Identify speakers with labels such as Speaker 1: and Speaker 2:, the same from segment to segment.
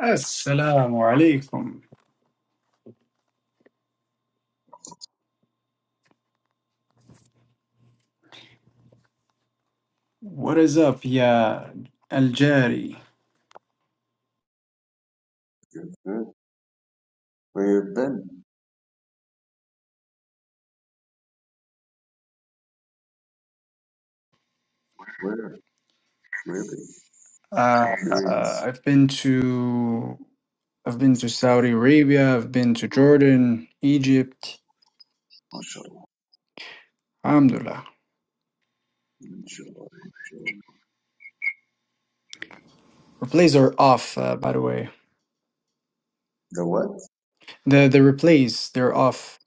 Speaker 1: Assalamu alaikum. What is up, yeah, Algeri?
Speaker 2: Good, good. Where you been? Where? Really?
Speaker 1: Uh, uh,
Speaker 2: Curious.
Speaker 1: I've been to I've been to Saudi Arabia. I've been to Jordan, Egypt.
Speaker 2: Mashallah.
Speaker 1: Alhamdulillah.
Speaker 2: Enjoy, enjoy.
Speaker 1: Replays are off, uh, by the way.
Speaker 2: The what?
Speaker 1: The the replays they're off.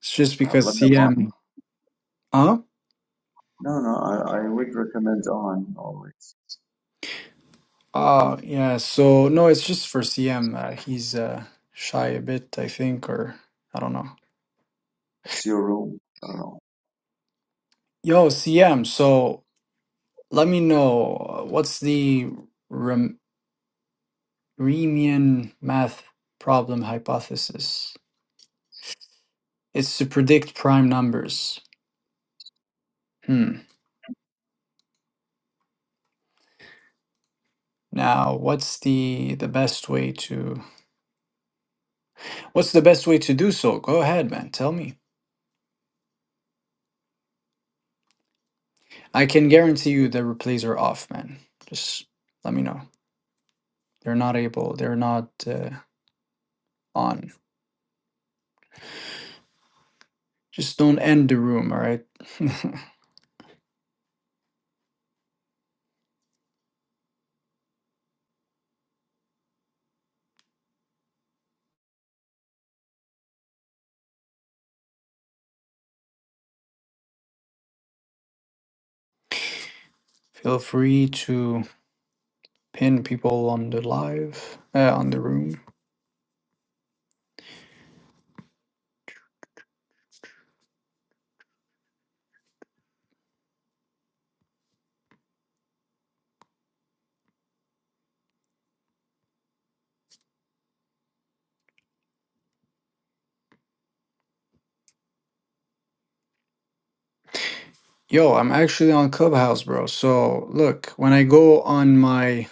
Speaker 1: It's just
Speaker 2: Uh,
Speaker 1: because
Speaker 2: let them
Speaker 1: CM.
Speaker 2: on.
Speaker 1: Huh?
Speaker 2: No, no, I, I would recommend on always.
Speaker 1: Ah, yeah. So no, it's just for CM. Uh, he's uh, shy a bit, I think, or I don't know.
Speaker 2: It's your room. I don't know.
Speaker 1: Yo, CM. So. Let me know uh, what's the Ram- Riemann math problem hypothesis? It's to predict prime numbers. Hmm. Now, what's the the best way to what's the best way to do so? Go ahead, man. Tell me. I can guarantee you the replays are off, man. Just let me know. They're not able. They're not uh, on. Just don't end the room, all right? Feel free to pin people on the live, uh, on the room. Yo, I'm actually on Clubhouse, bro. So look, when I go on my,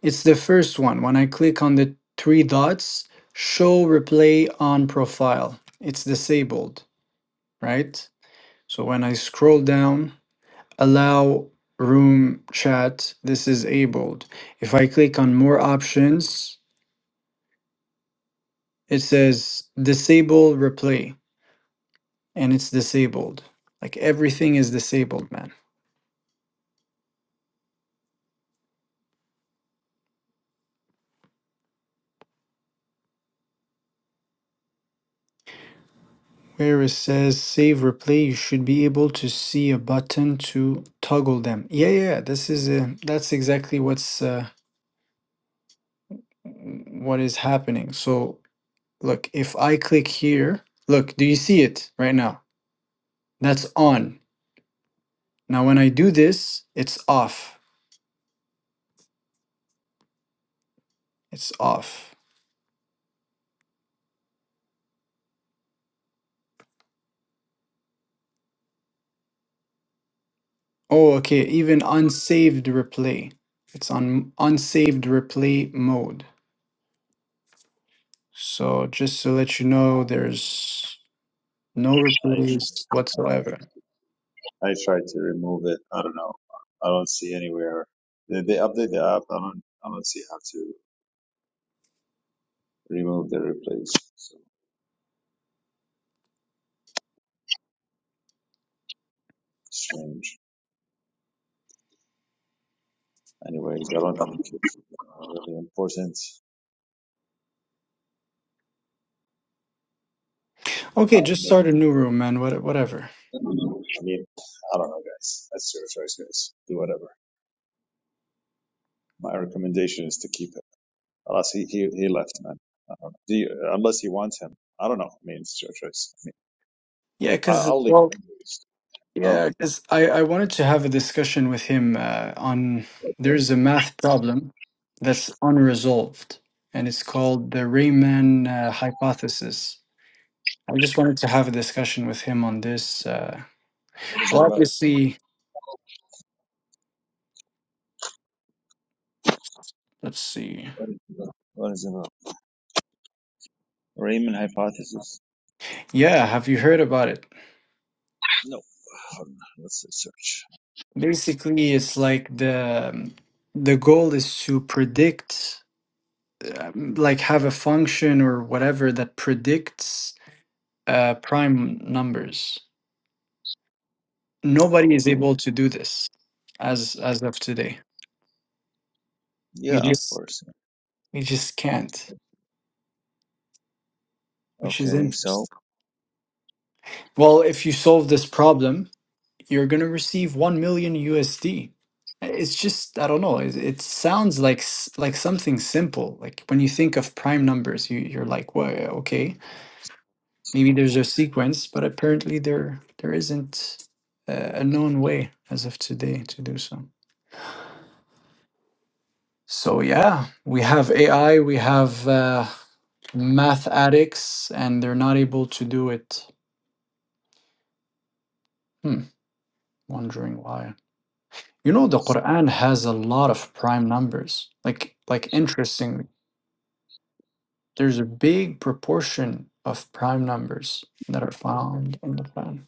Speaker 1: it's the first one. When I click on the three dots, show replay on profile, it's disabled, right? So when I scroll down, allow room chat, this is enabled. If I click on more options, it says disable replay and it's disabled. Like everything is disabled, man. where it says save replay, you should be able to see a button to toggle them. Yeah, yeah, yeah. this is a, that's exactly what's uh, what is happening. So look, if I click here, look, do you see it right now? That's on. Now when I do this, it's off. It's off. Oh, okay, even unsaved replay. It's on unsaved replay mode. So just to let you know, there's no
Speaker 2: I
Speaker 1: replays whatsoever.
Speaker 2: try, I try to remove it. I don't know. I don't see anywhere. They, they update the app. I don't, I don't see how to remove the replays. So strange. Anyways, I don't think it's uh, really important.
Speaker 1: Okay,
Speaker 2: Um,
Speaker 1: just start a new room, man. What, whatever.
Speaker 2: I mean, I don't know, guys. That's your choice, guys. Do whatever. My recommendation is to keep him. Unless he, he, he left, man. I don't know. Do you, unless you want him. I don't know. I mean, it's your choice. I mean,
Speaker 1: Yeah,
Speaker 2: I,
Speaker 1: cause
Speaker 2: I'll leave
Speaker 1: well,
Speaker 2: him. Huh?
Speaker 1: yeah, cause I I wanted to have a discussion with him uh, on there's a math problem that's unresolved, and it's called the Riemann uh, hypothesis. I just wanted to have a discussion with him on this. Uh,
Speaker 2: What is it
Speaker 1: well,
Speaker 2: about?
Speaker 1: obviously, let's see.
Speaker 2: What is it about? What is it about? Riemann hypothesis?
Speaker 1: Yeah, have you heard about it?
Speaker 2: No. Hold on. Let's search.
Speaker 1: Basically, it's like the the goal is to predict. um, like have a function or whatever that predicts uh, prime numbers. Nobody
Speaker 2: Well,
Speaker 1: is
Speaker 2: okay.
Speaker 1: able to do this as as of today.
Speaker 2: Yeah,
Speaker 1: We
Speaker 2: of
Speaker 1: just
Speaker 2: course.
Speaker 1: we just can't, which is
Speaker 2: Okay, so
Speaker 1: interesting. Well, if you solve this problem, you're gonna receive one million USD. It's just I don't know. It, it sounds like s- like something simple. Like when you think of prime numbers, you you're like, well, okay Maybe there's a sequence, but apparently there there isn't a, a known way as of today to do so. So yeah, we have AI, we have uh, math addicts, and they're not able to do it. Hmm, wondering why. You know, the Quran has a lot of prime numbers. Like like interestingly, there's a big proportion of prime numbers that are found in the Quran.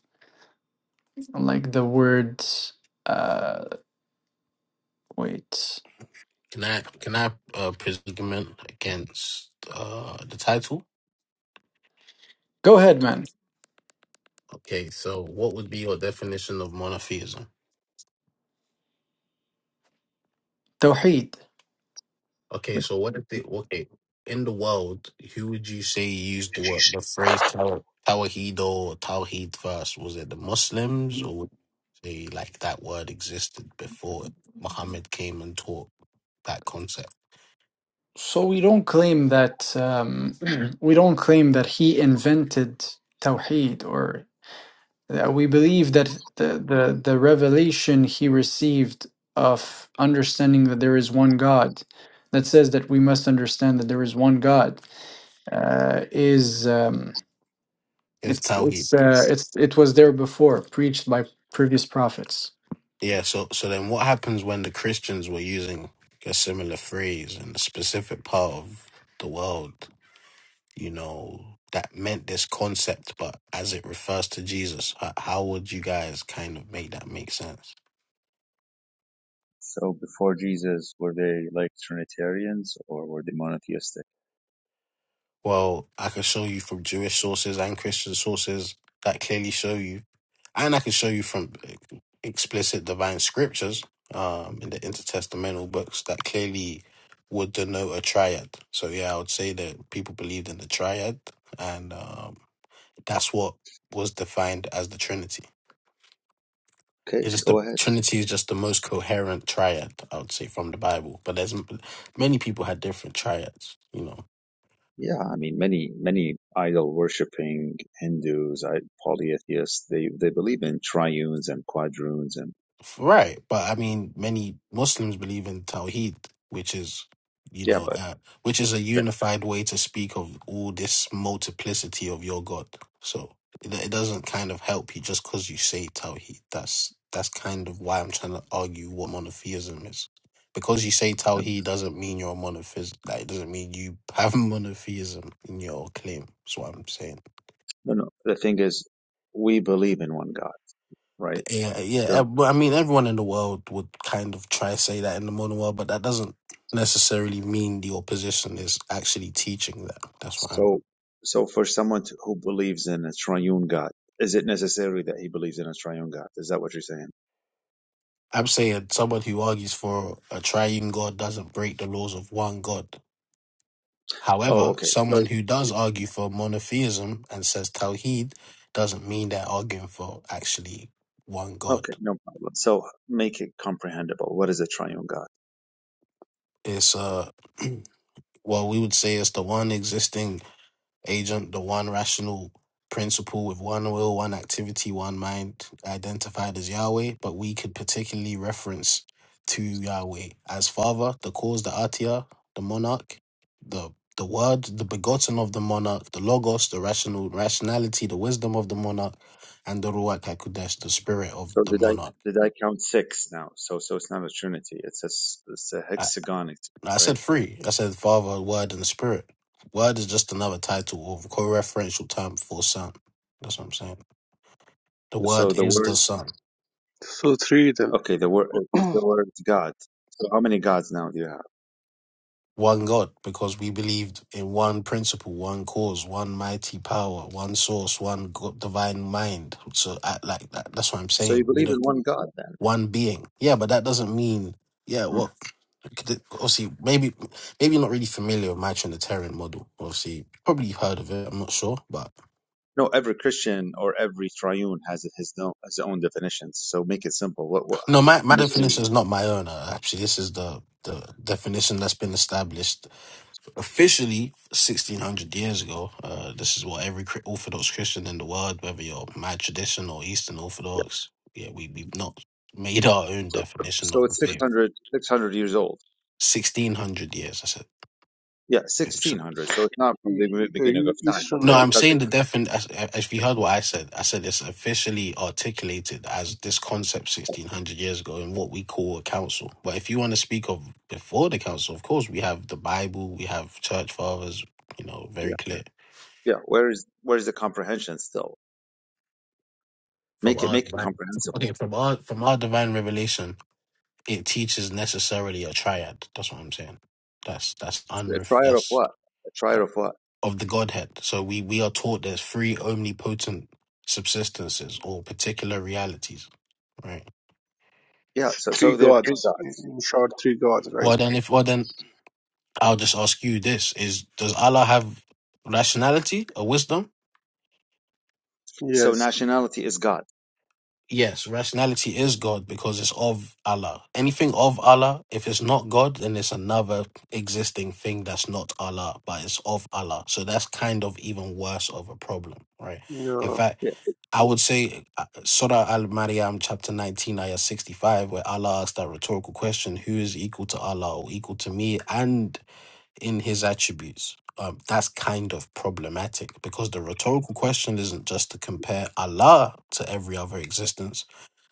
Speaker 1: Like the word. Uh, wait.
Speaker 3: Can I can I uh, predicament against uh, the title?
Speaker 1: Go ahead, man.
Speaker 3: Okay, so what would be your definition of monotheism?
Speaker 1: Tawheed.
Speaker 3: Okay, so what if the okay in the world, who would you say used the word the phrase taw- tawhid or tawhid first? Was it the Muslims or would you say like that word existed before Muhammad came and taught that concept?
Speaker 1: So we don't claim that um, we don't claim that he invented Tawheed, or uh, we believe that the, the the revelation he received of understanding that there is one God, that says that we must understand that there is one God, uh, is um,
Speaker 3: It's
Speaker 1: it's
Speaker 3: tawhid.
Speaker 1: it's uh, it's it was there before, preached by previous prophets.
Speaker 3: Yeah, so so then what happens when the Christians were using a similar phrase in a specific part of the world, you know, that meant this concept, but as it refers to Jesus, how, how would you guys kind of make that make sense?
Speaker 2: so before Jesus, were they like Trinitarians or were they monotheistic?
Speaker 3: Well, I can show you from Jewish sources and Christian sources that clearly show you and I can show you from explicit divine scriptures um, in the intertestamental books that clearly would denote a triad. So yeah, I would say that people believed in the triad, and um, that's what was defined as the Trinity.
Speaker 2: Okay,
Speaker 3: It's just
Speaker 2: go
Speaker 3: the
Speaker 2: ahead.
Speaker 3: Trinity is just the most coherent triad, I would say, from the Bible. But there's many people had different triads, you know.
Speaker 2: Yeah, I mean, many many idol worshipping Hindus, I, polytheists, they they believe in triunes and quadroons, and
Speaker 3: Right, but I mean, many Muslims believe in Tawheed, which is, you
Speaker 2: yeah,
Speaker 3: know,
Speaker 2: but
Speaker 3: uh, which is a
Speaker 2: the,
Speaker 3: unified way to speak of all this multiplicity of your God. So it, it doesn't kind of help you just because you say Tawheed. That's that's kind of why I'm trying to argue what monotheism is. Because you say
Speaker 2: the,
Speaker 3: Tawheed doesn't mean you're a monophys. Like, it doesn't mean you have monotheism in your claim. That's what I'm saying.
Speaker 2: no, no, the thing is, we believe in one God, right?
Speaker 3: Yeah, yeah. uh,
Speaker 2: So,
Speaker 3: but I mean, everyone in the world would kind of try to say that in the modern world, but that doesn't necessarily mean the opposition is actually teaching that. That's what I'm.
Speaker 2: so, so for someone to, who believes in a triune God, is it necessary that he believes in a triune God? Is that what you're saying?
Speaker 3: I'm saying someone who argues for a triune God doesn't break the laws of one God.
Speaker 2: Oh,
Speaker 3: However,
Speaker 2: okay. So,
Speaker 3: someone who does argue for monotheism and says Tawheed doesn't mean they're arguing for actually one God.
Speaker 2: okay, no problem. So, make it comprehensible. What is a triune God?
Speaker 3: It's uh, well, we would say it's the one existing agent, the one rational principle with one will, one activity, one mind, identified as Yahweh, but we could particularly reference to Yahweh as Father, the cause, the Atia, the monarch, the the word, the begotten of the monarch, the logos, the rational rationality, the wisdom of the monarch, and the Ruach HaKodesh, the spirit of
Speaker 2: So
Speaker 3: the
Speaker 2: did I
Speaker 3: monarch.
Speaker 2: did I count six now? So so it's not a trinity. It's a s- it's a
Speaker 3: I,
Speaker 2: hexagonity,
Speaker 3: I
Speaker 2: right?
Speaker 3: said
Speaker 2: Or
Speaker 3: three. I said Father, Word, and Spirit. Word is just another title or co-referential term for Son. That's what I'm saying. The
Speaker 2: so
Speaker 3: Word
Speaker 2: the
Speaker 3: is
Speaker 2: word
Speaker 3: the Son,
Speaker 4: So three then.
Speaker 2: okay, the word is the word God. So how many gods now do you have?
Speaker 3: one God, because we believed in one principle, one cause, one mighty power, one source, one God, divine mind. So, I, like that, that's what I'm
Speaker 2: So you
Speaker 3: saying. We
Speaker 2: believe in
Speaker 3: don't
Speaker 2: one God then?
Speaker 3: one being. Yeah, but that doesn't mean yeah.
Speaker 2: Hmm.
Speaker 3: What obviously maybe maybe you're not really familiar with my Trinitarian model. Obviously, probably you've heard of it. I'm not sure, but
Speaker 2: No, every Christian or every triune has his own his own definitions. So make it simple. What what how-
Speaker 3: no, my my
Speaker 2: make
Speaker 3: definition
Speaker 2: me
Speaker 3: is not my own. uh, Actually, this is the the definition that's been established officially 1600 years ago uh, this is what every Chri- orthodox christian in the world whether you're mad tradition or eastern orthodox yeah we, we've not made our own
Speaker 2: so
Speaker 3: definition
Speaker 2: so
Speaker 3: of the
Speaker 2: it's six
Speaker 3: faith
Speaker 2: hundred 600 years old.
Speaker 3: 1600 years i said
Speaker 2: Yeah,
Speaker 3: so-
Speaker 2: sixteen hundred. So it's not from the
Speaker 4: Are
Speaker 2: beginning
Speaker 4: you
Speaker 2: of time.
Speaker 4: Eastern
Speaker 3: no
Speaker 2: Okay,
Speaker 4: or
Speaker 3: i'm
Speaker 2: because they,
Speaker 3: saying the definition if you heard what i said i said it's officially articulated as this concept 1600 years ago in what we call a council but if you want to speak of before the council of course we have the bible we have church fathers you know
Speaker 2: yeah,
Speaker 3: very clear
Speaker 2: yeah. Where is where is the comprehension still?
Speaker 3: From
Speaker 2: Make it
Speaker 3: our
Speaker 2: make it
Speaker 3: divine,
Speaker 2: comprehensive.
Speaker 3: okay, from our from our divine revelation, it teaches necessarily a triad. That's what I'm saying. That's that's
Speaker 2: A
Speaker 3: unref
Speaker 2: trier of
Speaker 3: that's
Speaker 2: what? A trier of what?
Speaker 3: of the Godhead. So we we are taught there's three omnipotent subsistences or particular realities, right?
Speaker 2: Yeah, so,
Speaker 4: three
Speaker 2: so there are three
Speaker 4: gods?
Speaker 2: gods.
Speaker 4: In short, three gods, right?
Speaker 3: Well then, if well then, I'll just ask you this: Is does Allah have rationality or wisdom?
Speaker 2: So
Speaker 4: Yes.
Speaker 2: nationality is God.
Speaker 3: Yes, rationality is God because it's of Allah. Anything of Allah, if it's not God, then it's another existing thing that's not Allah, but it's of Allah. So that's kind of even worse of a problem, right? In
Speaker 4: No.
Speaker 3: fact,
Speaker 2: Yeah.
Speaker 3: I would
Speaker 2: I'm
Speaker 3: say uh, Surah Al Maryam, chapter 19, ayah 65, where Allah asked that rhetorical question who is equal to Allah or equal to me and in his attributes? Um, that's kind of problematic because the rhetorical question isn't just to compare Allah to every other existence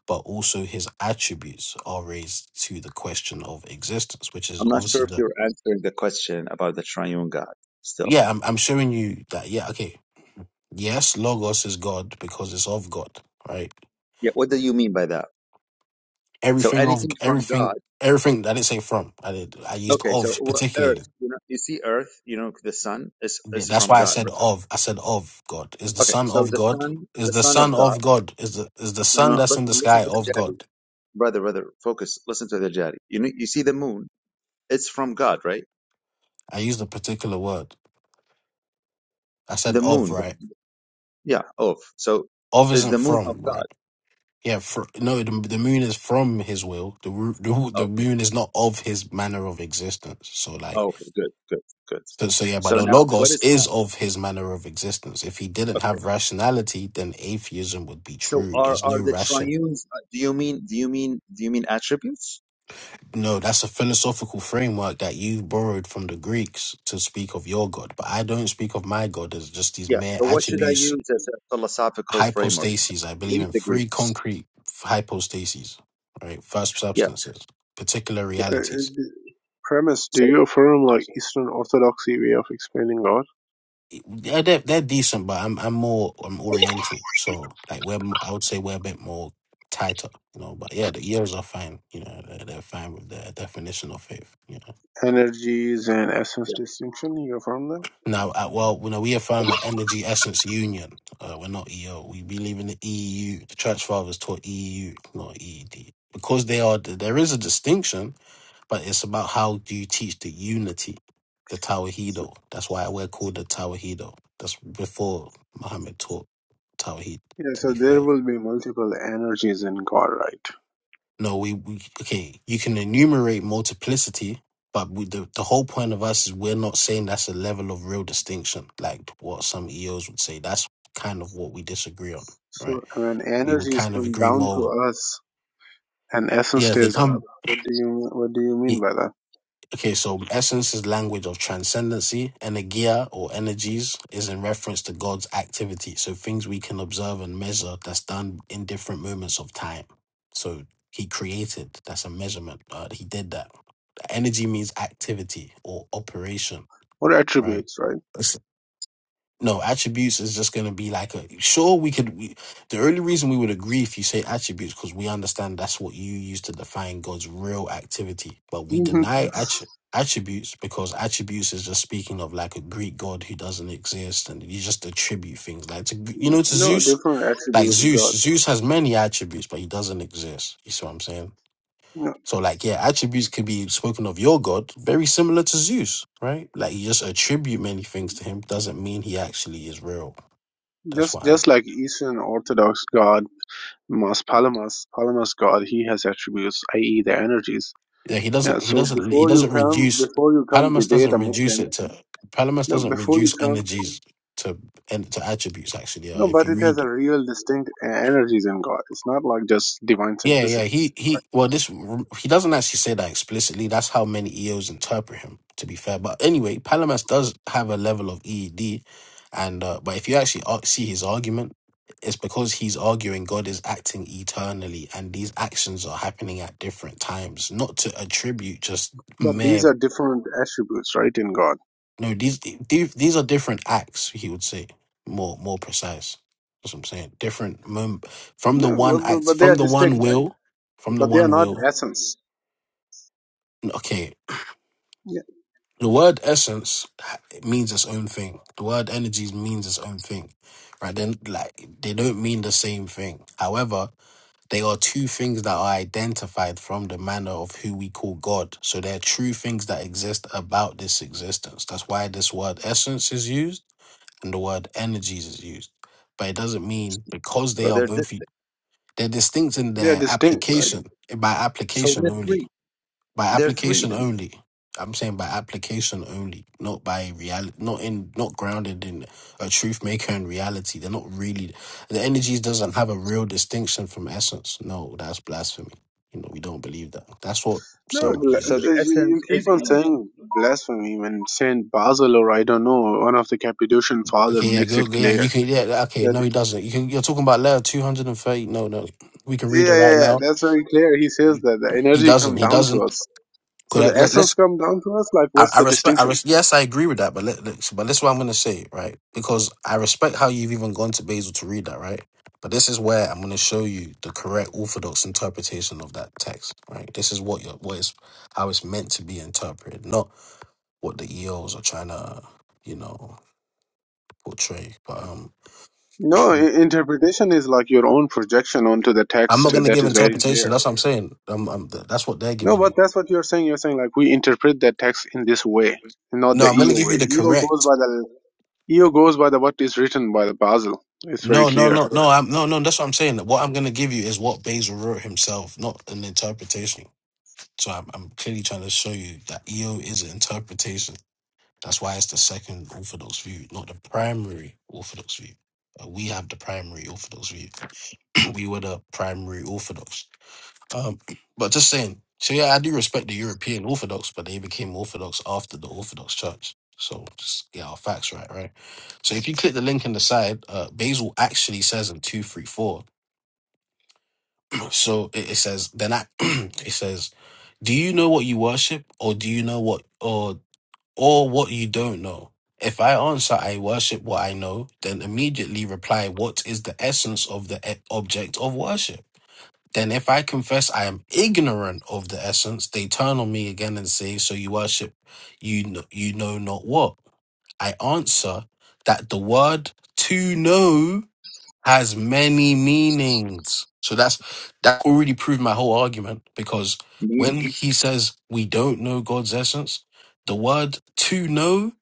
Speaker 3: but also his attributes are raised to the question of existence, which is
Speaker 2: not sure
Speaker 3: obviously
Speaker 2: if
Speaker 3: the
Speaker 2: you're answering the question about the triune God still.
Speaker 3: yeah. I'm I'm showing you that yeah. Okay, yes, logos is God because it's of God, right?
Speaker 2: Yeah, what do you mean by that? So
Speaker 3: Everything of
Speaker 2: anything from God.
Speaker 3: everything everything. I didn't say from. I did. I used
Speaker 2: Okay, so
Speaker 3: of
Speaker 2: wh- earth,
Speaker 3: particularly.
Speaker 2: you know, you see earth, you know, the sun is,
Speaker 3: Yeah,
Speaker 2: is
Speaker 3: That's
Speaker 2: from
Speaker 3: why I
Speaker 2: God.
Speaker 3: said
Speaker 2: Right?
Speaker 3: of. I said of God is the
Speaker 2: Okay,
Speaker 3: Son
Speaker 2: so
Speaker 3: of
Speaker 2: the
Speaker 3: God.
Speaker 2: sun, the
Speaker 3: Is the
Speaker 2: son of
Speaker 3: Son
Speaker 2: God.
Speaker 3: of God. Is the is the
Speaker 2: No,
Speaker 3: Son
Speaker 2: no,
Speaker 3: that's in
Speaker 2: listen,
Speaker 3: the
Speaker 2: listen
Speaker 3: sky
Speaker 2: to the
Speaker 3: of
Speaker 2: Jadi.
Speaker 3: God.
Speaker 2: Brother, brother, focus. Listen to the Jadi. You know, you see the moon, it's from God, right?
Speaker 3: I used a particular word. I said
Speaker 2: The
Speaker 3: of
Speaker 2: moon.
Speaker 3: right.
Speaker 2: Yeah, of. So
Speaker 3: Of
Speaker 2: is
Speaker 3: isn't
Speaker 2: the moon of
Speaker 3: from
Speaker 2: God.
Speaker 3: right. Yeah, for, no, the, the moon is from his will. The, ru- the ru- the
Speaker 2: Okay.
Speaker 3: moon is not of his manner of existence. So like,
Speaker 2: Okay. Good. Good. Good.
Speaker 3: so, so yeah, but
Speaker 2: So
Speaker 3: the
Speaker 2: now, what
Speaker 3: logos
Speaker 2: is
Speaker 3: is
Speaker 2: off?
Speaker 3: of his manner of existence. If he didn't
Speaker 2: Okay.
Speaker 3: have rationality, then atheism would be
Speaker 2: So
Speaker 3: true.
Speaker 2: are
Speaker 3: There's
Speaker 2: are
Speaker 3: no
Speaker 2: the
Speaker 3: ration.
Speaker 2: triunes? uh, Do you mean? Do you mean? Do you mean attributes?
Speaker 3: No, that's a philosophical framework that you borrowed from the Greeks to speak of your God. But I don't speak of my God as just these
Speaker 2: Yeah.
Speaker 3: mere
Speaker 2: So what should I
Speaker 3: attributes,
Speaker 2: use as a philosophical framework?
Speaker 3: hypostases. I believe
Speaker 2: Leave
Speaker 3: in
Speaker 2: the
Speaker 3: three
Speaker 2: Greeks.
Speaker 3: concrete hypostases, right? First
Speaker 2: Yeah.
Speaker 3: substances, particular
Speaker 2: Yeah.
Speaker 4: Uh, uh,
Speaker 3: realities.
Speaker 4: the premise: Do
Speaker 2: So
Speaker 4: you affirm like Eastern Orthodoxy way of explaining God,
Speaker 3: Yeah, they're, they're decent, but I'm I'm more I'm Oriental, so like we're m- I would say we're a bit more tighter, you know. But yeah, the ears are fine, you know. They're, they're fine with their definition of faith, you know.
Speaker 4: energies and essence
Speaker 2: yeah.
Speaker 4: distinction? You affirm them.
Speaker 3: Now, uh, well, you know, we affirm an energy essence union. Uh, we're not EO. We believe in the EU. The Church Fathers taught EU, not EED, because they are. There is a distinction, but it's about how do you teach the unity, the
Speaker 4: So,
Speaker 3: Tawahido. That's why we're called the Tawahido. That's before Muhammad taught tawhid.
Speaker 4: yeah.
Speaker 3: to
Speaker 4: So
Speaker 3: be
Speaker 4: there
Speaker 3: fair.
Speaker 4: will be multiple energies in God, right?
Speaker 3: No, we, we okay, you can enumerate multiplicity, but we, the, the whole point of us is we're not saying that's a level of real distinction, like what some EOs would say. That's kind of what we disagree on,
Speaker 4: So
Speaker 3: right?
Speaker 4: when
Speaker 3: We would
Speaker 4: energies
Speaker 3: kind of
Speaker 4: come
Speaker 3: agree
Speaker 4: down to
Speaker 3: more.
Speaker 4: us and essence
Speaker 3: Yeah, if they
Speaker 4: stays up,
Speaker 3: come.
Speaker 4: what do you what do you
Speaker 3: yeah,
Speaker 4: mean by that?
Speaker 3: Okay, so essence is language of transcendency. Energia or energies is in reference to God's activity. So things we can observe and measure that's done in different moments of time. So he created, that's a measurement. Uh, he did that. Energy means activity or operation,
Speaker 4: Or
Speaker 3: right?
Speaker 4: attributes, right?
Speaker 3: No, attributes is just going to be like a sure we could. We, the only reason we would agree if you say attributes because we understand that's what you use to define God's real activity, but we deny attri- attributes because attributes is just speaking of like a Greek god who doesn't exist, and you just attribute things like to you know to
Speaker 4: No,
Speaker 3: Zeus.
Speaker 4: different
Speaker 3: Like
Speaker 4: attribute
Speaker 3: Zeus,
Speaker 4: gods.
Speaker 3: Zeus has many attributes, but he doesn't exist. You see what I'm saying?
Speaker 4: No,
Speaker 3: So like yeah, attributes could be spoken of your God, very similar to Zeus, right? Like you just attribute many things to him doesn't mean he actually is real. That's
Speaker 4: just
Speaker 3: why.
Speaker 4: just like Eastern Orthodox god Mas Palamas, Palamas god, he has attributes, i.e., the energies.
Speaker 3: Yeah, he
Speaker 4: Yeah.
Speaker 3: doesn't. He
Speaker 4: So
Speaker 3: doesn't. He
Speaker 4: before you
Speaker 3: doesn't
Speaker 4: come,
Speaker 3: reduce.
Speaker 4: before you come
Speaker 3: Palamas
Speaker 4: debate
Speaker 3: doesn't
Speaker 4: a
Speaker 3: reduce
Speaker 4: Muslim,
Speaker 3: it to. Palamas
Speaker 4: no,
Speaker 3: doesn't
Speaker 4: before you
Speaker 3: reduce
Speaker 4: come,
Speaker 3: energies to and to attributes. Actually, uh,
Speaker 4: no,
Speaker 3: if
Speaker 4: but
Speaker 3: you
Speaker 4: it has a
Speaker 3: read,
Speaker 4: real distinct e- energies in God. It's not like just divine
Speaker 3: yeah, yeah,
Speaker 4: simplicity.
Speaker 3: he
Speaker 4: Right.
Speaker 3: he. Well, this he doesn't actually say that explicitly. That's how many EOs interpret him. To be fair, but anyway, Palamas does have a level of EED, and uh, but if you actually ar- see his argument. It's because he's arguing God is acting eternally, and these actions are happening at different times. Not to attribute just
Speaker 4: But
Speaker 3: mere
Speaker 4: these are different attributes, right, in God.
Speaker 3: No, these these these are different acts. He would say more more precise. That's what I'm saying. Different mem- from
Speaker 4: No,
Speaker 3: the
Speaker 4: but,
Speaker 3: one
Speaker 4: but
Speaker 3: act,
Speaker 4: but they
Speaker 3: from
Speaker 4: are
Speaker 3: the one
Speaker 4: distinct, right?
Speaker 3: will, from the
Speaker 4: But they are
Speaker 3: one
Speaker 4: not
Speaker 3: will.
Speaker 4: essence.
Speaker 3: Okay,
Speaker 4: Yeah,
Speaker 3: the word essence ha- it means its own thing. The word energies means its own thing, right? Then like they don't mean the same thing. However, they are two things that are identified from the manner of who we call God. So they're true things that exist about this existence. That's why this word essence is used and the word energies is used. But it doesn't mean because they
Speaker 2: So
Speaker 3: are
Speaker 2: they're di-
Speaker 3: both u- they're distinct in
Speaker 4: they are
Speaker 3: their
Speaker 4: distinct, right?
Speaker 3: application eh, by
Speaker 2: so
Speaker 3: application
Speaker 2: they're
Speaker 3: only.
Speaker 2: three.
Speaker 3: By
Speaker 2: They're three.
Speaker 3: application
Speaker 2: Then.
Speaker 3: only. I'm saying by application only, not by reality, not in, not grounded in a truth maker and reality. They're not really the energies doesn't have a real distinction from essence. No, that's blasphemy. You know, we don't believe that. That's what
Speaker 4: No,
Speaker 2: So
Speaker 3: some
Speaker 4: bla-
Speaker 2: so the
Speaker 3: use.
Speaker 4: uh, you you
Speaker 2: essence
Speaker 4: keep
Speaker 2: is
Speaker 4: on
Speaker 2: energy,
Speaker 4: saying blasphemy when Saint Basil or I don't know one of the Cappadocian father
Speaker 3: Okay, yeah,
Speaker 4: makes
Speaker 3: go,
Speaker 4: it
Speaker 3: go, yeah, you
Speaker 4: clear
Speaker 3: can, yeah, okay,
Speaker 4: that
Speaker 3: no, he doesn't. You can, you're talking about letter two hundred and thirty. No, no, we can
Speaker 4: yeah,
Speaker 3: read it right
Speaker 4: yeah, yeah,
Speaker 3: now.
Speaker 4: that's very clear. He says that the
Speaker 3: He
Speaker 4: energy
Speaker 3: doesn't.
Speaker 4: come
Speaker 3: He
Speaker 4: down to
Speaker 3: doesn't.
Speaker 4: us, so
Speaker 3: Could I,
Speaker 4: the
Speaker 3: let,
Speaker 4: essence
Speaker 3: us
Speaker 4: come down to us. Like,
Speaker 3: I,
Speaker 4: what's
Speaker 3: I
Speaker 4: the
Speaker 3: respect. I
Speaker 4: distinction?
Speaker 3: res, yes, I agree with that. But let, let's. But this is what I'm going to say, right? Because I respect how you've even gone to Basil to read that, right? But this is where I'm going to show you the correct orthodox interpretation of that text, right? This is what your what is how it's meant to be interpreted, not what the EOs are trying to, you know, portray. But um,
Speaker 4: No, i- interpretation is like your own projection onto the
Speaker 3: I'm
Speaker 4: text.
Speaker 3: not going to
Speaker 4: That
Speaker 3: give
Speaker 4: is very
Speaker 3: interpretation.
Speaker 4: clear.
Speaker 3: That's what I'm saying. i that's what they're
Speaker 4: No,
Speaker 3: giving you.
Speaker 4: but that's what you're saying. You're saying like we interpret that text in this way, not
Speaker 3: No,
Speaker 4: the
Speaker 3: I'm going to
Speaker 4: EO
Speaker 3: give you
Speaker 4: way.
Speaker 3: the
Speaker 4: EO goes
Speaker 3: correct.
Speaker 4: by the EO goes by the what is written by the Basil. It's very
Speaker 3: No, no,
Speaker 4: clear.
Speaker 3: no, no. I'm no, no. That's what I'm saying. What I'm gonna give you is what Basil wrote himself, not an interpretation. So I'm, I'm clearly trying to show you that EO is an interpretation. That's why it's the second Orthodox view, not the primary Orthodox view. Uh, we have the primary Orthodox view. we were the primary Orthodox. Um, but just saying. So yeah, I do respect the European Orthodox, but they became Orthodox after the Orthodox Church. So just get our facts right, right? So if you click the link in the side, uh, Basil actually says in two, three, four. So it, it says then I it says, do you know what you worship, or do you know what or or what you don't know? If I answer I worship what I know, then immediately reply what is the essence of the e- object of worship. Then if I confess I am ignorant of the essence, they turn on me again and say, So you worship you kn- you know not what? I answer that the word to know has many meanings. So that's that already proved my whole argument because when
Speaker 2: meaning.
Speaker 3: he says we don't know God's essence, the word to know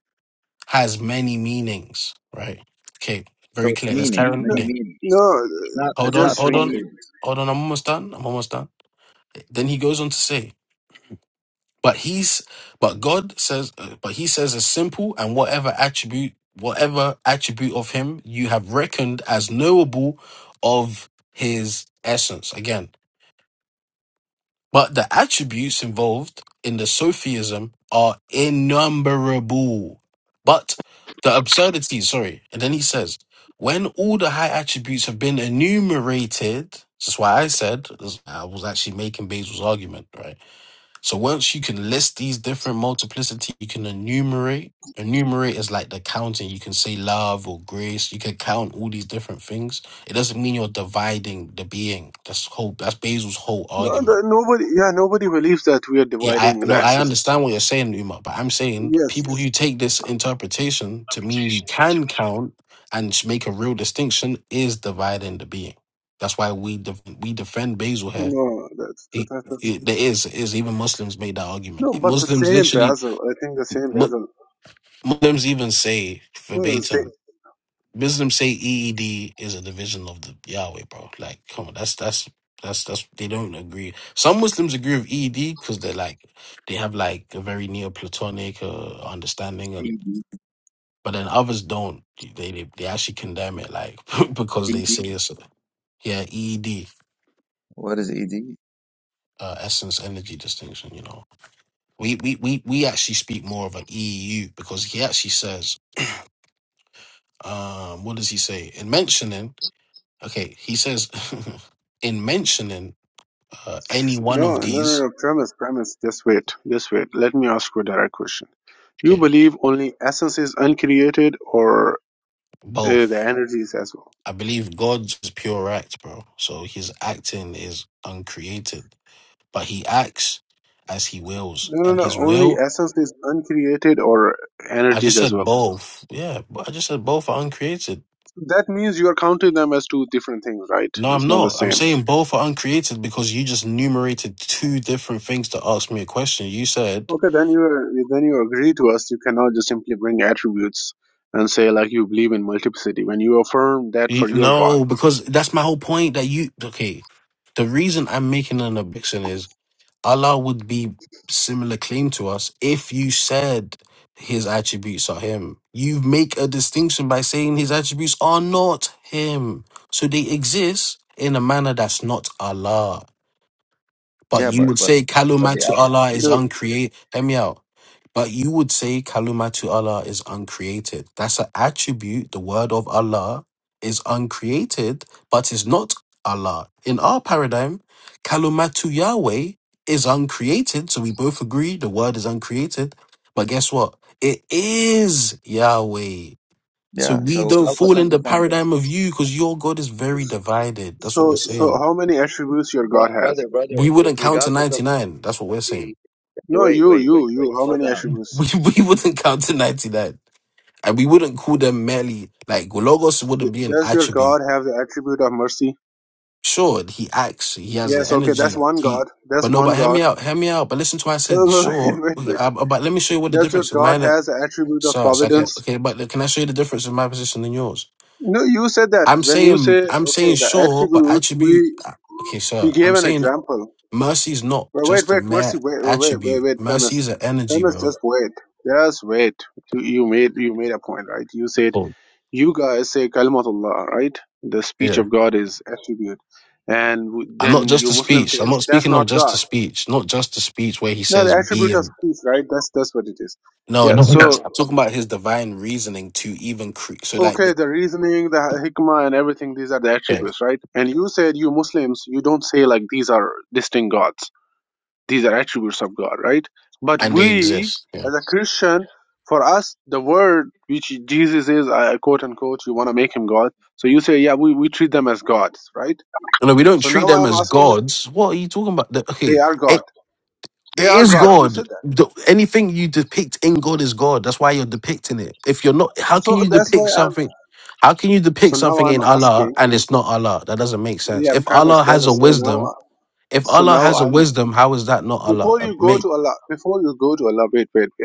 Speaker 3: has many meanings, right? Okay,
Speaker 2: So
Speaker 3: very
Speaker 2: it's
Speaker 3: clear. Let's
Speaker 2: meaning.
Speaker 3: carry on
Speaker 4: No,
Speaker 2: many
Speaker 3: reading.
Speaker 2: meanings.
Speaker 4: no,
Speaker 2: It's not.
Speaker 3: Hold
Speaker 2: It's
Speaker 3: on,
Speaker 2: not
Speaker 4: just
Speaker 3: hold
Speaker 2: three
Speaker 4: one
Speaker 3: on,
Speaker 4: thing.
Speaker 2: meanings.
Speaker 3: hold on. I'm almost done. I'm almost done. Then he goes on to say, but he's but God says uh, but he says a simple and whatever attribute whatever attribute of him you have reckoned as knowable of his essence again. But the attributes involved in the sophism are innumerable. But the absurdity, sorry, and then he says, when all the high attributes have been enumerated, this is why I said I was actually making Basil's argument, right? So once you can list these different multiplicity, you can enumerate. Enumerate is like the counting. You can say love or grace. You can count all these different things. It doesn't mean you're dividing the being. That's whole. That's Basil's whole
Speaker 4: No,
Speaker 3: argument.
Speaker 4: the, nobody, yeah, nobody believes that we are
Speaker 3: Yeah, I
Speaker 4: dividing the
Speaker 3: no, I
Speaker 4: essence.
Speaker 3: understand what you're saying, Uma, but I'm saying
Speaker 4: Yes.
Speaker 3: people who take this interpretation to mean you can count and sh- make a real distinction is dividing the being. That's why we def- we defend Basil here.
Speaker 4: No, that's that,
Speaker 3: He,
Speaker 4: that, that's
Speaker 3: it, there is is even Muslims made that
Speaker 4: no,
Speaker 3: argument.
Speaker 4: but the
Speaker 3: Muslims
Speaker 4: same
Speaker 3: literally
Speaker 4: Basil. I think the same
Speaker 3: Mu-
Speaker 4: Basil.
Speaker 3: Muslims even say
Speaker 4: No, the same,
Speaker 3: verbatim. Muslims say EED is a division of the Yahweh, bro. Like, come on, that's that's that's that's they don't agree. Some Muslims agree with EED because they're like they have like a very Neoplatonic uh, understanding, and
Speaker 2: Ed.
Speaker 3: but then others don't. They they, they actually condemn it, like because they say
Speaker 2: Ed.
Speaker 3: it's a- yeah EED
Speaker 2: What is ed?
Speaker 3: uh, essence energy distinction. You know, we we we we actually speak more of an EU because he actually says um what does he say in mentioning Okay, he says in mentioning uh, any one
Speaker 4: no,
Speaker 3: of
Speaker 4: no, no,
Speaker 3: these,
Speaker 4: no. Premise, premise. Just wait, just wait. Let me ask you a direct question. You
Speaker 3: okay,
Speaker 4: believe only essence is uncreated, or uh, the
Speaker 3: both.
Speaker 4: energies as well?
Speaker 3: I believe God's pure act, bro. So his acting is uncreated, but he acts as he wills,
Speaker 4: No, no,
Speaker 3: and
Speaker 4: no.
Speaker 3: his
Speaker 4: Only
Speaker 3: will.
Speaker 4: essence is uncreated, or
Speaker 3: I
Speaker 4: energies
Speaker 3: just
Speaker 4: as
Speaker 3: said
Speaker 4: well.
Speaker 3: both. Yeah, but I just said both are uncreated.
Speaker 4: That means you are counting them as two different things, right?
Speaker 3: No, I'm
Speaker 4: It's not the
Speaker 3: not. I'm
Speaker 4: same.
Speaker 3: saying both are uncreated because you just enumerated two different things to ask me a question. You said
Speaker 4: Okay, then you then you agree to us. You cannot just simply bring attributes and say like you believe in multiplicity when you affirm that
Speaker 3: you,
Speaker 4: for your God.
Speaker 3: no because that's my whole point. That you okay? The reason I'm making an objection is Allah would be similar claim to us if you said his attributes are him. You make a distinction by saying his attributes are not him. So they exist in a manner that's not Allah. But
Speaker 2: Yeah,
Speaker 3: you
Speaker 2: but
Speaker 3: would
Speaker 2: but
Speaker 3: say
Speaker 2: but
Speaker 3: Kaluma
Speaker 2: the al-
Speaker 3: to Allah is
Speaker 4: No,
Speaker 3: uncreated. Hear me out. But you would say Kaluma to Allah is uncreated. That's an attribute. The word of Allah is uncreated, but is not Allah. In our paradigm, Kaluma to Yahweh is uncreated. So we both agree the word is uncreated. But guess what? It is Yahweh. So
Speaker 2: yeah.
Speaker 3: we
Speaker 2: So
Speaker 3: don't
Speaker 2: help us
Speaker 3: fall in the
Speaker 2: understand
Speaker 3: paradigm of you because your God is very divided. That's what we're
Speaker 4: So so
Speaker 3: saying.
Speaker 4: how many attributes your
Speaker 2: Bro-
Speaker 4: God has?
Speaker 2: brother, brother,
Speaker 3: We wouldn't count to
Speaker 2: regardless of
Speaker 3: 99. That's what we're saying.
Speaker 2: the
Speaker 4: No,
Speaker 2: wait,
Speaker 4: you
Speaker 2: wait, wait,
Speaker 4: you
Speaker 2: wait,
Speaker 4: you. How
Speaker 2: slow
Speaker 4: many
Speaker 2: down.
Speaker 4: attributes?
Speaker 3: We we wouldn't count to ninety nine, and we wouldn't call them merely like logos wouldn't be an
Speaker 4: Does your
Speaker 3: attribute.
Speaker 4: God have the attribute of mercy?
Speaker 3: Sure, he acts, he has the
Speaker 4: Yes. Okay, that's
Speaker 3: energy,
Speaker 4: one
Speaker 3: he.
Speaker 4: God.
Speaker 3: But
Speaker 4: That's
Speaker 3: no,
Speaker 4: one
Speaker 3: but hear
Speaker 4: God.
Speaker 3: me out, hear me out. But listen to what I said.
Speaker 4: Oh, wait,
Speaker 3: Sure,
Speaker 4: wait,
Speaker 3: okay,
Speaker 4: wait.
Speaker 3: uh, but let me show you what the
Speaker 4: Does your
Speaker 3: difference in
Speaker 4: God
Speaker 3: mine. uh,
Speaker 4: has the attribute of
Speaker 3: So it's like uh,
Speaker 4: providence?
Speaker 3: okay, but look, can I show you the difference in my position than yours?
Speaker 4: No, you said that
Speaker 3: I'm
Speaker 4: when you say
Speaker 3: saying I'm
Speaker 4: okay,
Speaker 3: saying
Speaker 4: the
Speaker 3: sure, but
Speaker 4: attributes
Speaker 3: attribute.
Speaker 4: we
Speaker 3: uh, Okay, sir,
Speaker 4: You gave
Speaker 3: I'm
Speaker 4: an
Speaker 3: saying
Speaker 4: example.
Speaker 3: mercy is not
Speaker 4: But wait,
Speaker 3: just a
Speaker 4: wait, Mercy,
Speaker 3: mere
Speaker 4: wait, wait, wait,
Speaker 3: attribute.
Speaker 4: wait,
Speaker 3: Mercy
Speaker 4: Premise.
Speaker 3: is an energy,
Speaker 4: Premise,
Speaker 3: bro.
Speaker 4: just wait. Just wait. You, you made you made a point, right? You said
Speaker 3: Oh
Speaker 4: you guys say Kalimatullah, right? The
Speaker 3: yeah.
Speaker 4: speech of God is attribute, and w-
Speaker 3: I'm not
Speaker 4: then
Speaker 3: just
Speaker 4: you
Speaker 3: a
Speaker 4: Muslim
Speaker 3: speech. I'm
Speaker 4: says
Speaker 3: not
Speaker 4: that's
Speaker 3: speaking of
Speaker 4: not
Speaker 3: just
Speaker 4: God.
Speaker 3: a speech, not just a speech where he
Speaker 4: No, the
Speaker 3: says be
Speaker 4: attribute of
Speaker 3: him.
Speaker 4: speech, right? That's that's what it is.
Speaker 3: No,
Speaker 4: Yeah.
Speaker 3: not even Yes.
Speaker 4: So
Speaker 3: that. I'm talking about his divine reasoning to even create. So like,
Speaker 4: okay,
Speaker 3: the,
Speaker 4: the reasoning, the hikmah, and everything. These are the
Speaker 3: yeah,
Speaker 4: attributes, right? And you said you Muslims, you don't say like these are distinct gods These are attributes of God, right? But
Speaker 3: and they
Speaker 4: we,
Speaker 3: exist. Yeah,
Speaker 4: as a Christian, for us, the word which Jesus is, uh, quote unquote, you want to make him God. So you say, yeah, we, we treat them as gods, right?
Speaker 3: no, we don't
Speaker 4: So
Speaker 3: treat
Speaker 4: now
Speaker 3: them
Speaker 4: I'm
Speaker 3: as
Speaker 4: asking,
Speaker 3: gods. What are you talking about? The-
Speaker 4: they
Speaker 3: okay,
Speaker 4: are God.
Speaker 3: it,
Speaker 4: They
Speaker 3: it
Speaker 4: are
Speaker 3: is
Speaker 4: gods. You
Speaker 3: God.
Speaker 4: said that.
Speaker 3: The, anything you depict in God is God. That's why you're depicting it. If you're not, how can
Speaker 4: So
Speaker 3: you
Speaker 4: that's why
Speaker 3: depict
Speaker 4: I'm,
Speaker 3: something? How can you
Speaker 4: so
Speaker 3: depict
Speaker 4: now
Speaker 3: something
Speaker 4: I'm
Speaker 3: in Allah
Speaker 4: asking,
Speaker 3: and it's not Allah? That doesn't make
Speaker 4: yeah,
Speaker 3: sense. If
Speaker 4: premise,
Speaker 3: Allah has a
Speaker 4: premise. So now,
Speaker 3: wisdom,
Speaker 4: I-
Speaker 3: if
Speaker 4: so
Speaker 3: Allah
Speaker 4: now
Speaker 3: has a
Speaker 4: I'm,
Speaker 3: wisdom, how is that not Allah?
Speaker 4: before you go
Speaker 3: It
Speaker 4: to Allah, before you go to Allah, wait, wait, wait.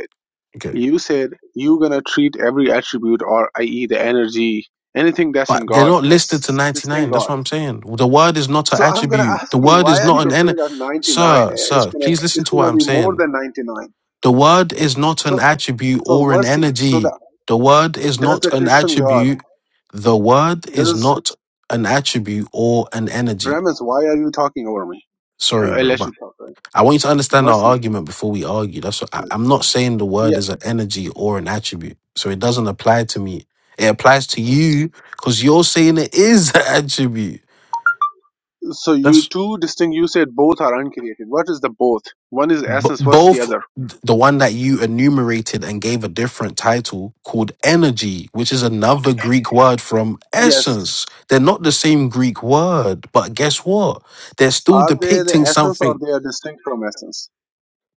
Speaker 3: Okay.
Speaker 4: You said you gonna treat every attribute or i.e. the energy, anything that's in
Speaker 3: But they're
Speaker 4: God
Speaker 3: not listed to
Speaker 4: as this thing
Speaker 3: 99. That's
Speaker 4: God.
Speaker 3: what I'm saying. The word is not an
Speaker 4: So I'm gonna
Speaker 3: attribute.
Speaker 4: ask
Speaker 3: The
Speaker 4: you,
Speaker 3: word is
Speaker 4: why are
Speaker 3: not
Speaker 4: you
Speaker 3: an en
Speaker 4: afraid of 99?
Speaker 3: Sir,
Speaker 4: It's
Speaker 3: sir,
Speaker 4: gonna
Speaker 3: please listen
Speaker 4: it's
Speaker 3: to what
Speaker 4: gonna
Speaker 3: I'm
Speaker 4: be more
Speaker 3: saying.
Speaker 4: than 99.
Speaker 3: The word is not an
Speaker 4: So
Speaker 3: attribute
Speaker 4: so
Speaker 3: or an
Speaker 4: mercy. So
Speaker 3: energy.
Speaker 4: that
Speaker 3: The word is
Speaker 4: does
Speaker 3: not
Speaker 4: the
Speaker 3: an
Speaker 4: Christian God
Speaker 3: attribute. The word is
Speaker 4: does
Speaker 3: not an attribute or an energy.
Speaker 4: premise? Why are you talking over me? Uh,
Speaker 3: Sorry,
Speaker 4: I
Speaker 3: bro,
Speaker 4: let
Speaker 3: but
Speaker 4: you talk. Right?
Speaker 3: I want you to understand our
Speaker 4: Mercy.
Speaker 3: argument before we argue. That's what I, I'm not saying the word
Speaker 4: Yeah.
Speaker 3: is an energy or an attribute, so it doesn't apply to me. It applies to you because you're saying it is an attribute.
Speaker 4: So you
Speaker 3: That's
Speaker 4: two distinct. You said both are uncreated. What is the both? One is
Speaker 3: b-
Speaker 4: essence. What's the
Speaker 3: both
Speaker 4: other?
Speaker 3: th- the one that you enumerated and gave a different title called energy, which is another Greek word from
Speaker 4: Yes.
Speaker 3: essence. They're not the same Greek word, but guess what? They're still
Speaker 4: Are they the
Speaker 3: depicting
Speaker 4: essence
Speaker 3: something
Speaker 4: or they are distinct from essence?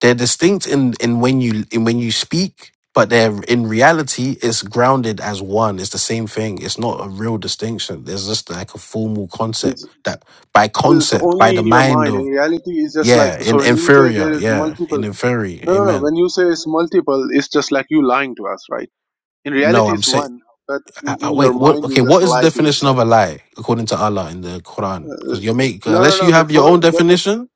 Speaker 3: They're distinct in in when you in when you speak, but they're in reality it's grounded as one. It's the same thing. It's not a real distinction. There's just like a formal concept
Speaker 4: It's,
Speaker 3: that by
Speaker 4: it's
Speaker 3: concept, by
Speaker 4: only
Speaker 3: the
Speaker 4: in your
Speaker 3: mind
Speaker 4: mind. In
Speaker 3: of
Speaker 4: reality, it's just like,
Speaker 3: yeah, in
Speaker 4: so when you say there
Speaker 3: inferior,
Speaker 4: is
Speaker 3: yeah, in
Speaker 4: multiple,
Speaker 3: inferior.
Speaker 4: no, no, no,
Speaker 3: Amen.
Speaker 4: when you say it's multiple, it's just like you lying to us, right? In
Speaker 3: No,
Speaker 4: reality,
Speaker 3: I'm
Speaker 4: it's
Speaker 3: saying
Speaker 4: one, but in, in your
Speaker 3: wait,
Speaker 4: mind,
Speaker 3: what okay,
Speaker 4: you just
Speaker 3: what is the
Speaker 4: lie to
Speaker 3: definition of
Speaker 4: yourself.
Speaker 3: a lie according to Allah in the Quran?
Speaker 4: Uh,
Speaker 3: Because you're make
Speaker 4: no, no,
Speaker 3: unless
Speaker 4: no,
Speaker 3: you have your
Speaker 4: before,
Speaker 3: own
Speaker 4: that,
Speaker 3: definition,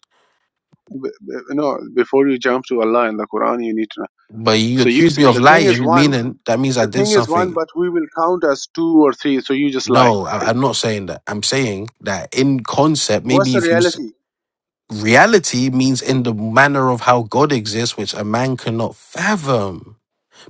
Speaker 4: b- b- no, before you jump to Allah and the Quran, you need to know.
Speaker 3: but you
Speaker 4: So you
Speaker 3: accuse
Speaker 4: say
Speaker 3: me of
Speaker 4: the thing is
Speaker 3: lying,
Speaker 4: one,
Speaker 3: meaning that means I
Speaker 4: the
Speaker 3: did
Speaker 4: thing is one,
Speaker 3: something
Speaker 4: but we will count as two or three, so you just lie,
Speaker 3: No, I,
Speaker 4: right?
Speaker 3: I'm not saying that. I'm saying that in concept,
Speaker 4: What's
Speaker 3: maybe
Speaker 4: the
Speaker 3: if you s-
Speaker 4: reality?
Speaker 3: reality means in the manner of how God exists, which a man cannot fathom.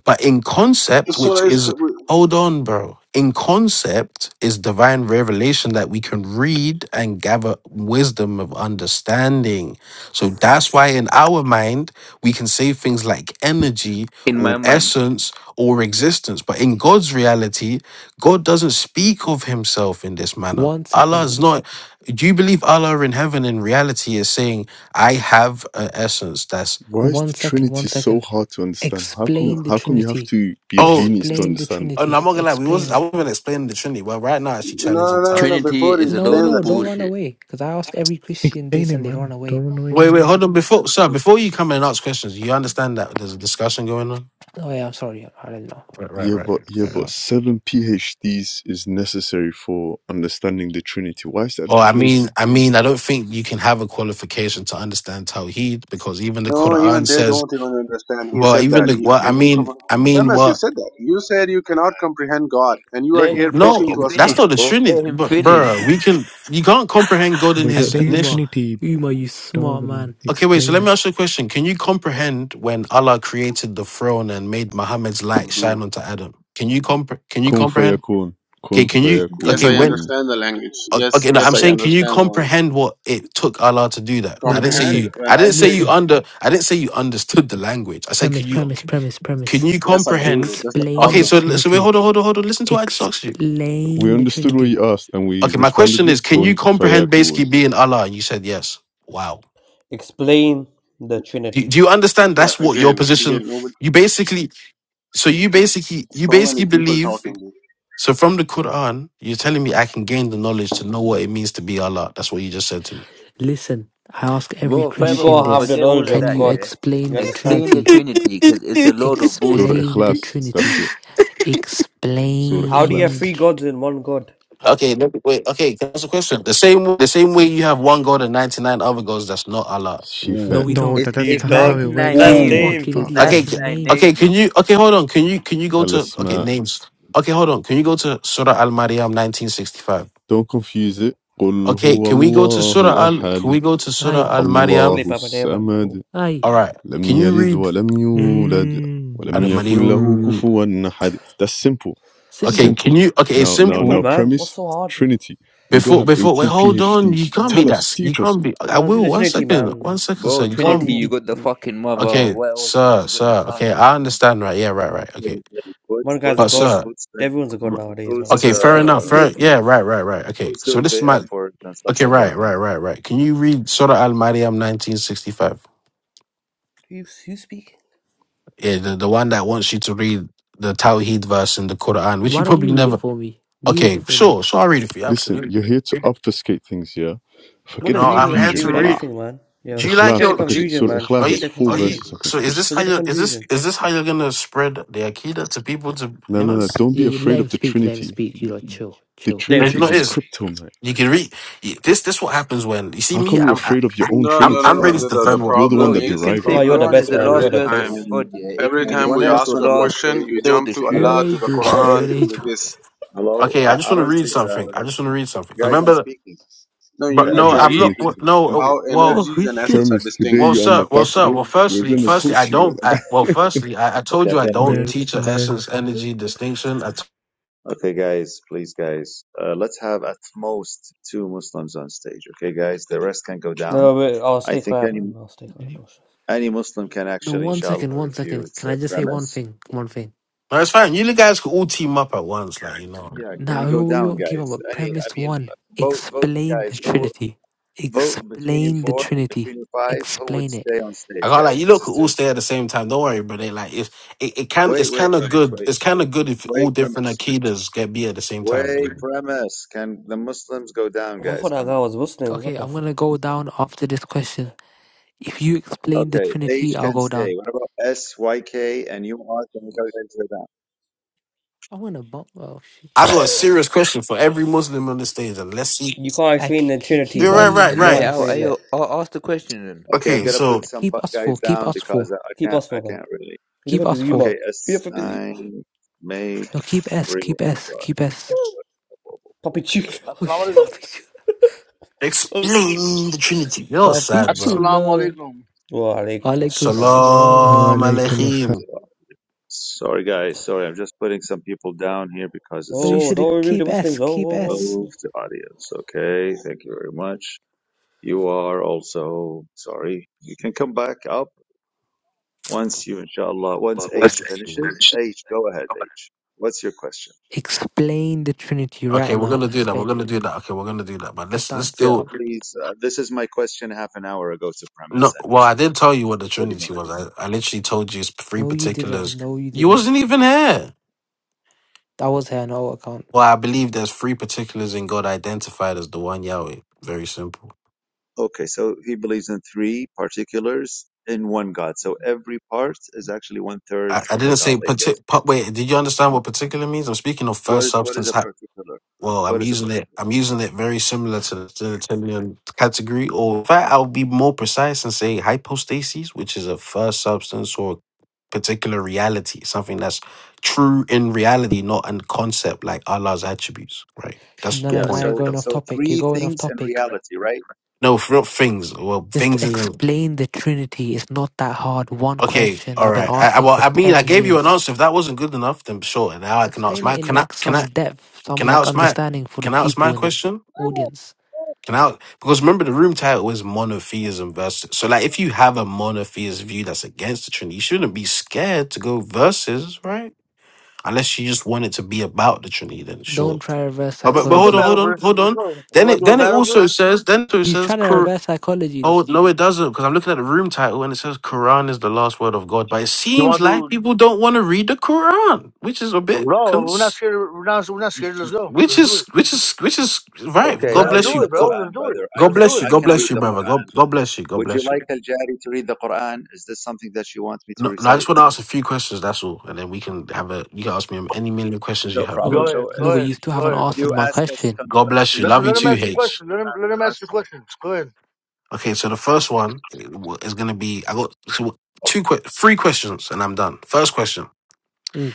Speaker 3: But in concept,
Speaker 4: So
Speaker 3: which
Speaker 4: it's,
Speaker 3: is, hold on, bro. In concept is divine revelation that we can read and gather wisdom of understanding. So that's why in our mind, we can say things like energy
Speaker 5: in
Speaker 3: or
Speaker 5: my mind.
Speaker 3: essence or existence. But in God's reality, God doesn't speak of himself in this manner.
Speaker 6: One
Speaker 3: Allah
Speaker 6: second,
Speaker 3: is not, do you believe Allah in heaven in reality is saying, I have an essence that's,
Speaker 7: Why is
Speaker 6: one
Speaker 7: the
Speaker 6: second, one
Speaker 7: Trinity so
Speaker 6: second.
Speaker 7: hard to understand? How come
Speaker 6: Explain the
Speaker 7: how come you have
Speaker 6: Trinity.
Speaker 7: to be a
Speaker 3: oh,
Speaker 7: genius to
Speaker 6: Explain the
Speaker 7: understand? it?
Speaker 3: Oh no,
Speaker 6: Trinity.
Speaker 3: I'm not gonna lie. We
Speaker 6: Explain
Speaker 3: was I
Speaker 6: it.
Speaker 3: wasn't explaining the Trinity, Well, right now it's actually
Speaker 4: No,
Speaker 3: challenging
Speaker 4: no, no,
Speaker 3: time.
Speaker 4: no.
Speaker 5: Trinity
Speaker 4: Before he
Speaker 5: is a
Speaker 6: No,
Speaker 5: load
Speaker 4: explains
Speaker 5: of
Speaker 6: no,
Speaker 4: that to
Speaker 6: don't
Speaker 4: me.
Speaker 6: run
Speaker 5: bullshit.
Speaker 6: away. Because I ask every Christian
Speaker 8: Explain
Speaker 6: this
Speaker 8: it,
Speaker 6: and they run
Speaker 8: man.
Speaker 6: away.
Speaker 8: Don't run away
Speaker 3: Wait,
Speaker 8: now.
Speaker 3: wait, hold on. Before sir, before you come and ask questions, you understand that there's a discussion going on.
Speaker 6: Oh, yeah, I'm sorry. I don't know.
Speaker 3: Right, right,
Speaker 7: Yeah,
Speaker 3: right.
Speaker 7: but yeah,
Speaker 3: Fair
Speaker 7: but
Speaker 6: Oh.
Speaker 3: enough.
Speaker 7: seven PhDs is necessary for understanding the Trinity. Why is that
Speaker 3: Oh,
Speaker 7: the
Speaker 3: I
Speaker 7: case?
Speaker 3: mean, I mean, I don't think you can have a qualification to understand Tawheed because even the
Speaker 4: No, even
Speaker 3: Quran
Speaker 4: they
Speaker 3: says,
Speaker 4: don't even understand. He
Speaker 3: well,
Speaker 4: said
Speaker 3: even
Speaker 4: that.
Speaker 3: the
Speaker 4: He,
Speaker 3: what I
Speaker 4: can you
Speaker 3: mean,
Speaker 4: come?
Speaker 3: I mean,
Speaker 4: Premise, you
Speaker 3: what?
Speaker 4: said that. You said you cannot comprehend God, and you are
Speaker 5: Let
Speaker 4: here
Speaker 5: him
Speaker 4: preaching
Speaker 5: fucking
Speaker 4: to
Speaker 3: No,
Speaker 4: us God.
Speaker 3: that's
Speaker 5: finish,
Speaker 3: not the
Speaker 5: bro.
Speaker 3: Trinity,
Speaker 5: Let him
Speaker 3: but
Speaker 5: finish.
Speaker 3: bruh, we can. You can't comprehend God in
Speaker 8: But
Speaker 6: Hey,
Speaker 3: His
Speaker 8: explain the
Speaker 3: initial.
Speaker 6: Uma.
Speaker 8: Trinity,
Speaker 6: Uma, you
Speaker 8: dog,
Speaker 6: smart
Speaker 8: man.
Speaker 6: man.
Speaker 3: Okay, wait. So
Speaker 8: Explain
Speaker 3: let me
Speaker 8: it.
Speaker 3: ask you a question. Can you comprehend when Allah created the throne and made Muhammad's light
Speaker 5: Pudu.
Speaker 3: shine onto Adam? Can you compre- Can you
Speaker 7: Kun
Speaker 3: comprehend?
Speaker 7: fayakun,
Speaker 3: Okay,
Speaker 7: kun
Speaker 3: can you?
Speaker 4: Yes,
Speaker 3: Okay,
Speaker 4: I
Speaker 3: when?
Speaker 7: fayakun.
Speaker 4: understand the language.
Speaker 3: o-
Speaker 4: Yes,
Speaker 3: Okay, no,
Speaker 4: yes,
Speaker 3: I'm
Speaker 4: I
Speaker 3: saying, can you
Speaker 4: understand the language.
Speaker 3: comprehend what it took Allah to do that? I
Speaker 6: Wait,
Speaker 3: didn't say
Speaker 4: Comprehend?
Speaker 3: you.
Speaker 6: listen.
Speaker 4: When
Speaker 3: I
Speaker 4: I
Speaker 3: didn't say
Speaker 4: say
Speaker 3: you
Speaker 6: Listen.
Speaker 3: under. I didn't say you understood the language. I said,
Speaker 6: Premise,
Speaker 3: can you?
Speaker 6: premise,
Speaker 3: okay,
Speaker 6: premise,
Speaker 3: Can
Speaker 6: premise.
Speaker 3: you
Speaker 4: yes, I
Speaker 3: comprehend?
Speaker 4: do. That's the
Speaker 6: Explain
Speaker 3: Okay,
Speaker 6: the
Speaker 4: problem.
Speaker 3: so l- so wait,
Speaker 6: Trinity.
Speaker 3: hold on, hold on, hold on. Listen to what I just asked you.
Speaker 7: We
Speaker 6: Explain the
Speaker 7: understood what
Speaker 6: Trinity.
Speaker 7: you asked and we
Speaker 3: Okay, my
Speaker 7: responded
Speaker 3: question is,
Speaker 7: with
Speaker 3: can you
Speaker 7: kun
Speaker 3: comprehend
Speaker 7: fayakun.
Speaker 3: basically being Allah? And you said yes. Wow.
Speaker 9: explain the
Speaker 3: Do, do
Speaker 9: Trinity.
Speaker 3: you understand?
Speaker 4: Yeah,
Speaker 3: That's what your
Speaker 4: again,
Speaker 3: position.
Speaker 4: again. Nobody,
Speaker 3: You basically So you basically you
Speaker 4: so many
Speaker 3: basically
Speaker 4: people
Speaker 3: believe
Speaker 4: talking. This.
Speaker 3: so from the Quran, you're telling me I can gain the knowledge to know what it means to be Allah. That's what you just said to me.
Speaker 6: Listen, I ask every
Speaker 5: Bro,
Speaker 9: You
Speaker 6: Christian
Speaker 5: furthermore,
Speaker 9: gotta have the
Speaker 6: this.
Speaker 5: forget all
Speaker 9: knowledge
Speaker 5: of
Speaker 6: Can
Speaker 9: of
Speaker 5: that,
Speaker 6: you
Speaker 9: God.
Speaker 5: yeah?
Speaker 9: You
Speaker 6: explain the
Speaker 9: understand?
Speaker 5: Explain the
Speaker 6: Trinity?
Speaker 5: Trinity, because it's a load of
Speaker 7: Surah
Speaker 5: bullshit.
Speaker 6: Explain the
Speaker 7: Ikhlas,
Speaker 6: Trinity.
Speaker 7: that's it. Surah
Speaker 9: How do you have
Speaker 6: Explain.
Speaker 7: Ikhlas.
Speaker 6: the
Speaker 9: three gods
Speaker 6: Trinity.
Speaker 9: in one God?
Speaker 3: okay, let me- wait. Okay, can I ask a question? The same the same way you have one god and ninety nine other gods. That's not Allah.
Speaker 6: No,
Speaker 7: Shifa
Speaker 6: we
Speaker 3: Ooh,
Speaker 8: No,
Speaker 6: don't.
Speaker 5: It's
Speaker 8: that, that's
Speaker 9: You
Speaker 5: it's
Speaker 8: not how
Speaker 9: dog.
Speaker 8: it
Speaker 5: 99
Speaker 8: works,
Speaker 6: You're
Speaker 8: you
Speaker 6: a
Speaker 9: That's
Speaker 3: ooh.
Speaker 5: names.
Speaker 8: stupid
Speaker 9: Dave.
Speaker 6: fucking
Speaker 5: It's
Speaker 6: idiot.
Speaker 8: fuck,
Speaker 3: Okay,
Speaker 6: That's his
Speaker 8: man.
Speaker 3: c-
Speaker 5: 99
Speaker 6: name.
Speaker 5: names,
Speaker 3: okay. Can
Speaker 5: man,
Speaker 3: you
Speaker 5: bro.
Speaker 3: okay? Hold on. Can you can you go to okay
Speaker 7: al-Asma.
Speaker 3: names? Okay, hold on. Can you go to Surah Al Maryam nineteen sixty five?
Speaker 7: Don't confuse it. قل
Speaker 3: Okay,
Speaker 7: هو
Speaker 3: can we go to Surah
Speaker 7: الله
Speaker 3: Al? Can
Speaker 7: أحد
Speaker 3: we go to
Speaker 9: Oh,
Speaker 6: Aye,
Speaker 3: Surah Al
Speaker 9: what the
Speaker 3: Maryam?
Speaker 7: الله
Speaker 9: flip up an air man.
Speaker 7: الصمد
Speaker 9: Oh,
Speaker 6: aye.
Speaker 3: All right.
Speaker 7: لم
Speaker 3: Can you
Speaker 7: يلد
Speaker 3: read?
Speaker 7: ولم يولد
Speaker 8: Mmm.
Speaker 7: ولم يكن له
Speaker 3: Adamadiun.
Speaker 7: كفوا أحد that's simple
Speaker 3: Okay,
Speaker 6: Simple.
Speaker 3: can
Speaker 7: simple
Speaker 3: you? Okay, it's
Speaker 7: now now
Speaker 9: simple
Speaker 7: now
Speaker 3: simple.
Speaker 9: man. What's
Speaker 7: premise
Speaker 9: so hard?
Speaker 7: trinity we don't
Speaker 3: Before,
Speaker 7: have
Speaker 3: before, wait,
Speaker 7: 18
Speaker 3: hold on.
Speaker 7: phds
Speaker 3: You can't be
Speaker 7: tell
Speaker 3: that.
Speaker 7: us
Speaker 3: s- You
Speaker 7: teach us
Speaker 3: can't be. I
Speaker 9: Now do
Speaker 3: will.
Speaker 9: the
Speaker 3: One
Speaker 9: Trinity,
Speaker 3: second. One
Speaker 9: man.
Speaker 3: second, sir.
Speaker 5: Bro,
Speaker 3: You
Speaker 5: Trinity,
Speaker 3: can't
Speaker 9: One
Speaker 5: you
Speaker 3: be.
Speaker 5: got the fucking mother.
Speaker 3: Okay,
Speaker 5: What else, man?
Speaker 3: sir,
Speaker 5: You got the
Speaker 3: sir. Okay, I
Speaker 5: son.
Speaker 3: understand. Right. Yeah. Right. Right. Okay.
Speaker 2: What's
Speaker 9: one guy's a
Speaker 2: what's
Speaker 3: But
Speaker 2: who's
Speaker 9: god.
Speaker 3: sir.
Speaker 2: who's
Speaker 9: Everyone's a god
Speaker 3: r-
Speaker 9: nowadays, man.
Speaker 2: who's
Speaker 9: What's
Speaker 3: Okay.
Speaker 9: this
Speaker 3: Fair
Speaker 9: shit?
Speaker 3: enough.
Speaker 2: uh
Speaker 3: Fair. Yeah. Right. Right. Right. Okay.
Speaker 2: who's
Speaker 3: So
Speaker 2: doing
Speaker 3: this is
Speaker 2: the
Speaker 3: my.
Speaker 2: effort and stuff
Speaker 3: Okay.
Speaker 2: like
Speaker 3: Right.
Speaker 2: that?
Speaker 3: Right. Right. Right. Can you read Surah Al Maryam, nineteen sixty-five?
Speaker 9: You you speak?
Speaker 3: Yeah, the, the one that wants you to read the Tawheed verse in the Quran, which
Speaker 6: Why
Speaker 3: you
Speaker 6: don't you
Speaker 3: probably
Speaker 6: read it
Speaker 3: never.
Speaker 6: for me? You read it
Speaker 3: Okay.
Speaker 6: for me.
Speaker 3: Sure. Sure. I'll read it for you.
Speaker 7: listen you're
Speaker 3: Absolutely.
Speaker 7: here to obfuscate things yeah
Speaker 9: What
Speaker 7: forget
Speaker 3: No,
Speaker 7: the
Speaker 9: does reading
Speaker 3: I'm
Speaker 9: have to
Speaker 3: here
Speaker 9: do
Speaker 7: confusion
Speaker 3: to
Speaker 9: with
Speaker 3: read.
Speaker 7: brother
Speaker 9: anything, man? Yeah,
Speaker 3: Do you like
Speaker 9: forget
Speaker 7: ikhlas
Speaker 9: the
Speaker 3: your?
Speaker 7: okay,
Speaker 3: Do
Speaker 7: okay
Speaker 3: you,
Speaker 7: so
Speaker 9: confusion, man.
Speaker 3: are
Speaker 7: ikhlas
Speaker 9: Forget
Speaker 7: has
Speaker 3: you?
Speaker 9: the
Speaker 7: four
Speaker 3: Are you?
Speaker 9: confusion.
Speaker 7: verses i think
Speaker 3: So is
Speaker 7: just
Speaker 3: this how
Speaker 9: Forget the
Speaker 3: you? Is this
Speaker 9: confusion.
Speaker 3: is this how you're gonna spread the akida to people? To
Speaker 7: no
Speaker 3: you
Speaker 7: no
Speaker 3: know,
Speaker 7: no
Speaker 3: it's-
Speaker 7: don't
Speaker 6: You,
Speaker 7: be
Speaker 6: you let
Speaker 7: afraid of
Speaker 6: him
Speaker 7: the
Speaker 6: speak. Let him
Speaker 7: trinity
Speaker 6: speak. You
Speaker 7: the,
Speaker 6: know, chill,
Speaker 7: the
Speaker 6: chill.
Speaker 9: Damn,
Speaker 3: like,
Speaker 7: trinity
Speaker 3: you
Speaker 7: is
Speaker 3: know
Speaker 9: speak.
Speaker 3: it
Speaker 7: his
Speaker 3: is
Speaker 7: kryptonite
Speaker 3: you can read you- this. This what happens when you see
Speaker 7: how
Speaker 3: me.
Speaker 7: come
Speaker 3: I'm
Speaker 7: you're
Speaker 3: I,
Speaker 7: afraid of your
Speaker 3: I-
Speaker 7: own
Speaker 4: No,
Speaker 3: I'm
Speaker 4: no,
Speaker 7: trinity
Speaker 4: no,
Speaker 3: I'm
Speaker 4: no.
Speaker 3: ready
Speaker 7: brother
Speaker 3: to
Speaker 4: The, the the
Speaker 3: defend what.
Speaker 7: you're the one
Speaker 5: Bro,
Speaker 4: problem
Speaker 7: that
Speaker 5: you
Speaker 4: is the
Speaker 5: can
Speaker 7: derived
Speaker 2: Okay,
Speaker 7: it
Speaker 5: say
Speaker 9: Oh, you're
Speaker 4: problem
Speaker 9: the
Speaker 5: Quran
Speaker 4: is
Speaker 5: is
Speaker 9: best,
Speaker 2: guys,
Speaker 5: the
Speaker 2: uh,
Speaker 9: man.
Speaker 5: last
Speaker 4: every
Speaker 9: You're the
Speaker 5: word
Speaker 4: time
Speaker 9: best.
Speaker 5: of God,
Speaker 2: Can,
Speaker 5: yeah?
Speaker 2: uh,
Speaker 5: It
Speaker 4: every
Speaker 5: can
Speaker 2: can
Speaker 5: be the
Speaker 4: time we
Speaker 2: one
Speaker 5: first or
Speaker 4: ask you
Speaker 2: Muslim
Speaker 4: a
Speaker 2: be on
Speaker 5: last.
Speaker 4: question,
Speaker 5: It's
Speaker 2: stage,
Speaker 4: you
Speaker 5: still
Speaker 4: jump
Speaker 5: the
Speaker 2: guys?
Speaker 4: to
Speaker 6: You're an
Speaker 5: truth.
Speaker 2: Hello,
Speaker 4: Allah, to the
Speaker 6: angel, man. You're
Speaker 4: Quran,
Speaker 6: an
Speaker 4: to the
Speaker 6: angel.
Speaker 4: this.
Speaker 2: hello.
Speaker 3: Okay, I
Speaker 2: I,
Speaker 3: just
Speaker 2: I
Speaker 3: want to
Speaker 2: don't
Speaker 3: read
Speaker 2: see, uh,
Speaker 3: something. I just want to read something. 'Cause
Speaker 2: guys. I'm
Speaker 3: remember,
Speaker 2: speaking.
Speaker 4: No, you
Speaker 3: but
Speaker 2: Uh,
Speaker 4: need
Speaker 3: no,
Speaker 7: in
Speaker 4: to
Speaker 7: his
Speaker 3: I'm
Speaker 2: Al-Jari is
Speaker 4: read
Speaker 3: not.
Speaker 7: Trinity.
Speaker 3: what-
Speaker 2: speaking.
Speaker 3: No, uh,
Speaker 4: how
Speaker 3: well,
Speaker 6: Oh
Speaker 4: energies and
Speaker 7: I
Speaker 6: shit.
Speaker 4: essence are
Speaker 7: Promise
Speaker 4: distinct.
Speaker 7: today
Speaker 3: well,
Speaker 7: you're on the
Speaker 3: sir, well,
Speaker 7: back
Speaker 3: sir.
Speaker 7: foot.
Speaker 3: Well,
Speaker 7: We're
Speaker 3: firstly,
Speaker 7: gonna
Speaker 3: firstly, I
Speaker 7: push you, brother.
Speaker 3: don't. I, well, firstly, I, I told
Speaker 2: Okay,
Speaker 3: you
Speaker 2: I'm
Speaker 3: I
Speaker 2: gonna
Speaker 3: don't
Speaker 8: Bruh,
Speaker 2: mute.
Speaker 3: teach a
Speaker 8: bruh.
Speaker 3: essence energy distinction. I t-
Speaker 2: Okay, guys, please, guys. Uh, let's have at most two Muslims on stage. Okay, guys. The rest can go down.
Speaker 9: No, wait, I'll
Speaker 2: I
Speaker 9: stay
Speaker 2: think
Speaker 9: quiet, man.
Speaker 2: any.
Speaker 9: I'll stay quiet. Don't
Speaker 6: No,
Speaker 9: stress.
Speaker 2: Any Muslim can actually,
Speaker 6: one
Speaker 2: inshallah,
Speaker 6: second, one
Speaker 2: refute
Speaker 6: second. Can
Speaker 2: uh,
Speaker 6: I just say one
Speaker 2: premise.
Speaker 6: thing? One thing.
Speaker 3: no, it's fine. You guys can all team up at once, like you know.
Speaker 2: Yeah, can
Speaker 6: Now
Speaker 2: you
Speaker 6: we
Speaker 2: go
Speaker 6: we
Speaker 2: down,
Speaker 6: won't team up.
Speaker 2: guys?
Speaker 6: But
Speaker 2: Any, I
Speaker 6: premise
Speaker 2: mean,
Speaker 6: one:
Speaker 2: uh, vote, vote,
Speaker 6: explain the
Speaker 2: guys. Who
Speaker 6: Trinity.
Speaker 2: vote between you
Speaker 6: Explain the
Speaker 2: four,
Speaker 6: Trinity.
Speaker 2: between you five? Who would
Speaker 6: Explain it.
Speaker 2: stay on
Speaker 3: I
Speaker 2: stage,
Speaker 3: got like
Speaker 2: guys?
Speaker 3: you
Speaker 2: This
Speaker 3: look
Speaker 2: is
Speaker 3: could all
Speaker 2: too.
Speaker 3: stay at the same time. Don't worry, but they like if it, it can it's
Speaker 2: Wait, wait,
Speaker 3: kind of
Speaker 2: premise.
Speaker 3: good.
Speaker 2: Wait,
Speaker 3: It's kind of good if all
Speaker 2: wait,
Speaker 3: different
Speaker 2: premise.
Speaker 3: akidas get beer at the same time. you
Speaker 2: Wait,
Speaker 3: know.
Speaker 2: premise. Can the Muslims go down,
Speaker 9: I
Speaker 2: guys?
Speaker 9: thought that
Speaker 2: Come
Speaker 9: guy
Speaker 2: on.
Speaker 9: was Muslim.
Speaker 6: Okay,
Speaker 9: What the
Speaker 6: I'm
Speaker 9: fuck?
Speaker 6: gonna go down after this question. If you explain the
Speaker 2: Okay, H
Speaker 6: Trinity, I'll
Speaker 2: can
Speaker 6: go
Speaker 2: stay.
Speaker 6: down.
Speaker 2: What about S, Y, K, and U R? Can you guys go down?
Speaker 6: I'm gonna bump. Oh shit!
Speaker 3: I got a serious question for every Muslim on the stage, and let's see.
Speaker 9: You can't
Speaker 6: I
Speaker 9: explain
Speaker 6: k-
Speaker 9: the
Speaker 6: k-
Speaker 9: Trinity,
Speaker 6: keep
Speaker 3: You're right,
Speaker 9: man.
Speaker 6: me,
Speaker 3: right,
Speaker 9: You
Speaker 6: me and
Speaker 5: Lay it
Speaker 9: can't
Speaker 3: right.
Speaker 5: out.
Speaker 6: S.
Speaker 9: explain
Speaker 5: I'll
Speaker 9: it.
Speaker 5: I'll ask the question then.
Speaker 2: Okay, I'm
Speaker 3: Okay,
Speaker 6: M-
Speaker 2: gonna put
Speaker 3: so
Speaker 2: some bu-
Speaker 6: Keep us four.
Speaker 2: guys
Speaker 6: Keep
Speaker 2: down
Speaker 6: us
Speaker 2: because
Speaker 6: four.
Speaker 2: I I
Speaker 9: Keep
Speaker 2: can't,
Speaker 9: us
Speaker 2: I
Speaker 9: for, man.
Speaker 2: can't really.
Speaker 9: You don't
Speaker 6: Keep
Speaker 9: have
Speaker 6: us
Speaker 9: to
Speaker 6: four.
Speaker 9: Yuma.
Speaker 2: Okay,
Speaker 9: You
Speaker 2: S
Speaker 9: don't have to Yuma.
Speaker 2: nine. May
Speaker 6: No, keep S.
Speaker 2: Re-
Speaker 6: Keep S.
Speaker 2: Sorry.
Speaker 6: Keep S.
Speaker 9: Papi
Speaker 2: Okay, wait.
Speaker 9: Chico.
Speaker 10: Assalamu
Speaker 6: Oh shit!
Speaker 10: alaikum.
Speaker 9: What the fuck?
Speaker 3: explain the Trinity. You're
Speaker 6: Papi
Speaker 3: sad, bro.
Speaker 10: Assalamu
Speaker 6: chula.
Speaker 10: alaikum.
Speaker 9: Wa alaikum
Speaker 6: Alaikum
Speaker 9: assalam.
Speaker 3: Shalom
Speaker 6: salam.
Speaker 8: Wa
Speaker 2: Is
Speaker 3: aleichem.
Speaker 2: it on? Sorry, guys. Sorry, I'm just putting some people down here because it's
Speaker 6: No, you
Speaker 9: Oh,
Speaker 2: just
Speaker 6: should
Speaker 2: chaos.
Speaker 9: don't remove the
Speaker 6: keep S.
Speaker 9: Muslims. Oh,
Speaker 6: Keep
Speaker 9: oh,
Speaker 6: S.
Speaker 2: Move
Speaker 9: oh. oh.
Speaker 2: to audience. Okay, thank you very much. You are also sorry. You can come back up once you, inshallah, once
Speaker 3: What, what's
Speaker 2: H
Speaker 3: the
Speaker 2: finishes.
Speaker 3: ancient?
Speaker 2: H, go ahead, H. What's your question?
Speaker 6: Explain the Trinity
Speaker 3: Okay,
Speaker 6: right
Speaker 3: we're
Speaker 6: now.
Speaker 3: gonna do that. We're
Speaker 6: Explain
Speaker 3: gonna
Speaker 6: it.
Speaker 3: do that. Okay, we're gonna do that. But
Speaker 6: Let's
Speaker 3: let's let's
Speaker 6: dance.
Speaker 2: Yeah,
Speaker 3: deal.
Speaker 6: Come.
Speaker 2: please. Uh, this is my question half an hour ago to
Speaker 3: No,
Speaker 2: premise, and
Speaker 3: well,
Speaker 2: he's
Speaker 3: I did tell you what the
Speaker 2: 30 minutes.
Speaker 3: Trinity was. I, I literally told you it's three
Speaker 6: No, you didn't.
Speaker 3: particulars.
Speaker 6: No, you
Speaker 3: You
Speaker 6: didn't.
Speaker 3: wasn't even here.
Speaker 6: That was her no account.
Speaker 3: Well, I believe there's three particulars in God identified as the one Yahweh. Very simple.
Speaker 2: Okay, so he believes in three particulars in one God. So every part is actually one third
Speaker 3: I, I
Speaker 2: of a
Speaker 3: didn't
Speaker 2: God,
Speaker 3: say
Speaker 2: I guess.
Speaker 3: partic. pa- Wait, did you understand
Speaker 2: Huh?
Speaker 3: what particular means? I'm speaking of
Speaker 2: What
Speaker 3: first
Speaker 2: is what is
Speaker 3: substance
Speaker 2: a particular?
Speaker 3: Well,
Speaker 2: What
Speaker 3: I'm
Speaker 2: is a
Speaker 3: using it.
Speaker 2: particular?
Speaker 3: I'm using it very similar to the genitalium category, or in fact, I'll be more precise and say hypostasis, which is a first substance or particular reality, something that's true in reality, not in concept, like Allah's attributes. Right? That's
Speaker 6: No,
Speaker 3: the
Speaker 6: no,
Speaker 2: Yeah,
Speaker 6: now
Speaker 3: point.
Speaker 6: you're
Speaker 2: so
Speaker 6: going off
Speaker 2: so
Speaker 6: topic. You're
Speaker 2: three
Speaker 6: going off
Speaker 2: things in
Speaker 6: topic.
Speaker 2: reality, right?
Speaker 3: No, for real things. Well,
Speaker 6: Just
Speaker 3: things isn't
Speaker 6: explain the Trinity. It's not that hard. One
Speaker 3: okay.
Speaker 6: question
Speaker 3: All
Speaker 6: I've been
Speaker 3: right. I, I,
Speaker 6: asking
Speaker 3: well,
Speaker 6: for
Speaker 3: I mean,
Speaker 6: 10
Speaker 3: I gave you an
Speaker 6: years.
Speaker 3: answer. If that wasn't good enough, then sure. Now I can ask
Speaker 6: Explain it
Speaker 3: my.
Speaker 6: in
Speaker 3: Can I?
Speaker 6: like
Speaker 3: Can
Speaker 6: some
Speaker 3: I?
Speaker 6: depth, some
Speaker 3: Can I
Speaker 6: like
Speaker 3: ask my?
Speaker 6: understanding for the
Speaker 3: Can I ask
Speaker 6: people
Speaker 3: my
Speaker 6: in the
Speaker 3: question?
Speaker 6: audience.
Speaker 3: Can I? Because remember, the room title is monotheism versus. So, like, if you have a monotheist view that's against the Trinity, you shouldn't be scared to go versus, right? Unless you just want it to be about the Trinity, then
Speaker 6: Don't
Speaker 3: sure.
Speaker 6: try reverse
Speaker 3: But
Speaker 10: Who
Speaker 3: but, but
Speaker 10: who can
Speaker 3: hold on,
Speaker 6: psychology.
Speaker 10: battle
Speaker 3: hold on,
Speaker 10: verse? in
Speaker 3: hold
Speaker 10: this
Speaker 3: on.
Speaker 10: world? You
Speaker 3: Then
Speaker 10: want
Speaker 3: it
Speaker 10: to do a
Speaker 3: then it
Speaker 10: battle
Speaker 3: also
Speaker 10: verse?
Speaker 3: says then it
Speaker 6: He's
Speaker 3: says
Speaker 6: trying to
Speaker 3: Qur-
Speaker 6: reverse psychology.
Speaker 3: oh
Speaker 6: This
Speaker 3: no, it doesn't because I'm looking at the room title and it says Quran is the last word of God. But it
Speaker 10: You
Speaker 3: seems
Speaker 10: want to
Speaker 3: like
Speaker 10: do?
Speaker 3: people don't want to read the Quran, which is a bit
Speaker 10: No, we're not
Speaker 3: cons-
Speaker 10: scared. We're not. We're not scared. Let's go.
Speaker 3: which
Speaker 10: Let's do
Speaker 3: is
Speaker 10: it.
Speaker 3: which is which is right.
Speaker 2: Okay,
Speaker 3: God
Speaker 10: Let's
Speaker 2: I'll
Speaker 3: bless
Speaker 2: read
Speaker 10: do
Speaker 3: you.
Speaker 2: the
Speaker 10: it, bro. Let's
Speaker 2: Quran,
Speaker 10: do it.
Speaker 2: brother. I
Speaker 3: God
Speaker 10: Let's
Speaker 2: can
Speaker 10: do
Speaker 3: bless you.
Speaker 10: it.
Speaker 2: I
Speaker 3: God
Speaker 2: can
Speaker 3: bless
Speaker 2: read
Speaker 3: you,
Speaker 2: the
Speaker 3: brother.
Speaker 2: Quran.
Speaker 3: God, God bless you. God
Speaker 2: Would you
Speaker 3: bless you.
Speaker 2: like Al Jari to read the Quran? Is this something that you want me to
Speaker 3: No, no, I
Speaker 2: recite?
Speaker 3: just want to ask a few questions. That's all, and then we can have a. You can ask me any million questions you
Speaker 2: No
Speaker 3: have.
Speaker 2: problem.
Speaker 10: Go
Speaker 6: no,
Speaker 10: ahead.
Speaker 2: So
Speaker 10: Go
Speaker 2: if
Speaker 6: no, but
Speaker 10: ahead.
Speaker 6: you
Speaker 2: if,
Speaker 6: still
Speaker 10: Go
Speaker 6: haven't
Speaker 10: ahead.
Speaker 2: if
Speaker 6: answered
Speaker 2: you
Speaker 6: my
Speaker 2: ask us
Speaker 6: question.
Speaker 2: some
Speaker 3: God bless you.
Speaker 10: Let,
Speaker 2: questions,
Speaker 10: the-
Speaker 3: Love you
Speaker 10: let
Speaker 2: will
Speaker 10: him
Speaker 2: you
Speaker 3: too,
Speaker 2: be
Speaker 10: ask the
Speaker 2: able
Speaker 3: H.
Speaker 10: question.
Speaker 2: to
Speaker 10: Let him let him
Speaker 2: answer
Speaker 10: ask the
Speaker 2: us?
Speaker 10: questions. Go ahead.
Speaker 3: Okay, so the first one is going to be. I got so two, que- three questions, and I'm done. First question
Speaker 6: Mm,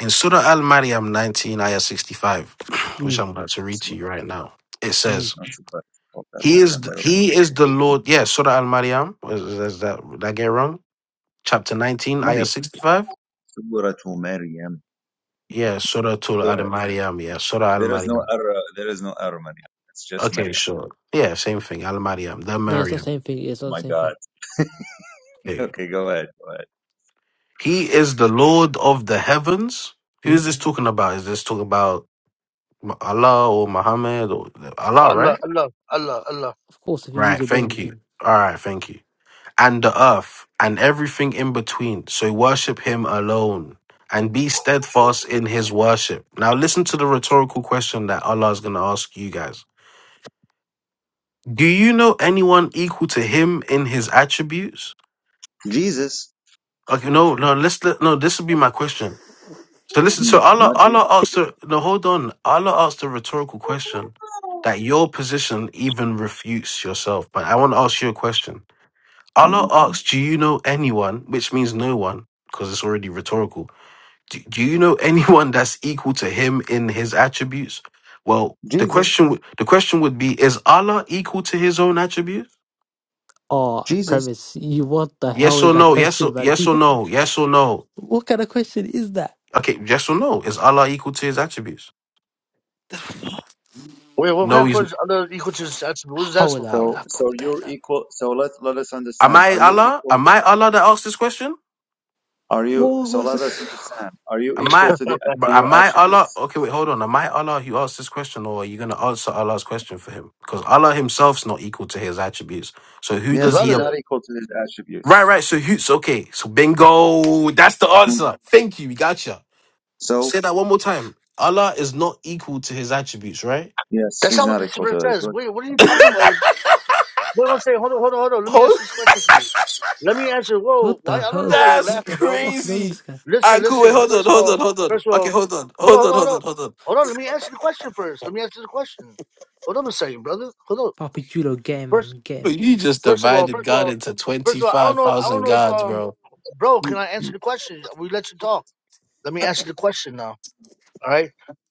Speaker 3: in Surah Al Maryam 19, ayah 65, which
Speaker 6: mm,
Speaker 3: I'm about to read to you right now. It
Speaker 6: mm.
Speaker 3: says,
Speaker 2: Not so bad. Okay,
Speaker 3: "He is
Speaker 2: Maryam, but okay.
Speaker 3: He is the Lord." Yeah, Surah Al Maryam. Is, is that did I get it wrong? Chapter 19,
Speaker 2: Maryam.
Speaker 3: ayah 65.
Speaker 2: Surah Maryam.
Speaker 3: Yeah, Surah to
Speaker 2: Go
Speaker 3: Al
Speaker 2: ahead.
Speaker 3: Mariam. Yeah, Surah Al
Speaker 2: There is no
Speaker 3: maryam
Speaker 2: error. There is no error, Maryam. It's just
Speaker 3: Okay,
Speaker 2: Maryam.
Speaker 3: sure. Yeah, same thing. Al maryam the
Speaker 6: No, it's not the
Speaker 3: Maryam.
Speaker 6: same thing. It's not the
Speaker 2: My
Speaker 6: same thing.
Speaker 2: God.
Speaker 3: Okay.
Speaker 2: Okay, go ahead. Go ahead.
Speaker 3: He is the Lord of the heavens. Who
Speaker 6: Mm?
Speaker 3: is this talking about? Is this talking about M- Allah or Muhammad or Allah,
Speaker 10: Allah,
Speaker 3: right?
Speaker 10: Allah, Allah, Allah.
Speaker 6: Of course, if you use
Speaker 3: Right,
Speaker 6: your brain,
Speaker 3: thank
Speaker 6: you
Speaker 3: you.
Speaker 6: can.
Speaker 3: All right, thank you. And the earth and everything in between. So worship him alone and be steadfast in his worship. Now, listen to the rhetorical question that Allah is going to ask you guys. Do you know anyone equal to him in his attributes?
Speaker 2: Jesus.
Speaker 3: Okay, no, no, let's let, no, this would be my question. So listen, so
Speaker 2: Mm,
Speaker 3: Allah
Speaker 2: not
Speaker 3: Allah
Speaker 2: Jesus.
Speaker 3: asked the no, hold on. Allah asked a rhetorical question that your position even refutes yourself. But I want to ask you a question. Allah
Speaker 2: hmm
Speaker 3: asks, Do you know anyone? Which means no one, because it's already rhetorical. Do, do you know anyone that's equal to him in his attributes? Well, the
Speaker 2: Jesus.
Speaker 3: question w- the question would be, is Allah equal to his own attributes?
Speaker 6: Oh, a
Speaker 2: Jesus.
Speaker 6: premise. You what the hell
Speaker 3: Yes
Speaker 6: is
Speaker 3: or
Speaker 6: that
Speaker 3: no? Yes
Speaker 6: question,
Speaker 3: or
Speaker 6: man?
Speaker 3: yes or no? Yes or no?
Speaker 6: What kind of question is that?
Speaker 3: Okay, yes or no? Is Allah equal to his attributes?
Speaker 10: Wait, what kind
Speaker 3: No,
Speaker 10: of
Speaker 3: he's.
Speaker 10: question? Allah equals his attribute. What is that
Speaker 6: حول
Speaker 10: supposed
Speaker 6: ولا
Speaker 10: to
Speaker 6: حول
Speaker 10: mean,
Speaker 2: So,
Speaker 6: ولا قوة
Speaker 2: so you're
Speaker 6: إلا بالله.
Speaker 2: equal. So let let us
Speaker 3: Am
Speaker 2: understand.
Speaker 3: I
Speaker 2: Are you
Speaker 3: Allah?
Speaker 2: equal?
Speaker 3: Am I Allah that asked this question?
Speaker 2: Are you?
Speaker 6: What
Speaker 2: So
Speaker 6: was
Speaker 2: let us
Speaker 6: this?
Speaker 2: understand. Are you
Speaker 3: Am
Speaker 2: equal
Speaker 3: I?
Speaker 2: to the to
Speaker 3: but
Speaker 2: your
Speaker 3: Am I Allah?
Speaker 2: attributes?
Speaker 3: Okay, wait, hold on. Am I Allah who asked this question, or are you going to answer Allah's question for him? Because Allah Himself's not equal to His attributes. So who
Speaker 2: Yes,
Speaker 3: does He?
Speaker 2: he's
Speaker 3: ab-
Speaker 10: brother?
Speaker 2: not equal to his
Speaker 3: Right,
Speaker 2: attributes.
Speaker 3: right. So who's okay? So bingo. That's the
Speaker 2: Mm.
Speaker 3: answer. Thank you. We Gotcha.
Speaker 2: So
Speaker 3: Say that one more time. Allah is not equal to His attributes, right?
Speaker 2: yes,
Speaker 10: That's
Speaker 2: he's
Speaker 10: not what
Speaker 2: not
Speaker 10: this
Speaker 2: equal
Speaker 10: verse
Speaker 2: to his.
Speaker 10: says.
Speaker 2: but-
Speaker 10: Wait, what are you talking about? Wait one second. Hold on, hold on, hold on. Let me
Speaker 3: Oh.
Speaker 10: answer this question for you. Let me answer. Whoa,
Speaker 6: What
Speaker 10: why?
Speaker 6: the
Speaker 10: I don't
Speaker 6: hell?
Speaker 10: know why you're
Speaker 3: That's
Speaker 6: What
Speaker 10: laughing,
Speaker 6: the
Speaker 10: bro.
Speaker 6: fuck is wrong with
Speaker 3: crazy.
Speaker 6: this guy?
Speaker 3: All
Speaker 10: Listen,
Speaker 3: right, cool. Wait,
Speaker 10: listen.
Speaker 3: hold on,
Speaker 10: First of
Speaker 3: hold on,
Speaker 10: all,
Speaker 3: hold on.
Speaker 10: first of
Speaker 3: Okay,
Speaker 10: all,
Speaker 3: hold on,
Speaker 10: hold on,
Speaker 3: hold
Speaker 10: hold
Speaker 3: on,
Speaker 10: on, hold
Speaker 3: hold on,
Speaker 10: on.
Speaker 3: hold on.
Speaker 10: Hold on, let me answer the question first. Let me answer the question. Hold on a second, brother. Hold on.
Speaker 6: Papi Chulo, get him,
Speaker 10: First
Speaker 6: man, get him.
Speaker 3: But you just
Speaker 10: first of all,
Speaker 3: divided
Speaker 10: first of
Speaker 3: God
Speaker 10: all,
Speaker 3: into
Speaker 10: first of all, I don't know I don't
Speaker 3: 25,000
Speaker 10: know if
Speaker 3: gods,
Speaker 10: um
Speaker 3: bro.
Speaker 10: bro,
Speaker 2: Mm,
Speaker 10: can I
Speaker 2: mm,
Speaker 10: answer the question? We let you talk. Let me answer the question now. All right.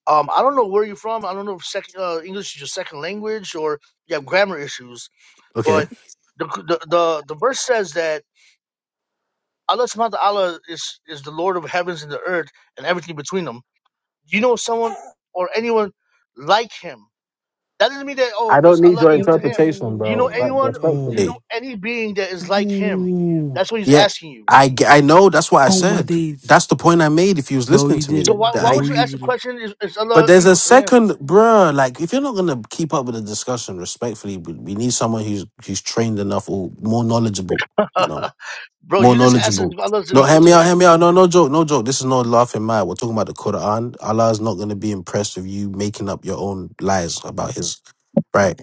Speaker 10: Um, I don't know where you're from. I don't know if second uh, English is your second language or you have grammar issues.
Speaker 3: Okay.
Speaker 10: But the the the, the verse says that Allah Subhanahu wa Taala is is the Lord of heavens and the earth and everything between them. Do you know someone or anyone like him. That doesn't mean that oh
Speaker 3: I don't
Speaker 10: is
Speaker 3: need
Speaker 10: Allah
Speaker 3: your
Speaker 10: equal to him.
Speaker 3: interpretation,
Speaker 10: Do you know
Speaker 3: bro. But
Speaker 10: anyone do
Speaker 6: Ooh.
Speaker 10: you know
Speaker 3: respectfully.
Speaker 10: any being that is like him?
Speaker 6: Ooh.
Speaker 10: That's what he's
Speaker 3: Yeah.
Speaker 10: asking you.
Speaker 3: I, g- I know. That's what I
Speaker 6: Oh my
Speaker 3: said.
Speaker 6: days.
Speaker 3: That's the point I made if you was
Speaker 6: No,
Speaker 3: listening
Speaker 6: you
Speaker 3: to
Speaker 10: So
Speaker 3: me.
Speaker 10: why
Speaker 6: didn't.
Speaker 3: That
Speaker 10: why
Speaker 3: I,
Speaker 10: would
Speaker 6: No,
Speaker 10: you
Speaker 6: you
Speaker 10: ask the
Speaker 6: didn't.
Speaker 10: question is, is
Speaker 3: but
Speaker 10: Allah
Speaker 3: there's a
Speaker 10: equal to him?
Speaker 3: second, bro. Like, if you're not going to keep up with the discussion respectfully, we, we need someone who's who's trained enough or more knowledgeable, you know?
Speaker 10: Bro,
Speaker 3: more
Speaker 10: you just asked if
Speaker 3: knowledgeable.
Speaker 10: Allah is
Speaker 3: No,
Speaker 10: equal
Speaker 3: hear
Speaker 10: to
Speaker 3: me out, hear
Speaker 10: him.
Speaker 3: me out. No, no joke, no joke. This is not laughing matter. We're talking about the Quran. Allah is not going to be impressed with you making up your own lies about His right.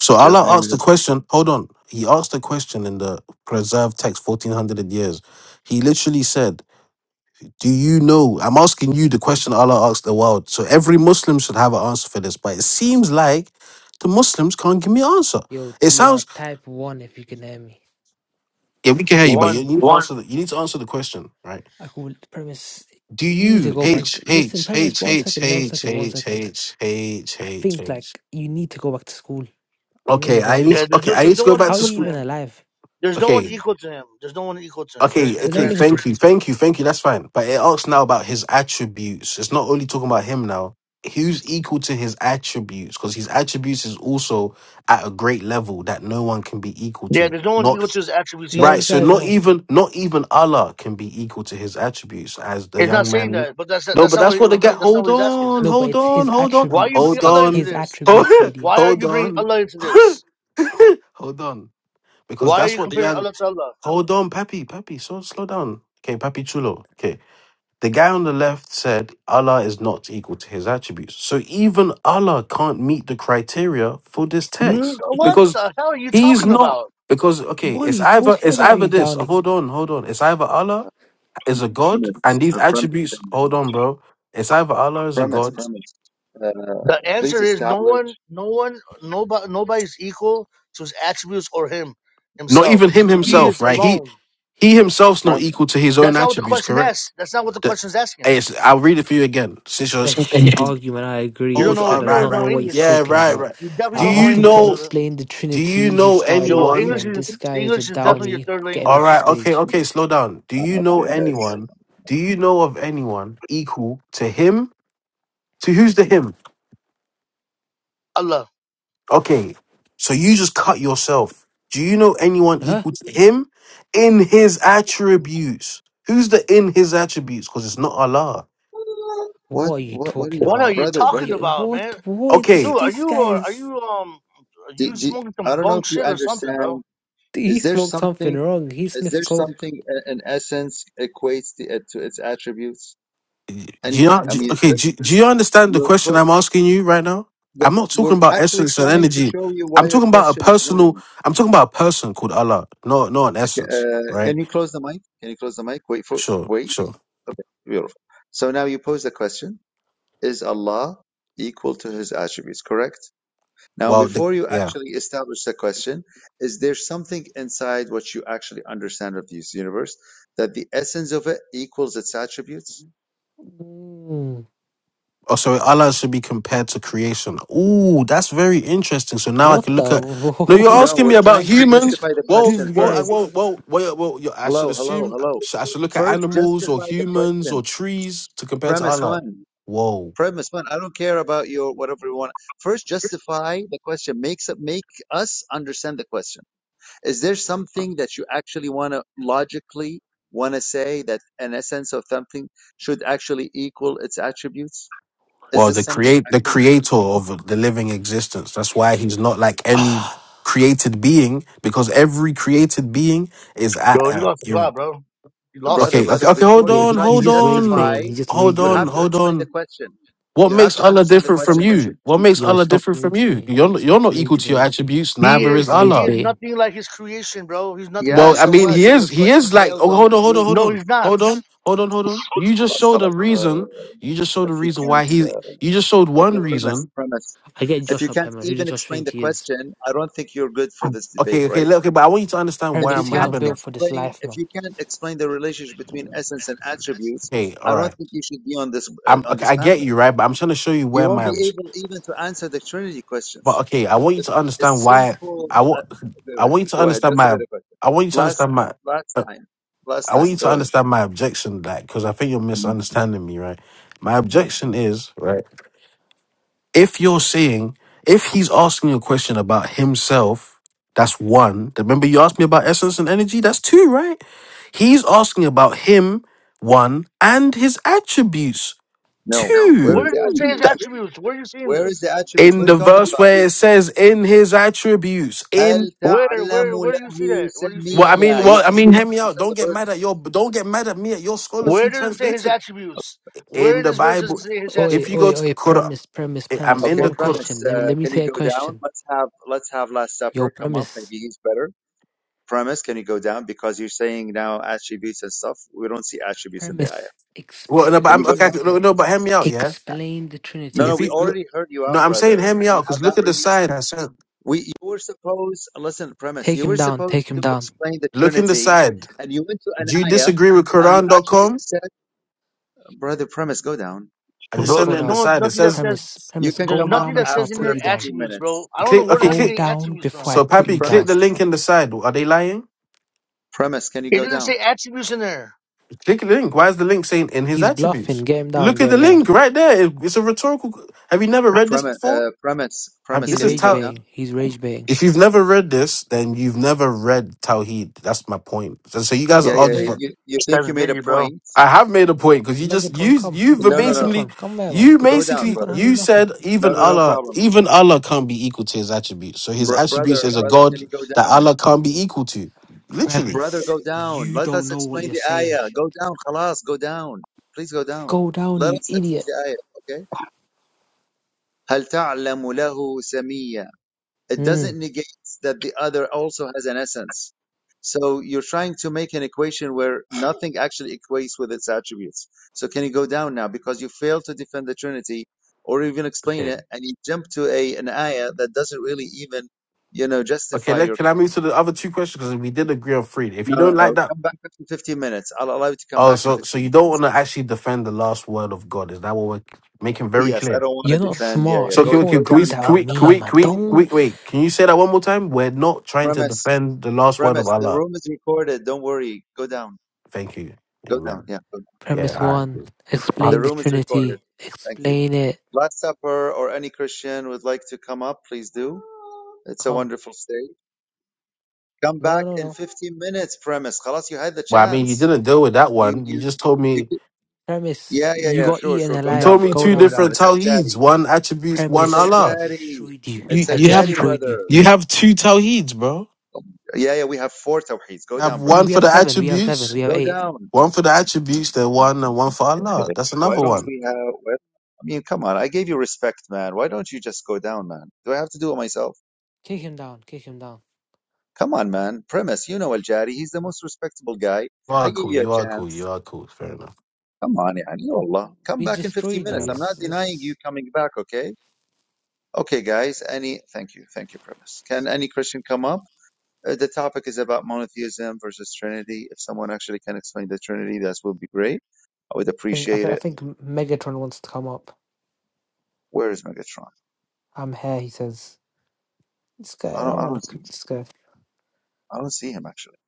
Speaker 3: So
Speaker 10: That's
Speaker 3: Allah asked
Speaker 10: amazing.
Speaker 3: the question. Hold on, He asked the question in the preserved text, fourteen hundred years. He literally said, "Do you know?" I'm asking you the question Allah asked the world. So every Muslim should have an answer for this. But it seems like the Muslims can't give me an answer.
Speaker 6: Yo,
Speaker 3: It
Speaker 6: TR,
Speaker 3: sounds
Speaker 6: type 1 if you can hear me.
Speaker 3: yeah, we can hear you, but you
Speaker 10: one.
Speaker 3: need to One. answer. The, you need to answer the question, right?
Speaker 6: I could, premise,
Speaker 3: Do
Speaker 6: you need to
Speaker 3: you
Speaker 6: go back.
Speaker 3: H
Speaker 6: Listen,
Speaker 3: H
Speaker 6: premise,
Speaker 3: H
Speaker 6: one
Speaker 3: H H
Speaker 6: second, one
Speaker 3: H
Speaker 6: second, one second.
Speaker 3: H H
Speaker 6: I
Speaker 3: H
Speaker 6: think,
Speaker 3: H?
Speaker 6: like, you need to go back to school. I'm not even
Speaker 3: Okay, I need.
Speaker 6: joking.
Speaker 10: Yeah, there's
Speaker 3: Okay,
Speaker 10: no,
Speaker 3: I need
Speaker 10: there's
Speaker 3: to
Speaker 10: no
Speaker 3: go
Speaker 10: one
Speaker 3: back
Speaker 6: How are
Speaker 3: to
Speaker 10: equal
Speaker 6: you
Speaker 10: to
Speaker 3: school.
Speaker 6: even
Speaker 10: him.
Speaker 6: alive?
Speaker 10: There's no one
Speaker 3: Okay,
Speaker 10: equal to him. There's no one equal to him. There,
Speaker 3: okay,
Speaker 10: there's
Speaker 6: There's no
Speaker 10: the
Speaker 3: okay.
Speaker 6: one you could
Speaker 10: answer.
Speaker 6: do.
Speaker 3: Thank you, thank you, thank you. That's fine. But it asks now about his attributes. It's not only talking about him now. Who's equal to his attributes? Because his attributes is also at a great level that no one can be equal
Speaker 10: Yeah,
Speaker 3: to.
Speaker 10: there's no one
Speaker 3: Not
Speaker 10: equal to his attributes
Speaker 6: No,
Speaker 3: Right,
Speaker 10: either.
Speaker 6: it
Speaker 3: so
Speaker 6: has no
Speaker 3: not
Speaker 6: one.
Speaker 3: even not even Allah can be equal to his attributes as the
Speaker 10: It's not
Speaker 3: young
Speaker 10: saying
Speaker 3: man.
Speaker 10: that, but that's
Speaker 3: No,
Speaker 10: that's
Speaker 3: but
Speaker 10: not
Speaker 3: that's
Speaker 10: what
Speaker 3: what the guy.
Speaker 10: that's not what
Speaker 3: Hold
Speaker 10: he's asking.
Speaker 3: on,
Speaker 6: No, but
Speaker 3: hold
Speaker 6: it's
Speaker 3: on,
Speaker 6: his
Speaker 3: hold on,
Speaker 10: Why are you
Speaker 6: attributes.
Speaker 10: bringing
Speaker 3: hold
Speaker 6: It's
Speaker 10: Allah into
Speaker 3: on,
Speaker 6: his
Speaker 10: this?
Speaker 6: attributes, you
Speaker 3: hold,
Speaker 6: idiot.
Speaker 10: Why are
Speaker 3: hold
Speaker 10: you bringing
Speaker 3: on,
Speaker 10: Allah into this?
Speaker 3: hold on, because
Speaker 10: Why are
Speaker 3: that's
Speaker 10: you
Speaker 3: what the
Speaker 10: comparing
Speaker 3: young.
Speaker 10: Allah to Allah?
Speaker 3: Hold on, Pappy, Pappy, so slow down. Okay, Pappy Chulo. Okay, the guy on the left said Allah is not equal to his attributes, so even Allah can't meet the criteria for this
Speaker 10: You,
Speaker 3: text
Speaker 10: what
Speaker 3: because.
Speaker 10: the hell are you
Speaker 3: He's
Speaker 10: talking
Speaker 3: not
Speaker 10: about?
Speaker 3: because okay,
Speaker 6: What are
Speaker 3: it's
Speaker 6: you
Speaker 3: either
Speaker 6: talking
Speaker 3: it's
Speaker 6: about,
Speaker 3: either
Speaker 6: you
Speaker 3: this.
Speaker 6: Downey?
Speaker 3: Hold on, hold on. It's either Allah is a god
Speaker 2: premise,
Speaker 3: and these
Speaker 2: a
Speaker 3: attributes.
Speaker 2: premise.
Speaker 3: Hold on, bro. It's either Allah is a
Speaker 2: premise,
Speaker 3: god.
Speaker 2: premise. Uh,
Speaker 10: The answer
Speaker 2: please
Speaker 10: is no
Speaker 2: establish.
Speaker 10: one, no one, nobody, nobody's equal to his attributes or him
Speaker 3: Not
Speaker 10: himself.
Speaker 3: even him
Speaker 2: I
Speaker 10: He
Speaker 2: mean,
Speaker 3: himself,
Speaker 10: is
Speaker 3: right? He
Speaker 10: alone.
Speaker 3: he himself's not
Speaker 2: premise.
Speaker 3: equal to his own
Speaker 10: That's not what the
Speaker 3: attributes.
Speaker 10: question
Speaker 3: Correct.
Speaker 10: asks. That's not what the
Speaker 3: The,
Speaker 10: question is asking.
Speaker 3: hey, it's, I'll read it for you again. Since you're
Speaker 6: A
Speaker 3: Okay.
Speaker 6: shit argument, I agree.
Speaker 10: You don't
Speaker 3: hold
Speaker 6: This
Speaker 10: know.
Speaker 6: guy
Speaker 10: You
Speaker 3: on,
Speaker 6: does
Speaker 3: right,
Speaker 10: don't
Speaker 6: not know
Speaker 3: right,
Speaker 10: know
Speaker 6: what he's
Speaker 10: English.
Speaker 3: yeah,
Speaker 6: talking
Speaker 3: right,
Speaker 6: about.
Speaker 3: right.
Speaker 10: You
Speaker 6: I
Speaker 10: definitely
Speaker 3: Do
Speaker 10: don't know
Speaker 3: you
Speaker 6: asked him
Speaker 10: English,
Speaker 6: to
Speaker 3: know?
Speaker 10: brother.
Speaker 6: explain the
Speaker 3: Do you
Speaker 6: Trinity. He
Speaker 3: know
Speaker 6: started
Speaker 10: Your
Speaker 3: anyone?
Speaker 10: English
Speaker 6: waffling.
Speaker 10: is
Speaker 6: This guy is a
Speaker 10: English is
Speaker 3: Okay.
Speaker 10: definitely your
Speaker 6: downy.
Speaker 10: third
Speaker 6: Get him
Speaker 3: All
Speaker 6: off the
Speaker 3: right,
Speaker 10: language.
Speaker 3: okay,
Speaker 6: stage.
Speaker 3: okay. Slow down. Do you know
Speaker 2: Okay, guys.
Speaker 3: anyone? Do you know of anyone equal to him So who's the him?
Speaker 10: Allah,
Speaker 3: Okay. So you just cut yourself. Do you know anyone
Speaker 6: Huh?
Speaker 3: equal to him in his attributes? Who's the in his attributes? Because it's not Allah.
Speaker 2: What,
Speaker 6: What are you
Speaker 2: what, what, is,
Speaker 6: talking
Speaker 10: what are
Speaker 6: about?
Speaker 10: you
Speaker 2: brother,
Speaker 6: You,
Speaker 10: talking
Speaker 2: brother?
Speaker 10: about,
Speaker 6: what?
Speaker 10: man?
Speaker 6: What? This,
Speaker 3: Okay.
Speaker 10: Dude, are
Speaker 6: this
Speaker 10: you
Speaker 6: guy
Speaker 10: uh, are
Speaker 6: is.
Speaker 10: you um are
Speaker 2: Do,
Speaker 10: you
Speaker 2: do,
Speaker 10: smoking some
Speaker 2: I don't know
Speaker 10: bunk
Speaker 2: if you
Speaker 10: shit or something, bro?
Speaker 2: understand.
Speaker 6: He
Speaker 2: Is there
Speaker 6: smoked something
Speaker 2: something?
Speaker 6: wrong. He
Speaker 2: Is
Speaker 6: sniffs
Speaker 2: there
Speaker 6: coke.
Speaker 2: something i- in essence equates to, it, to its attributes?
Speaker 3: Do
Speaker 2: Anything?
Speaker 3: you,
Speaker 2: I
Speaker 3: do-
Speaker 2: mean,
Speaker 3: okay.
Speaker 2: just
Speaker 3: Do, do you understand the
Speaker 2: your.
Speaker 3: question
Speaker 2: pro-
Speaker 3: I'm asking you right now?
Speaker 2: The,
Speaker 3: I'm not talking
Speaker 2: we're
Speaker 3: about
Speaker 2: actually
Speaker 3: essence and
Speaker 2: trying to
Speaker 3: energy.
Speaker 2: show you why
Speaker 3: I'm
Speaker 2: your
Speaker 3: talking about a
Speaker 2: question is
Speaker 3: personal.
Speaker 2: wrong.
Speaker 3: I'm talking about a person called Allah. No, not an essence.
Speaker 2: Uh,
Speaker 3: Right.
Speaker 2: can you close the mic? Can you close the mic? Wait for.
Speaker 3: Sure.
Speaker 2: Wait.
Speaker 3: Sure.
Speaker 2: Okay. Beautiful. So now you pose the question. is Allah equal to his attributes, correct? Now,
Speaker 3: Well, the,
Speaker 2: before you
Speaker 3: yeah.
Speaker 2: actually establish the question, is there something inside what you actually understand of this universe that the essence of it equals its attributes?
Speaker 6: Mm,
Speaker 3: Oh, sorry, Allah should be compared to creation. Ooh, that's very interesting. So now I
Speaker 6: what
Speaker 3: can look at. No, you're
Speaker 6: the?
Speaker 2: No,
Speaker 3: asking me
Speaker 2: we're
Speaker 3: about
Speaker 2: trying to
Speaker 3: humans.
Speaker 2: justify the
Speaker 3: Well,
Speaker 6: this
Speaker 2: question
Speaker 3: well, I,
Speaker 6: guy
Speaker 2: first.
Speaker 3: well,
Speaker 6: is.
Speaker 3: well, well, yeah, well you- I should
Speaker 2: Hello, hello,
Speaker 3: assume
Speaker 2: hello.
Speaker 3: sh- I should look at
Speaker 2: First,
Speaker 3: animals or
Speaker 2: justify the
Speaker 3: humans or
Speaker 2: question.
Speaker 3: trees to compare to
Speaker 2: Premise
Speaker 3: Allah.
Speaker 2: one.
Speaker 3: Whoa.
Speaker 2: Premise one. I don't care about your whatever you want. First, justify the question. Makes it make us understand the question. Is there something that you actually want to logically want to say that an essence of something should actually equal its attributes? Is
Speaker 3: Well,
Speaker 2: this
Speaker 3: the
Speaker 2: something
Speaker 3: create the
Speaker 2: actually,
Speaker 3: creator of the living existence. That's why he's not like any created being because every created being is at.
Speaker 10: Bro, he
Speaker 3: Uh,
Speaker 10: lost the
Speaker 3: ir-
Speaker 10: plot, bro. He lost
Speaker 2: brother,
Speaker 10: it.
Speaker 3: okay, okay,
Speaker 2: brother,
Speaker 3: okay. Hold
Speaker 2: before
Speaker 6: Yeah,
Speaker 2: you
Speaker 6: he,
Speaker 3: on,
Speaker 2: try
Speaker 6: he's
Speaker 2: to
Speaker 3: hold
Speaker 6: just rage
Speaker 3: on,
Speaker 6: baiting.
Speaker 2: justify,
Speaker 6: He's just
Speaker 3: hold
Speaker 6: rage
Speaker 2: you
Speaker 3: on,
Speaker 2: have
Speaker 6: baiting.
Speaker 2: to
Speaker 3: hold
Speaker 2: explain
Speaker 3: on.
Speaker 2: the question.
Speaker 3: What
Speaker 2: You have
Speaker 3: makes
Speaker 2: to
Speaker 3: Allah
Speaker 2: understand the
Speaker 3: different from
Speaker 2: question that you.
Speaker 3: you? What makes
Speaker 6: Yo,
Speaker 3: Allah
Speaker 6: stop
Speaker 3: different from
Speaker 6: rage
Speaker 3: you?
Speaker 6: baiting.
Speaker 3: You're not, you're
Speaker 6: Stop
Speaker 3: not equal
Speaker 6: rage
Speaker 3: to your
Speaker 6: baiting.
Speaker 3: attributes.
Speaker 10: He
Speaker 3: Neither
Speaker 6: Stop
Speaker 3: is
Speaker 10: is
Speaker 6: rage
Speaker 10: he is
Speaker 3: Allah.
Speaker 6: baiting.
Speaker 10: nothing like his creation, bro. He's nothing like
Speaker 2: Yeah,
Speaker 3: Well,
Speaker 10: his
Speaker 3: I
Speaker 2: so
Speaker 3: mean,
Speaker 10: creation.
Speaker 2: what?
Speaker 3: he
Speaker 2: So your
Speaker 3: is. He
Speaker 2: question
Speaker 3: is like.
Speaker 2: fails
Speaker 3: Oh,
Speaker 2: on
Speaker 3: hold
Speaker 2: its
Speaker 3: on, hold on, hold
Speaker 10: No,
Speaker 2: roots.
Speaker 3: on,
Speaker 10: he's not.
Speaker 3: hold on, hold on, hold on. You just
Speaker 2: خلاص
Speaker 3: showed a
Speaker 2: خلاص. Uh,
Speaker 3: reason. You just showed
Speaker 2: if
Speaker 3: a
Speaker 2: he
Speaker 3: reason why
Speaker 2: can't,
Speaker 3: he.
Speaker 2: uh,
Speaker 3: You just showed
Speaker 2: okay,
Speaker 3: one
Speaker 2: premise,
Speaker 3: reason.
Speaker 2: premise.
Speaker 6: I get
Speaker 2: If
Speaker 6: Josh
Speaker 2: you
Speaker 6: up here,
Speaker 2: can't
Speaker 6: man. Who does
Speaker 2: even
Speaker 6: Josh
Speaker 2: explain
Speaker 6: think
Speaker 2: the
Speaker 6: he is?
Speaker 2: question, I don't think you're good for this debate,
Speaker 3: Okay,
Speaker 2: right?
Speaker 3: okay, le- okay. But I want you to understand
Speaker 2: if
Speaker 3: where
Speaker 2: you
Speaker 6: Premise,
Speaker 3: I'm
Speaker 6: you're not
Speaker 2: can't
Speaker 3: having that.
Speaker 6: built for this
Speaker 2: explain
Speaker 6: life,
Speaker 2: if
Speaker 6: man.
Speaker 2: you can't explain the relationship between essence and attributes
Speaker 3: Okay, all
Speaker 2: i don't
Speaker 3: right.
Speaker 2: think you should be on this uh,
Speaker 3: I'm
Speaker 2: on
Speaker 3: okay.
Speaker 2: this
Speaker 3: I get
Speaker 2: panel
Speaker 3: you, right? But I'm trying to show you
Speaker 2: you
Speaker 3: where
Speaker 2: won't
Speaker 3: my.
Speaker 2: be able even to answer the trinity
Speaker 3: But
Speaker 2: questions
Speaker 3: okay, I want you
Speaker 2: It-
Speaker 3: to understand
Speaker 2: it's
Speaker 3: why.
Speaker 2: simple
Speaker 3: I
Speaker 2: uh,
Speaker 3: want. I want you to
Speaker 2: go ahead
Speaker 3: understand
Speaker 2: that's a
Speaker 3: my.
Speaker 2: better question
Speaker 3: I want you to
Speaker 2: last
Speaker 3: understand my.
Speaker 2: last time last
Speaker 3: I want
Speaker 2: time
Speaker 3: you to
Speaker 2: go ahead
Speaker 3: understand my objection to that because I think you're misunderstanding me, right? My
Speaker 2: Yeah.
Speaker 3: objection is, right, if you're saying, if he's asking you a question about himself, that's one. Remember, you asked me about essence and energy, that's two, right? He's asking about him, one, and his attributes,
Speaker 2: no where
Speaker 3: two.
Speaker 10: Where
Speaker 2: is
Speaker 10: does
Speaker 2: the
Speaker 10: it say his
Speaker 2: attributes
Speaker 3: That-
Speaker 10: attributes? Where are you seeing
Speaker 2: where is
Speaker 10: this?
Speaker 2: the attributes what
Speaker 3: In
Speaker 2: are
Speaker 3: the
Speaker 2: you talking
Speaker 3: verse
Speaker 2: about
Speaker 3: where it says, in his attributes,
Speaker 2: هل
Speaker 3: in
Speaker 10: Where
Speaker 2: تعلم
Speaker 10: where where do you
Speaker 2: له
Speaker 10: see that? Where do you see
Speaker 3: well, I
Speaker 10: that?
Speaker 2: سميا
Speaker 3: mean,
Speaker 2: you
Speaker 3: well, I
Speaker 2: think we
Speaker 3: mean, hear
Speaker 2: don't
Speaker 3: me out.
Speaker 2: understand
Speaker 3: Don't
Speaker 2: the
Speaker 3: get mad at
Speaker 2: verse
Speaker 3: your, don't get mad at me at your scholars
Speaker 10: Where
Speaker 3: who
Speaker 10: does it say his
Speaker 3: translated.
Speaker 10: attributes? Where
Speaker 3: in
Speaker 10: in
Speaker 3: the
Speaker 10: this verse does it
Speaker 3: Bible.
Speaker 10: say his
Speaker 6: Oi,
Speaker 3: If you go
Speaker 6: oi,
Speaker 10: attributes?
Speaker 3: to
Speaker 6: oi,
Speaker 3: Quran,
Speaker 6: premise, premise,
Speaker 3: eh, I'm
Speaker 6: premise.
Speaker 3: in
Speaker 2: Okay,
Speaker 3: the
Speaker 6: One
Speaker 3: Quran.
Speaker 2: premise.
Speaker 6: question. Let me
Speaker 2: Uh,
Speaker 6: let me
Speaker 2: can you
Speaker 6: say a
Speaker 2: go down?
Speaker 6: question.
Speaker 2: Let's have let's have Last
Speaker 6: Yo,
Speaker 2: Supper come up.
Speaker 6: premise.
Speaker 2: Maybe he's better. Premise, can you go down? Because you're saying now attributes and stuff. We don't see attributes in the
Speaker 6: Premise.
Speaker 2: ayah.
Speaker 3: Well, no,
Speaker 6: Explain
Speaker 3: but
Speaker 6: the
Speaker 2: Can you
Speaker 3: I'm
Speaker 2: go
Speaker 3: okay.
Speaker 2: down,
Speaker 3: okay, No,
Speaker 6: Trinity.
Speaker 3: no,
Speaker 2: premise?
Speaker 3: but hear me out, yeah.
Speaker 6: Explain the
Speaker 2: No, no,
Speaker 6: Trinity.
Speaker 3: If
Speaker 2: we
Speaker 3: you look,
Speaker 2: already heard you out,
Speaker 3: no, I'm
Speaker 2: brother.
Speaker 3: saying hear me
Speaker 2: And
Speaker 3: out
Speaker 2: you have
Speaker 3: because
Speaker 2: not
Speaker 3: look at the
Speaker 2: really.
Speaker 3: side I sent.
Speaker 2: We you were supposed listen, premise.
Speaker 6: Take
Speaker 2: You
Speaker 6: him
Speaker 2: were
Speaker 6: down, take
Speaker 2: supposed
Speaker 6: him
Speaker 2: to
Speaker 6: down.
Speaker 2: explain the
Speaker 3: Look in the
Speaker 2: Trinity,
Speaker 3: side.
Speaker 2: and you went to an
Speaker 3: Do you
Speaker 2: ayah,
Speaker 3: disagree with
Speaker 2: and you actually
Speaker 3: Quran.com?
Speaker 2: said, brother, premise, go down.
Speaker 3: I just
Speaker 6: Premise,
Speaker 10: Bro,
Speaker 3: sent
Speaker 6: go
Speaker 3: it
Speaker 10: there's
Speaker 3: in the
Speaker 6: down.
Speaker 10: no
Speaker 3: side. It
Speaker 10: nothing that
Speaker 3: says
Speaker 10: says
Speaker 6: Premise,
Speaker 2: You
Speaker 6: premise,
Speaker 2: can
Speaker 10: there's
Speaker 6: go
Speaker 2: come up
Speaker 10: nothing
Speaker 6: down
Speaker 10: that
Speaker 6: before I
Speaker 10: says in
Speaker 6: put
Speaker 2: after
Speaker 10: your
Speaker 6: you down.
Speaker 2: 15
Speaker 10: attributes, bro.
Speaker 2: minutes.
Speaker 10: I don't know
Speaker 3: click.
Speaker 10: where the
Speaker 3: Okay,
Speaker 10: hell you're
Speaker 6: Go
Speaker 3: click.
Speaker 10: getting
Speaker 6: down
Speaker 10: attributes
Speaker 6: before
Speaker 10: from.
Speaker 6: I
Speaker 3: So,
Speaker 6: put
Speaker 3: Pappy,
Speaker 6: you down.
Speaker 3: click the
Speaker 2: Premise,
Speaker 3: link in the side. Are they lying?
Speaker 2: premise, can you
Speaker 10: It
Speaker 2: go
Speaker 10: doesn't
Speaker 2: down?
Speaker 10: say attributes in there.
Speaker 3: Click the link. Why is the link saying in his
Speaker 6: He's bluffing.
Speaker 3: attributes?
Speaker 6: Get him down.
Speaker 3: Look
Speaker 6: Get
Speaker 3: at the
Speaker 6: him down.
Speaker 3: link right there. It- It's a rhetorical. Have you never read this
Speaker 2: Premise,
Speaker 3: before?
Speaker 2: uh, premise,
Speaker 3: Have,
Speaker 2: premise.
Speaker 6: He's
Speaker 3: this
Speaker 2: Can
Speaker 3: is
Speaker 2: you
Speaker 6: rage
Speaker 2: go
Speaker 3: talent.
Speaker 2: down?
Speaker 6: baiting. He's rage baiting.
Speaker 3: If you've never read this, then you've never read Tawheed. That's my point. So, so you guys
Speaker 6: It's
Speaker 3: are
Speaker 2: Yeah,
Speaker 6: a
Speaker 2: yeah.
Speaker 3: arguing.
Speaker 2: yeah.
Speaker 6: fake.
Speaker 3: For,
Speaker 2: You you
Speaker 10: That's
Speaker 2: think you
Speaker 10: an
Speaker 2: made a
Speaker 10: idiot, bro.
Speaker 2: point?
Speaker 3: I have made a point because you just you
Speaker 6: Megatron, come.
Speaker 3: you
Speaker 6: I
Speaker 2: No, no, no.
Speaker 3: verbatimly
Speaker 6: Megatron, come here, man.
Speaker 3: you
Speaker 2: Go down,
Speaker 6: You
Speaker 3: basically
Speaker 6: can't
Speaker 2: brother.
Speaker 6: handle
Speaker 3: you
Speaker 6: nothing.
Speaker 3: said
Speaker 2: No,
Speaker 3: even
Speaker 2: no, no
Speaker 3: Allah
Speaker 2: problem.
Speaker 3: even Allah can't be equal to his attributes. So his
Speaker 2: Br- brother,
Speaker 3: attributes is a
Speaker 2: brother,
Speaker 3: God
Speaker 2: can you go
Speaker 3: that
Speaker 2: down?
Speaker 3: Allah can't be equal to. Literally.
Speaker 2: Brother,
Speaker 6: Premise.
Speaker 2: go down.
Speaker 6: You
Speaker 2: Let
Speaker 6: don't
Speaker 2: us
Speaker 6: know what
Speaker 2: explain
Speaker 6: you're
Speaker 2: the
Speaker 6: saying.
Speaker 2: ayah. Go down, خلاص. Go down. Please go down.
Speaker 6: Go down,
Speaker 2: Let
Speaker 6: you
Speaker 2: us explain
Speaker 6: idiot.
Speaker 2: the ayah. Okay. هل تعلم له سميا It
Speaker 6: Hmm.
Speaker 2: doesn't negate that the other also has an essence. So you're trying to make an equation where nothing actually equates with its attributes. So can you go down now? Because you fail to defend the Trinity or even explain
Speaker 3: Okay.
Speaker 2: it, and you jump to a an ayah that doesn't really even, you know,
Speaker 3: Okay.
Speaker 2: justify
Speaker 3: Let
Speaker 2: your.
Speaker 3: can I move to the other two questions because we did agree on three. If
Speaker 2: No,
Speaker 3: you
Speaker 2: no,
Speaker 3: don't
Speaker 2: no.
Speaker 3: like that
Speaker 2: Come back in 15 minutes. I'll allow you to come
Speaker 3: Oh,
Speaker 2: back in
Speaker 3: so so
Speaker 2: 15
Speaker 3: you
Speaker 2: minutes.
Speaker 3: don't want to actually defend the last word of God? Is that what we're making very
Speaker 2: Yes, I
Speaker 3: clear?
Speaker 2: don't want to
Speaker 6: You're not
Speaker 2: defend. Yeah,
Speaker 6: smart.
Speaker 2: yeah.
Speaker 3: So
Speaker 6: You
Speaker 2: Go
Speaker 3: can we
Speaker 2: go
Speaker 3: can,
Speaker 6: can't
Speaker 3: can
Speaker 6: do
Speaker 3: we
Speaker 2: down
Speaker 6: that
Speaker 2: now.
Speaker 3: can
Speaker 6: with
Speaker 3: we can
Speaker 2: Come
Speaker 6: me,
Speaker 2: back
Speaker 3: we
Speaker 2: in
Speaker 6: man.
Speaker 3: can we, can
Speaker 2: 15
Speaker 3: we
Speaker 6: Don't.
Speaker 2: minutes.
Speaker 3: wait? Can you say that one more time? We're not trying to
Speaker 2: Premise,
Speaker 3: defend the last word of
Speaker 2: premise. The
Speaker 3: Allah.
Speaker 2: room is recorded. Don't worry. Go down.
Speaker 3: Thank you.
Speaker 2: Go down.
Speaker 3: Amen.
Speaker 2: Yeah. go
Speaker 3: Yeah.
Speaker 6: Premise
Speaker 3: All right.
Speaker 6: one.
Speaker 3: cool. Uh,
Speaker 2: The
Speaker 6: Explain the
Speaker 2: room is recorded.
Speaker 6: Trinity.
Speaker 2: Thank you.
Speaker 6: Explain it.
Speaker 2: Last Supper or any Christian would like to come up, please do. It's a
Speaker 6: Come.
Speaker 2: wonderful stage. Come
Speaker 6: No,
Speaker 2: back
Speaker 6: no,
Speaker 2: in
Speaker 6: no.
Speaker 2: 15 minutes, premise. Khalas, you had the
Speaker 3: well, I mean, you
Speaker 2: chance.
Speaker 3: didn't deal with that
Speaker 2: You,
Speaker 3: one. You
Speaker 2: you,
Speaker 3: just told
Speaker 2: you,
Speaker 3: me
Speaker 2: could-
Speaker 6: Premise.
Speaker 2: yeah, yeah,
Speaker 6: You
Speaker 2: yeah,
Speaker 6: got
Speaker 2: sure,
Speaker 6: eaten
Speaker 2: sure.
Speaker 3: you
Speaker 2: Go down,
Speaker 3: told
Speaker 6: alive.
Speaker 3: me
Speaker 2: brother.
Speaker 6: Go
Speaker 3: two
Speaker 2: Go
Speaker 6: down,
Speaker 2: down.
Speaker 3: different
Speaker 6: man.
Speaker 2: It's Al Jari.
Speaker 3: tawheeds. One attributes,
Speaker 2: It's
Speaker 3: one
Speaker 2: Al
Speaker 6: Premise. I
Speaker 3: Allah.
Speaker 2: Jari.
Speaker 6: destroyed you.
Speaker 3: You
Speaker 2: It's
Speaker 6: I
Speaker 2: Al
Speaker 3: you have
Speaker 2: Jari,
Speaker 6: destroyed
Speaker 2: brother.
Speaker 6: you.
Speaker 3: you have two tawheeds, bro.
Speaker 2: Yeah, yeah, we have four tawheeds. Go
Speaker 3: You have
Speaker 2: down,
Speaker 6: We,
Speaker 2: brother.
Speaker 3: one
Speaker 6: we
Speaker 3: for
Speaker 6: have
Speaker 3: the
Speaker 6: seven. We have seven.
Speaker 3: attributes,
Speaker 6: We have
Speaker 2: Go
Speaker 6: eight.
Speaker 2: down.
Speaker 3: one for the attributes, then one and one for Allah. That's
Speaker 2: Why
Speaker 3: another
Speaker 2: don't
Speaker 3: one.
Speaker 2: we have, why- I mean, come on. I gave you respect, man. Why don't you just go down, man? Do I have to do it myself?
Speaker 6: Kick him down. Kick him down.
Speaker 2: Come on, man. Premise, you know Al Jari. He's the most respectable guy.
Speaker 3: You
Speaker 2: I
Speaker 3: are
Speaker 2: give
Speaker 3: cool.
Speaker 2: you
Speaker 3: You
Speaker 2: a
Speaker 3: are cool.
Speaker 2: chance.
Speaker 3: You are cool. Fair enough.
Speaker 2: Come on, يعني Allah. Come
Speaker 6: We
Speaker 2: back in 15
Speaker 6: destroyed
Speaker 3: Fair
Speaker 2: minutes.
Speaker 3: enough.
Speaker 6: you.
Speaker 2: I'm not
Speaker 6: It's,
Speaker 2: denying you
Speaker 6: it's...
Speaker 2: coming back, okay? Okay, guys. Any, thank you. Thank you, Premise. Can any Christian come up? Uh, the topic is about monotheism versus Trinity. If someone actually can explain the Trinity, that would be great. I would
Speaker 6: I think I
Speaker 2: appreciate
Speaker 6: think I
Speaker 2: it.
Speaker 6: think Megatron wants to come up.
Speaker 2: Where is Megatron?
Speaker 6: I'm here. He says, "This guy.
Speaker 2: I
Speaker 6: I
Speaker 2: don't, I
Speaker 6: don't want
Speaker 2: don't
Speaker 6: to
Speaker 2: see
Speaker 6: cook
Speaker 2: him.
Speaker 6: this guy."
Speaker 2: I don't see him, actually.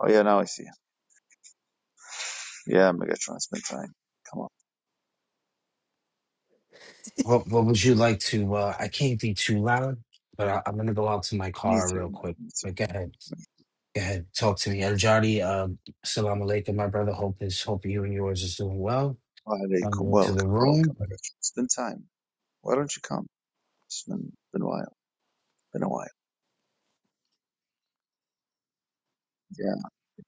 Speaker 2: Oh, yeah, now I see him. Yeah, megatron spend time. Come on.
Speaker 11: What What would you like to? Uh, I can't be too loud, but I, I'm gonna go out to my
Speaker 2: Me
Speaker 11: car
Speaker 2: too,
Speaker 11: real
Speaker 2: man.
Speaker 11: quick.
Speaker 2: Me too.
Speaker 11: But go
Speaker 2: Me
Speaker 11: ahead, go ahead, talk to me, El Jari. Uh, Salam alaikum, my brother. Hope is hope you and yours is doing well. I'm
Speaker 2: Alaikum.
Speaker 11: going to the
Speaker 2: Welcome,
Speaker 11: room.
Speaker 2: welcome. I got you. It's been time. Why don't you come? It's been been a while. Been a while. Yeah.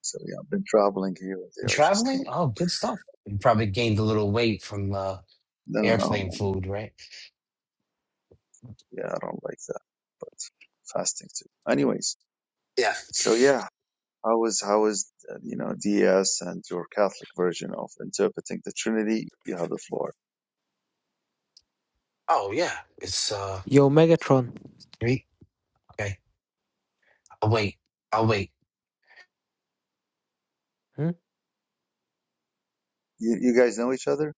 Speaker 2: So yeah, I've been traveling here and there. I just came.
Speaker 11: Traveling? Oh, good stuff. You probably gained a little weight from uh,
Speaker 2: No, no,
Speaker 11: airplane
Speaker 2: no.
Speaker 11: food, right?
Speaker 2: Yeah, I don't like that. But fasting too. Anyways,
Speaker 11: Yeah.
Speaker 2: so yeah, how was how was uh, you know DS and your Catholic version of interpreting the Trinity? You have the floor.
Speaker 11: Oh yeah. It's uh
Speaker 6: Yo, Megatron.
Speaker 11: three. Okay. I'll wait. I'll wait.
Speaker 6: Hmm?
Speaker 2: You you guys know each other?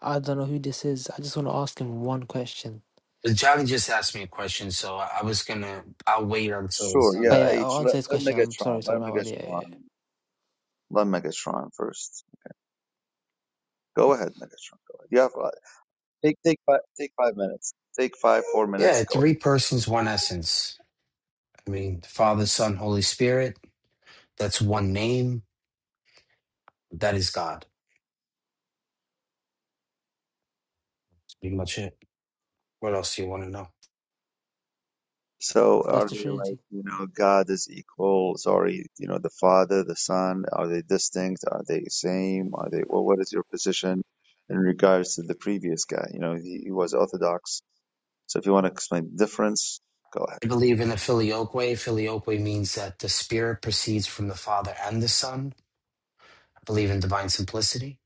Speaker 6: I don't know who this is. I just want to ask him one question.
Speaker 11: But Johnny just asked me a question, so I, I was gonna. I'll wait until it's
Speaker 2: Sure.
Speaker 11: done.
Speaker 6: Oh
Speaker 2: Yeah.
Speaker 11: Yeah.
Speaker 6: yeah, I'll
Speaker 2: H. Let,
Speaker 6: answer his
Speaker 2: let
Speaker 6: question. I'm sorry,
Speaker 2: Megatron.
Speaker 6: sorry,
Speaker 2: Let
Speaker 6: my bad. Yeah, yeah. yeah.
Speaker 2: Megatron. Let Megatron first. Go ahead, Megatron. Go ahead. You Yeah, Take take five take five minutes. Take five four
Speaker 11: Yeah.
Speaker 2: minutes. Go.
Speaker 11: Three persons, one essence. I mean, Father, Son, Holy Spirit, that's one name. That is God. That's pretty much it. What else do you want to know?
Speaker 2: So
Speaker 6: That's
Speaker 2: are
Speaker 6: the
Speaker 2: they like
Speaker 6: Trinity,
Speaker 2: you know God is equal? Sorry, you know the Father, the Son. Are they distinct? Are they same? Are they? Well, what is your position in regards to the previous guy? You know he, he was Orthodox. So if you want to explain the difference, go ahead.
Speaker 11: I believe in the filioque. Filioque means that the Spirit proceeds from the Father and the Son. I believe in divine simplicity.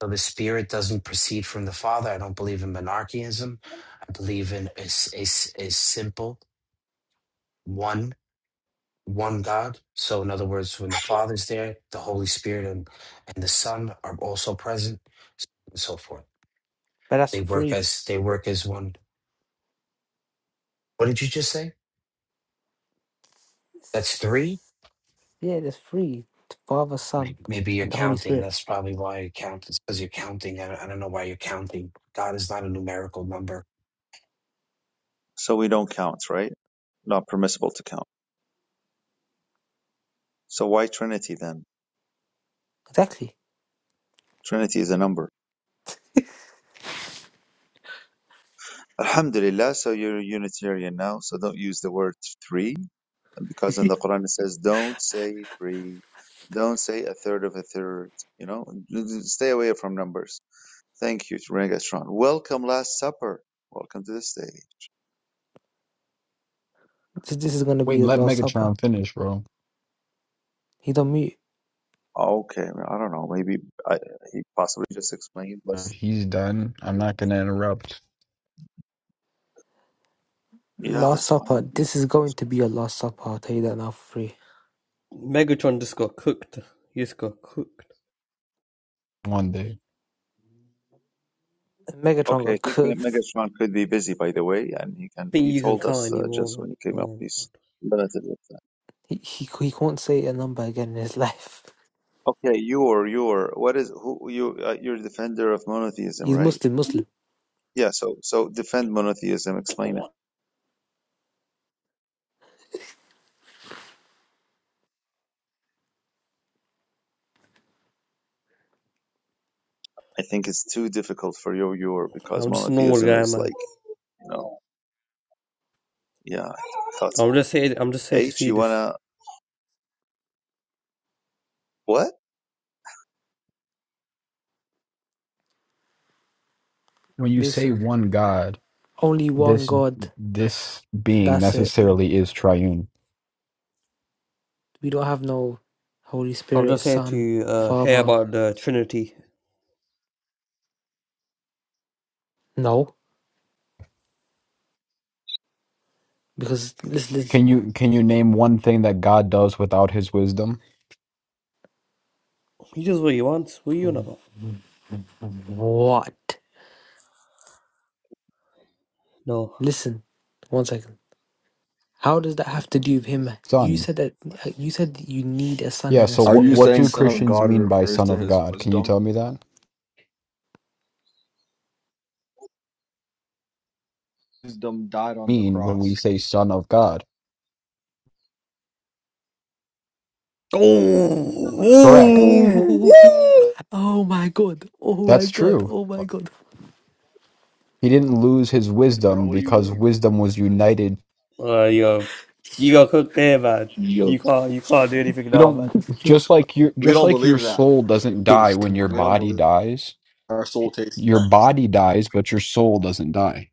Speaker 11: So the Spirit doesn't proceed from the Father. I don't believe in monarchism. I believe in a, s- a s- a simple one, one God. So in other words, when the Father's there, the Holy Spirit and, and the Son are also present, and so forth.
Speaker 6: but that's
Speaker 11: They work
Speaker 6: free.
Speaker 11: as they work as one. What did you just say? That's three.
Speaker 6: It's- Yeah, that's free. The Father,
Speaker 11: Maybe,
Speaker 6: Son,
Speaker 11: maybe you're
Speaker 6: and the Holy
Speaker 11: counting.
Speaker 6: Spirit.
Speaker 11: That's probably why you count. It's because you're counting. I, I don't know why you're counting. God is not a numerical number.
Speaker 2: So we don't count, right? Not permissible to count. So why Trinity then?
Speaker 6: Exactly.
Speaker 2: Trinity is a number. Alhamdulillah. So you're a Unitarian now. So don't use the word three because in
Speaker 6: this
Speaker 2: the Quran it says, "Don't say three, don't say a third of a third. You know, stay away from numbers. Thank you, Rengastron. Welcome, Last Supper. Welcome to the stage.
Speaker 6: this is gonna be
Speaker 12: Wait,
Speaker 6: his
Speaker 12: let
Speaker 6: last supper.
Speaker 12: Megatron finish, bro.
Speaker 6: He don't mute.
Speaker 2: Okay, I don't know. Maybe I, he possibly just explained, but
Speaker 12: He's done. I'm not gonna interrupt
Speaker 2: yeah,
Speaker 6: Last
Speaker 2: that's fine.
Speaker 6: Supper. This is going to be a Last Supper. I'll tell you that now for free.
Speaker 9: Megatron just got cooked. He just got cooked.
Speaker 12: one day.
Speaker 6: Megatron
Speaker 2: Okay, I
Speaker 6: got
Speaker 2: think Me-
Speaker 6: cooked.
Speaker 2: Megatron could be busy, by the way, and he can.
Speaker 9: think
Speaker 2: He
Speaker 9: you can
Speaker 2: told
Speaker 9: count
Speaker 2: us uh,
Speaker 9: anymore,
Speaker 2: just
Speaker 9: man.
Speaker 2: when he came up,
Speaker 9: Oh my
Speaker 2: he's limited with that.
Speaker 6: He, he he can't say a number again in his life.
Speaker 2: Okay, you're you're what is who you? Uh, you're a defender of monotheism,
Speaker 6: He's
Speaker 2: right?
Speaker 6: Muslim. Muslim.
Speaker 2: Yeah, so so defend monotheism, explain it.
Speaker 9: god.
Speaker 2: I think it's too difficult for your your because
Speaker 9: I'm just a normal
Speaker 2: monotheism
Speaker 9: guy,
Speaker 2: is
Speaker 9: man.
Speaker 2: like, you know, yeah, I thought so.
Speaker 9: I'm just here. I'm just here to
Speaker 2: H,
Speaker 9: see
Speaker 2: you
Speaker 9: this.
Speaker 2: wanna what?
Speaker 12: When you say
Speaker 6: Listen,
Speaker 12: one God,
Speaker 6: only one
Speaker 12: this
Speaker 6: God.
Speaker 12: this being
Speaker 6: That's it.
Speaker 12: necessarily is triune.
Speaker 6: We don't have no Holy
Speaker 9: I'm
Speaker 6: Spirit,
Speaker 9: just here
Speaker 6: Son,
Speaker 9: to uh, hear
Speaker 6: Father.
Speaker 9: about the Trinity
Speaker 6: No, because listen,
Speaker 12: Can you can you name one thing that God does without his wisdom?
Speaker 9: He does what he wants. What are you on
Speaker 6: listen.
Speaker 9: about?
Speaker 6: What?
Speaker 9: No.
Speaker 6: Listen, one second. How does that have to do with him? You
Speaker 12: Son.
Speaker 6: said that you said that you need a son
Speaker 12: Yeah,
Speaker 6: and a
Speaker 12: so
Speaker 13: Are
Speaker 12: what
Speaker 6: spirit.
Speaker 13: you
Speaker 6: You
Speaker 12: what
Speaker 13: saying
Speaker 12: do
Speaker 6: just
Speaker 13: Son
Speaker 6: said that.
Speaker 13: of
Speaker 12: Christians
Speaker 13: God
Speaker 12: mean by
Speaker 13: refers
Speaker 12: son
Speaker 13: to
Speaker 12: of
Speaker 13: his
Speaker 12: God? Can you
Speaker 13: wisdom?
Speaker 12: tell me that?
Speaker 13: Wisdom died on the
Speaker 12: Mean when we
Speaker 13: cross.
Speaker 12: say son of God.
Speaker 9: Oh,
Speaker 12: Correct.
Speaker 6: Oh, oh my god. Oh my
Speaker 12: That's
Speaker 6: god.
Speaker 12: true.
Speaker 6: Oh my god.
Speaker 12: He didn't lose his
Speaker 13: And bro,
Speaker 12: wisdom
Speaker 13: what do you
Speaker 12: because
Speaker 13: mean?
Speaker 12: wisdom was united
Speaker 9: uh, you got, you got cooked there, man.
Speaker 6: You're
Speaker 9: You can't, you can't do anything
Speaker 12: We
Speaker 9: now, man.
Speaker 12: don't just like your
Speaker 13: We
Speaker 12: just
Speaker 13: don't
Speaker 12: like your
Speaker 13: believe that.
Speaker 12: soul doesn't die
Speaker 6: finished,
Speaker 12: when your
Speaker 13: We
Speaker 6: Mullah.
Speaker 13: don't
Speaker 12: body
Speaker 13: believe
Speaker 12: dies.
Speaker 13: our soul tastes
Speaker 12: Your
Speaker 13: death.
Speaker 12: body dies, but your soul doesn't die.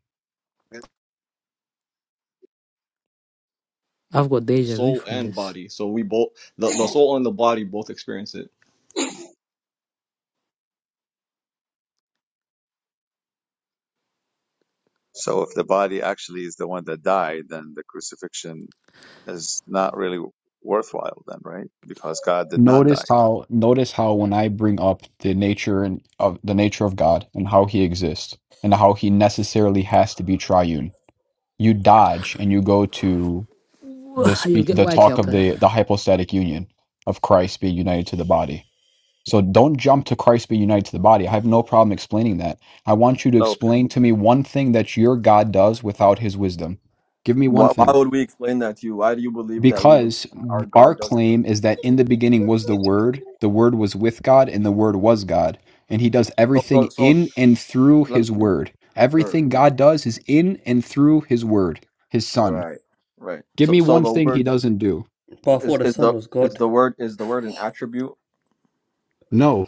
Speaker 6: I've got deja vu
Speaker 13: Soul
Speaker 6: from
Speaker 13: and
Speaker 6: this.
Speaker 13: body. So we both the, the soul and the body both experience it.
Speaker 2: So if the body actually is the one that died, then the crucifixion is not really worthwhile then, right? Because God did not
Speaker 12: Notice
Speaker 2: die.
Speaker 12: how notice how when I bring up the nature and of the nature of God and how he exists and how he necessarily has to be triune. You dodge and you go to the
Speaker 6: You
Speaker 12: speak
Speaker 6: get
Speaker 12: the
Speaker 6: why,
Speaker 12: talk of
Speaker 6: Kelper?
Speaker 12: the the hypostatic union of Christ being united to the body. So don't jump to Christ be united to the body. I have no problem explaining that. I want you to
Speaker 2: Okay.
Speaker 12: explain to me one thing that your God does without his wisdom. Give me one
Speaker 13: Why, why
Speaker 12: thing.
Speaker 13: would we explain that to you? Why do you believe that we believe
Speaker 12: Because
Speaker 13: that our
Speaker 12: our
Speaker 13: God does?
Speaker 12: claim is that in the beginning was the Word, the Word was with God, and the Word was God. And he does
Speaker 13: So, so,
Speaker 12: everything
Speaker 13: so
Speaker 12: in and through
Speaker 13: let me,
Speaker 12: his Word.
Speaker 13: sure,
Speaker 12: Everything God does is in and through his Word, his Son.
Speaker 13: right, right.
Speaker 12: Give
Speaker 13: So,
Speaker 12: me
Speaker 13: so
Speaker 12: one
Speaker 13: the
Speaker 12: thing he
Speaker 13: word
Speaker 12: doesn't do.
Speaker 9: But I
Speaker 13: is,
Speaker 9: thought the
Speaker 13: is
Speaker 9: sun
Speaker 13: the
Speaker 9: was
Speaker 13: is
Speaker 9: God.
Speaker 13: the word is the word an attribute?
Speaker 12: No.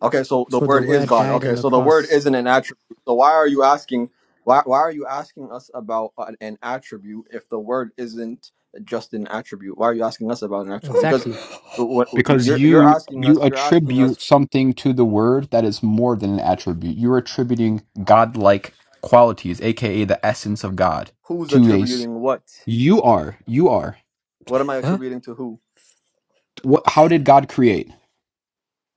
Speaker 13: Okay, so the
Speaker 6: So the
Speaker 13: word is
Speaker 6: word
Speaker 13: God.
Speaker 6: died on
Speaker 13: Okay,
Speaker 6: the
Speaker 13: so the word
Speaker 6: cross.
Speaker 13: isn't an attribute. So why are you asking? Why why are you asking us about an, an attribute if the word isn't just an attribute? Why are you asking us about an attribute? Because
Speaker 6: Exactly.
Speaker 13: what what- you-
Speaker 12: because
Speaker 13: you're you're
Speaker 12: you
Speaker 13: asking
Speaker 12: you
Speaker 13: us, you're asking
Speaker 12: attribute
Speaker 13: us
Speaker 12: something to the word that is more than an attribute you're attributing godlike qualities aka the essence of god
Speaker 13: who's
Speaker 12: to a s-
Speaker 13: attributing what?
Speaker 12: you are you are
Speaker 13: What am I
Speaker 6: Huh?
Speaker 13: attributing to who?
Speaker 12: what how did god create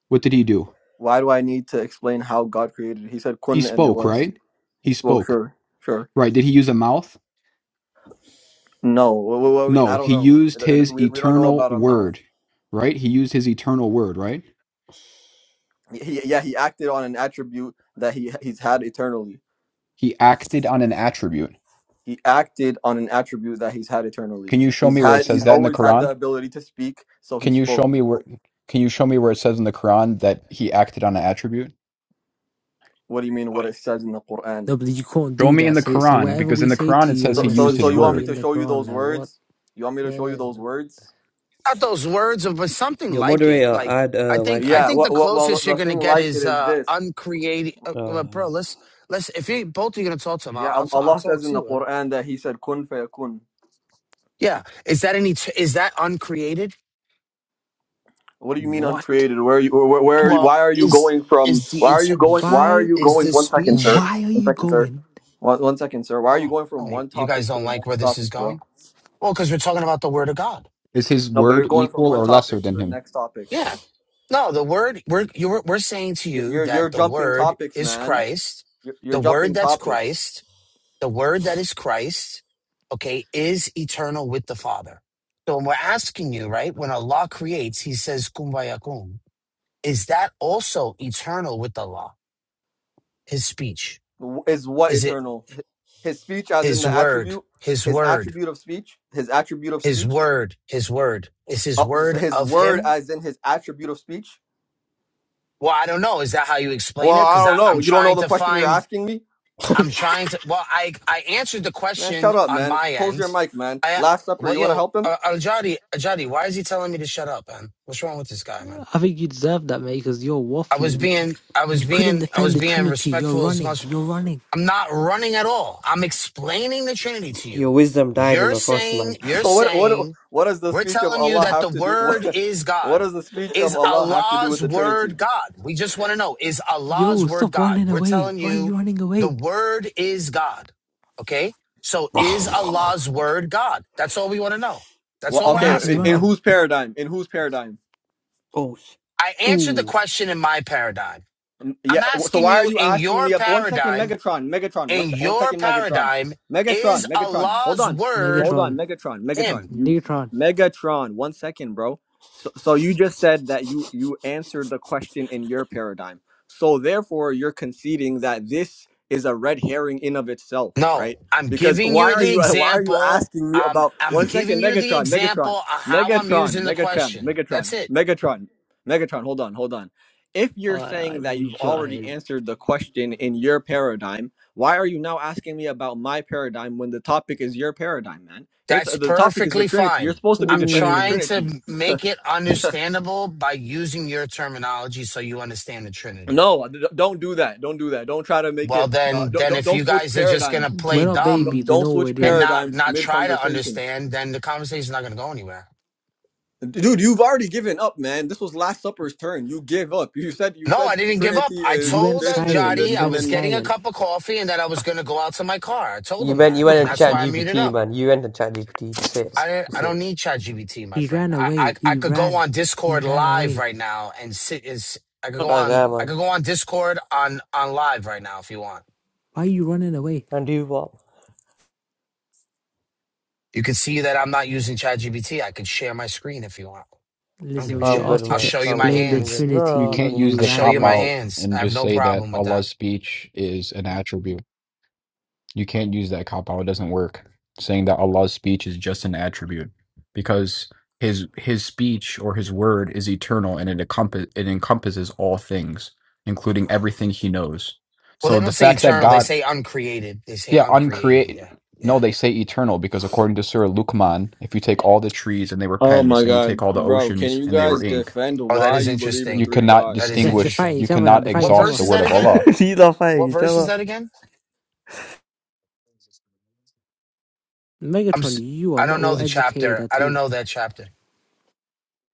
Speaker 12: what did he do
Speaker 13: Why do I need to explain how God created? He said
Speaker 12: he
Speaker 13: kun and it
Speaker 12: spoke
Speaker 13: was.
Speaker 12: right
Speaker 13: He
Speaker 12: he
Speaker 13: spoke.
Speaker 12: spoke
Speaker 13: Sure, sure.
Speaker 12: right did he use a mouth
Speaker 13: No, wh- wh- I mean
Speaker 12: no
Speaker 13: I don't
Speaker 12: he
Speaker 13: know.
Speaker 12: used
Speaker 13: It- it-
Speaker 12: his
Speaker 13: we we don't know
Speaker 12: eternal
Speaker 13: about a mouth.
Speaker 12: word right he used his eternal word right
Speaker 13: He, yeah, he acted on an attribute that he he's had eternally.
Speaker 12: he acted on an attribute
Speaker 13: he acted on an attribute that he's had eternally.
Speaker 12: can you show
Speaker 13: He's
Speaker 12: me where it
Speaker 13: had he's
Speaker 12: says that in the
Speaker 13: always had the
Speaker 12: quran
Speaker 13: ability to speak, so he
Speaker 12: Can you show
Speaker 13: spoke.
Speaker 12: me where can you show me where it says in the Quran that he acted on an attribute?
Speaker 13: What do you mean what it says in the Quran?
Speaker 6: No, but you can't
Speaker 12: Show
Speaker 6: do
Speaker 12: me in
Speaker 6: that.
Speaker 12: the
Speaker 6: So, so
Speaker 12: Quran,
Speaker 6: whatever
Speaker 12: because
Speaker 6: we
Speaker 12: in the
Speaker 6: say
Speaker 12: Quran
Speaker 6: to
Speaker 12: it
Speaker 6: you, you're
Speaker 12: says he
Speaker 13: So
Speaker 6: gonna
Speaker 13: so
Speaker 12: used
Speaker 6: say,
Speaker 13: so
Speaker 12: his
Speaker 13: you
Speaker 6: "Show
Speaker 13: want
Speaker 6: me
Speaker 13: me
Speaker 12: word.
Speaker 6: in
Speaker 13: to
Speaker 6: the
Speaker 13: show you
Speaker 6: Quran."
Speaker 13: those
Speaker 6: Now, what?
Speaker 13: words? You want me to show you those words?
Speaker 11: Not those words, but something
Speaker 9: Your
Speaker 11: like it.
Speaker 9: moderator,
Speaker 11: Like
Speaker 9: add
Speaker 11: I
Speaker 9: uh,
Speaker 11: think I
Speaker 9: YK.
Speaker 13: Yeah,
Speaker 11: think
Speaker 13: well,
Speaker 11: the
Speaker 13: well, well the
Speaker 11: closest you're
Speaker 13: the
Speaker 11: gonna
Speaker 13: thing
Speaker 11: get
Speaker 13: like it
Speaker 11: is
Speaker 13: is
Speaker 11: uh
Speaker 13: this.
Speaker 11: uncreating. Uh, uh,
Speaker 9: Uh,
Speaker 11: bro, let's let's if you both are gonna talk to him, I'll
Speaker 13: Yeah,
Speaker 11: I'll,
Speaker 13: Al-
Speaker 11: ta- I'll
Speaker 13: Allah
Speaker 11: talk
Speaker 13: says in the
Speaker 11: too. Uh,
Speaker 13: Quran that he said kun fayakun.
Speaker 11: yeah, is that any? Is that uncreated?
Speaker 13: What do you mean
Speaker 6: What?
Speaker 13: uncreated? Where you where, where are you-
Speaker 11: Well,
Speaker 13: why are you
Speaker 11: is
Speaker 13: going from
Speaker 11: is
Speaker 13: why
Speaker 11: the
Speaker 13: are you
Speaker 11: et-
Speaker 13: going why are
Speaker 6: Why?
Speaker 13: you
Speaker 11: is
Speaker 13: going
Speaker 11: this
Speaker 13: one second,
Speaker 11: speech?
Speaker 13: sir?
Speaker 6: Why are
Speaker 13: One
Speaker 6: you
Speaker 13: second, sir.
Speaker 6: going?
Speaker 13: One, one second, sir. Why are you
Speaker 11: Oh,
Speaker 13: going from
Speaker 11: oh,
Speaker 13: one
Speaker 11: you guys
Speaker 13: topic to
Speaker 11: don't
Speaker 13: the
Speaker 11: like where
Speaker 13: next
Speaker 11: this is
Speaker 13: topic,
Speaker 11: going.
Speaker 13: bro?
Speaker 11: Well, because we're talking about the word of God.
Speaker 12: Is his
Speaker 13: No, but you're
Speaker 12: word
Speaker 13: going from
Speaker 12: equal
Speaker 13: one
Speaker 12: or lesser
Speaker 13: topic to
Speaker 12: than
Speaker 13: the
Speaker 12: him?
Speaker 13: next topic.
Speaker 11: Yeah. No, the word we're you're, we're saying to
Speaker 13: You're
Speaker 11: you
Speaker 13: you're, you're
Speaker 11: that the
Speaker 13: jumping
Speaker 11: word
Speaker 13: topics,
Speaker 11: is
Speaker 13: man.
Speaker 11: Christ,
Speaker 13: You're,
Speaker 11: the
Speaker 13: you're
Speaker 11: word
Speaker 13: jumping
Speaker 11: that's
Speaker 13: topics.
Speaker 11: Christ, the word that is Christ, okay, is eternal with the Father. So when we're asking you, right, when Allah creates, He says "Kun fayakun." Is that also eternal with Allah? His speech
Speaker 13: W- Is what
Speaker 11: is it
Speaker 13: eternal? H- His speech, as in
Speaker 11: His
Speaker 13: the
Speaker 11: word?
Speaker 13: attribute,
Speaker 11: His
Speaker 13: his
Speaker 11: word?
Speaker 13: attribute of speech, his attribute of
Speaker 11: His
Speaker 13: speech,
Speaker 11: word? His word is His
Speaker 13: Oh,
Speaker 11: word
Speaker 13: s- his
Speaker 11: of
Speaker 13: word,
Speaker 11: Him
Speaker 13: as in his attribute of speech.
Speaker 11: Well, I don't know. Is that how you explain
Speaker 13: Well,
Speaker 11: it?
Speaker 13: I
Speaker 11: Because
Speaker 13: don't know.
Speaker 11: I'm
Speaker 13: You don't know
Speaker 11: trying
Speaker 13: the
Speaker 11: to
Speaker 13: question you're
Speaker 11: find.
Speaker 13: asking me,
Speaker 11: I'm trying to. Well, I I answered the
Speaker 13: man.
Speaker 11: question
Speaker 13: Shut up,
Speaker 11: on
Speaker 13: man.
Speaker 11: my
Speaker 13: Close your
Speaker 11: end.
Speaker 13: mic, man.
Speaker 11: I
Speaker 13: Last supper.
Speaker 11: well,
Speaker 13: You want to
Speaker 11: yo,
Speaker 13: help him?
Speaker 11: uh, Ajadi, Ajadi, why is he telling me to shut up, man? What's wrong with this guy, man?
Speaker 6: I think you deserve that, mate. Because you're
Speaker 11: I
Speaker 6: waffling.
Speaker 11: was
Speaker 6: We,
Speaker 11: being, I was
Speaker 6: you couldn't
Speaker 11: being, I
Speaker 6: defend
Speaker 11: was
Speaker 6: the
Speaker 11: being
Speaker 6: Trinity. You're
Speaker 11: respectful as
Speaker 6: running.
Speaker 11: much.
Speaker 6: You're running.
Speaker 11: I'm not running at all. I'm explaining the Trinity to you.
Speaker 9: your wisdom died on
Speaker 11: You're
Speaker 9: the cross,
Speaker 11: saying,
Speaker 9: man.
Speaker 11: you're
Speaker 13: what what
Speaker 11: saying
Speaker 13: what does the
Speaker 11: We're
Speaker 13: speech of
Speaker 11: telling you
Speaker 13: Allah
Speaker 11: that the
Speaker 13: have to do?
Speaker 11: word
Speaker 13: What
Speaker 11: is
Speaker 13: what
Speaker 11: God.
Speaker 13: does the speech of
Speaker 11: Is
Speaker 13: Allah have to do
Speaker 11: Allah's
Speaker 13: with the
Speaker 11: word
Speaker 13: Trinity?
Speaker 11: God? We just want to know, is Allah's
Speaker 6: Yo,
Speaker 11: word
Speaker 6: stop
Speaker 11: God?
Speaker 6: running
Speaker 11: We're
Speaker 6: away.
Speaker 11: telling
Speaker 6: Why are
Speaker 11: you
Speaker 6: you running
Speaker 11: the
Speaker 6: away?
Speaker 11: word is God. Okay? So is Allah's word God? That's all we want to know. That's
Speaker 13: Well,
Speaker 11: all we're
Speaker 6: Why
Speaker 13: okay.
Speaker 6: is he
Speaker 13: In,
Speaker 11: asking,
Speaker 13: in
Speaker 11: bro.
Speaker 6: running?
Speaker 13: whose paradigm? In whose paradigm?
Speaker 9: Oh, sh-
Speaker 11: I answered the
Speaker 6: Ooh,
Speaker 11: question in my paradigm.
Speaker 13: Mm, Yeah.
Speaker 11: I'm
Speaker 13: w- So
Speaker 11: asking
Speaker 13: why are
Speaker 11: you
Speaker 13: you
Speaker 11: in
Speaker 13: asking
Speaker 11: your
Speaker 13: me? ab- One second,
Speaker 11: paradigm,
Speaker 13: Megatron. Megatron. One,
Speaker 11: in
Speaker 13: se- one
Speaker 11: your
Speaker 13: second, Megatron.
Speaker 11: paradigm,
Speaker 13: Megatron.
Speaker 11: is
Speaker 13: Megatron. Hold
Speaker 11: Allah's
Speaker 13: on.
Speaker 11: word
Speaker 13: Hold on,
Speaker 6: Megatron.
Speaker 13: Megatron. Megatron.
Speaker 11: him?
Speaker 13: You,
Speaker 6: Negatron.
Speaker 13: Megatron. One second, bro. So, so you just said that you you answered the question in your paradigm. So therefore, you're conceding that this is a red herring in of itself,
Speaker 11: No,
Speaker 13: right?
Speaker 11: I'm
Speaker 13: Because
Speaker 11: giving
Speaker 13: why
Speaker 11: you
Speaker 13: are
Speaker 11: the
Speaker 13: you why are you
Speaker 11: example.
Speaker 13: asking me
Speaker 11: Um,
Speaker 13: about
Speaker 11: I'm
Speaker 13: one
Speaker 11: giving
Speaker 13: second,
Speaker 11: you the
Speaker 13: Megatron.
Speaker 11: example
Speaker 13: Megatron.
Speaker 11: of how I'm
Speaker 13: Megatron.
Speaker 11: using the
Speaker 13: Megatron.
Speaker 11: question.
Speaker 13: Megatron.
Speaker 11: That's it.
Speaker 13: Megatron. Megatron. Hold on. Hold on if you're
Speaker 6: I,
Speaker 13: saying that
Speaker 6: I'm
Speaker 13: you've already
Speaker 6: giant.
Speaker 13: answered the question in your paradigm, why are you now asking me about my paradigm when the topic is your paradigm, man? Your t-
Speaker 11: That's
Speaker 13: the topic is the
Speaker 11: perfectly
Speaker 13: Trinity. You're
Speaker 11: fine.
Speaker 13: supposed to be
Speaker 11: I'm
Speaker 13: defending the
Speaker 6: Ooh.
Speaker 11: trying
Speaker 13: Trinity.
Speaker 11: to make it understandable by using your terminology so you understand the Trinity.
Speaker 13: No, d- d- don't do that. Don't do that. Don't try to make
Speaker 11: Well,
Speaker 13: it. Uh,
Speaker 11: then,
Speaker 13: don't,
Speaker 11: then
Speaker 13: don't
Speaker 11: if
Speaker 13: don't
Speaker 11: you
Speaker 13: switch
Speaker 11: guys are just gonna
Speaker 13: paradigms.
Speaker 11: play
Speaker 6: We're not
Speaker 11: dumb
Speaker 13: Don't,
Speaker 6: babies. We
Speaker 13: don't
Speaker 6: know what we're
Speaker 13: switch
Speaker 11: and
Speaker 6: doing.
Speaker 11: not
Speaker 13: paradigms
Speaker 11: not
Speaker 13: mid
Speaker 11: try to
Speaker 13: conversation,
Speaker 11: understand, then the conversation's not gonna go anywhere.
Speaker 13: dude. You've already given up, man. This was Last Supper's turn. You give up. You said you
Speaker 11: No, I
Speaker 13: said
Speaker 11: didn't give
Speaker 13: Trinity
Speaker 11: up. I
Speaker 6: You
Speaker 13: is
Speaker 6: went
Speaker 11: told
Speaker 13: this,
Speaker 11: uh,
Speaker 13: this,
Speaker 6: silent.
Speaker 13: and
Speaker 6: You
Speaker 11: Jody
Speaker 13: this,
Speaker 11: I
Speaker 13: and
Speaker 6: went
Speaker 11: was
Speaker 13: then
Speaker 11: getting a
Speaker 6: silent.
Speaker 11: cup of coffee and that I was going to go out to my car. I told
Speaker 9: you
Speaker 11: him
Speaker 9: went,
Speaker 11: that,
Speaker 9: you went
Speaker 11: and
Speaker 9: and
Speaker 11: that's
Speaker 9: chat
Speaker 11: why I muted
Speaker 9: GPT,
Speaker 11: up.
Speaker 9: man. You went and chat GPT to say it, man.
Speaker 11: I
Speaker 9: to
Speaker 11: I
Speaker 9: say
Speaker 11: don't
Speaker 9: it.
Speaker 11: need ChatGPT, my
Speaker 6: He
Speaker 11: friend.
Speaker 6: ran
Speaker 11: I,
Speaker 6: away.
Speaker 11: I I
Speaker 6: He
Speaker 11: could go
Speaker 6: ran.
Speaker 11: on
Speaker 6: He
Speaker 11: Discord
Speaker 6: ran
Speaker 11: live
Speaker 6: away.
Speaker 11: right now and sit is I could
Speaker 9: Not
Speaker 11: go
Speaker 9: that
Speaker 11: on
Speaker 9: guy,
Speaker 11: I
Speaker 9: man.
Speaker 11: could go on Discord on on live right now if you want.
Speaker 6: Why are you running away?
Speaker 9: And you what?
Speaker 11: You can see that I'm not using ChatGPT. I could share my screen if you want. I don't
Speaker 6: Listen,
Speaker 11: give a
Speaker 6: when we
Speaker 9: I'm
Speaker 11: shit.
Speaker 9: good,
Speaker 6: asked you
Speaker 11: I'll
Speaker 6: to
Speaker 9: man.
Speaker 11: show you
Speaker 9: I'm
Speaker 11: my
Speaker 9: good.
Speaker 6: explain the
Speaker 9: I'm
Speaker 11: hands.
Speaker 9: good. No,
Speaker 12: You
Speaker 9: no, I
Speaker 6: Trinity,
Speaker 9: don't.
Speaker 12: can't use
Speaker 6: you
Speaker 11: I'll
Speaker 12: the
Speaker 11: show
Speaker 6: ran
Speaker 12: cop
Speaker 11: you my
Speaker 6: away.
Speaker 12: out
Speaker 11: hands. I
Speaker 12: and
Speaker 11: have
Speaker 12: just
Speaker 11: no
Speaker 12: say that
Speaker 11: problem with that.
Speaker 12: Allah's speech is an attribute. You can't use that cop out. It doesn't work. Saying that Allah's speech is just an attribute. Because his his speech or his word is eternal and it encompass it encompasses all things, including everything he knows.
Speaker 11: Well,
Speaker 12: So
Speaker 11: they
Speaker 12: the
Speaker 11: don't say
Speaker 12: fact that
Speaker 11: eternal. They
Speaker 12: God
Speaker 11: say uncreated. They say
Speaker 12: Yeah,
Speaker 11: uncreated.
Speaker 12: uncreate.
Speaker 11: Yeah, yeah.
Speaker 12: No, they say eternal because according to Surah Luqman, if you take all the trees and they were
Speaker 13: Oh
Speaker 12: pens,
Speaker 13: my
Speaker 12: and you
Speaker 13: God,
Speaker 12: take all the
Speaker 13: bro! Can
Speaker 12: oceans
Speaker 13: you
Speaker 12: and they were
Speaker 13: guys
Speaker 12: ink,
Speaker 13: defend
Speaker 11: Oh, that
Speaker 13: why
Speaker 11: is
Speaker 13: you believe in
Speaker 12: you
Speaker 11: interesting.
Speaker 13: three
Speaker 12: cannot
Speaker 11: That
Speaker 13: gods?
Speaker 11: is
Speaker 6: They're, they're
Speaker 12: distinguish,
Speaker 6: fighting
Speaker 11: interesting.
Speaker 12: you
Speaker 6: each other now.
Speaker 12: cannot
Speaker 6: They're fighting
Speaker 11: What
Speaker 6: each
Speaker 12: exhaust
Speaker 11: verse
Speaker 6: other.
Speaker 12: the
Speaker 11: is
Speaker 12: word
Speaker 11: that
Speaker 12: of
Speaker 11: again?
Speaker 12: Allah.
Speaker 9: Neither
Speaker 11: What
Speaker 9: fighting each
Speaker 11: verse is
Speaker 9: other.
Speaker 11: that again? I'm. s-
Speaker 6: Megatron, you are
Speaker 11: I don't
Speaker 6: not
Speaker 11: know
Speaker 6: well
Speaker 11: the
Speaker 6: educated
Speaker 11: chapter. I
Speaker 6: at
Speaker 11: don't
Speaker 6: all.
Speaker 11: know that chapter.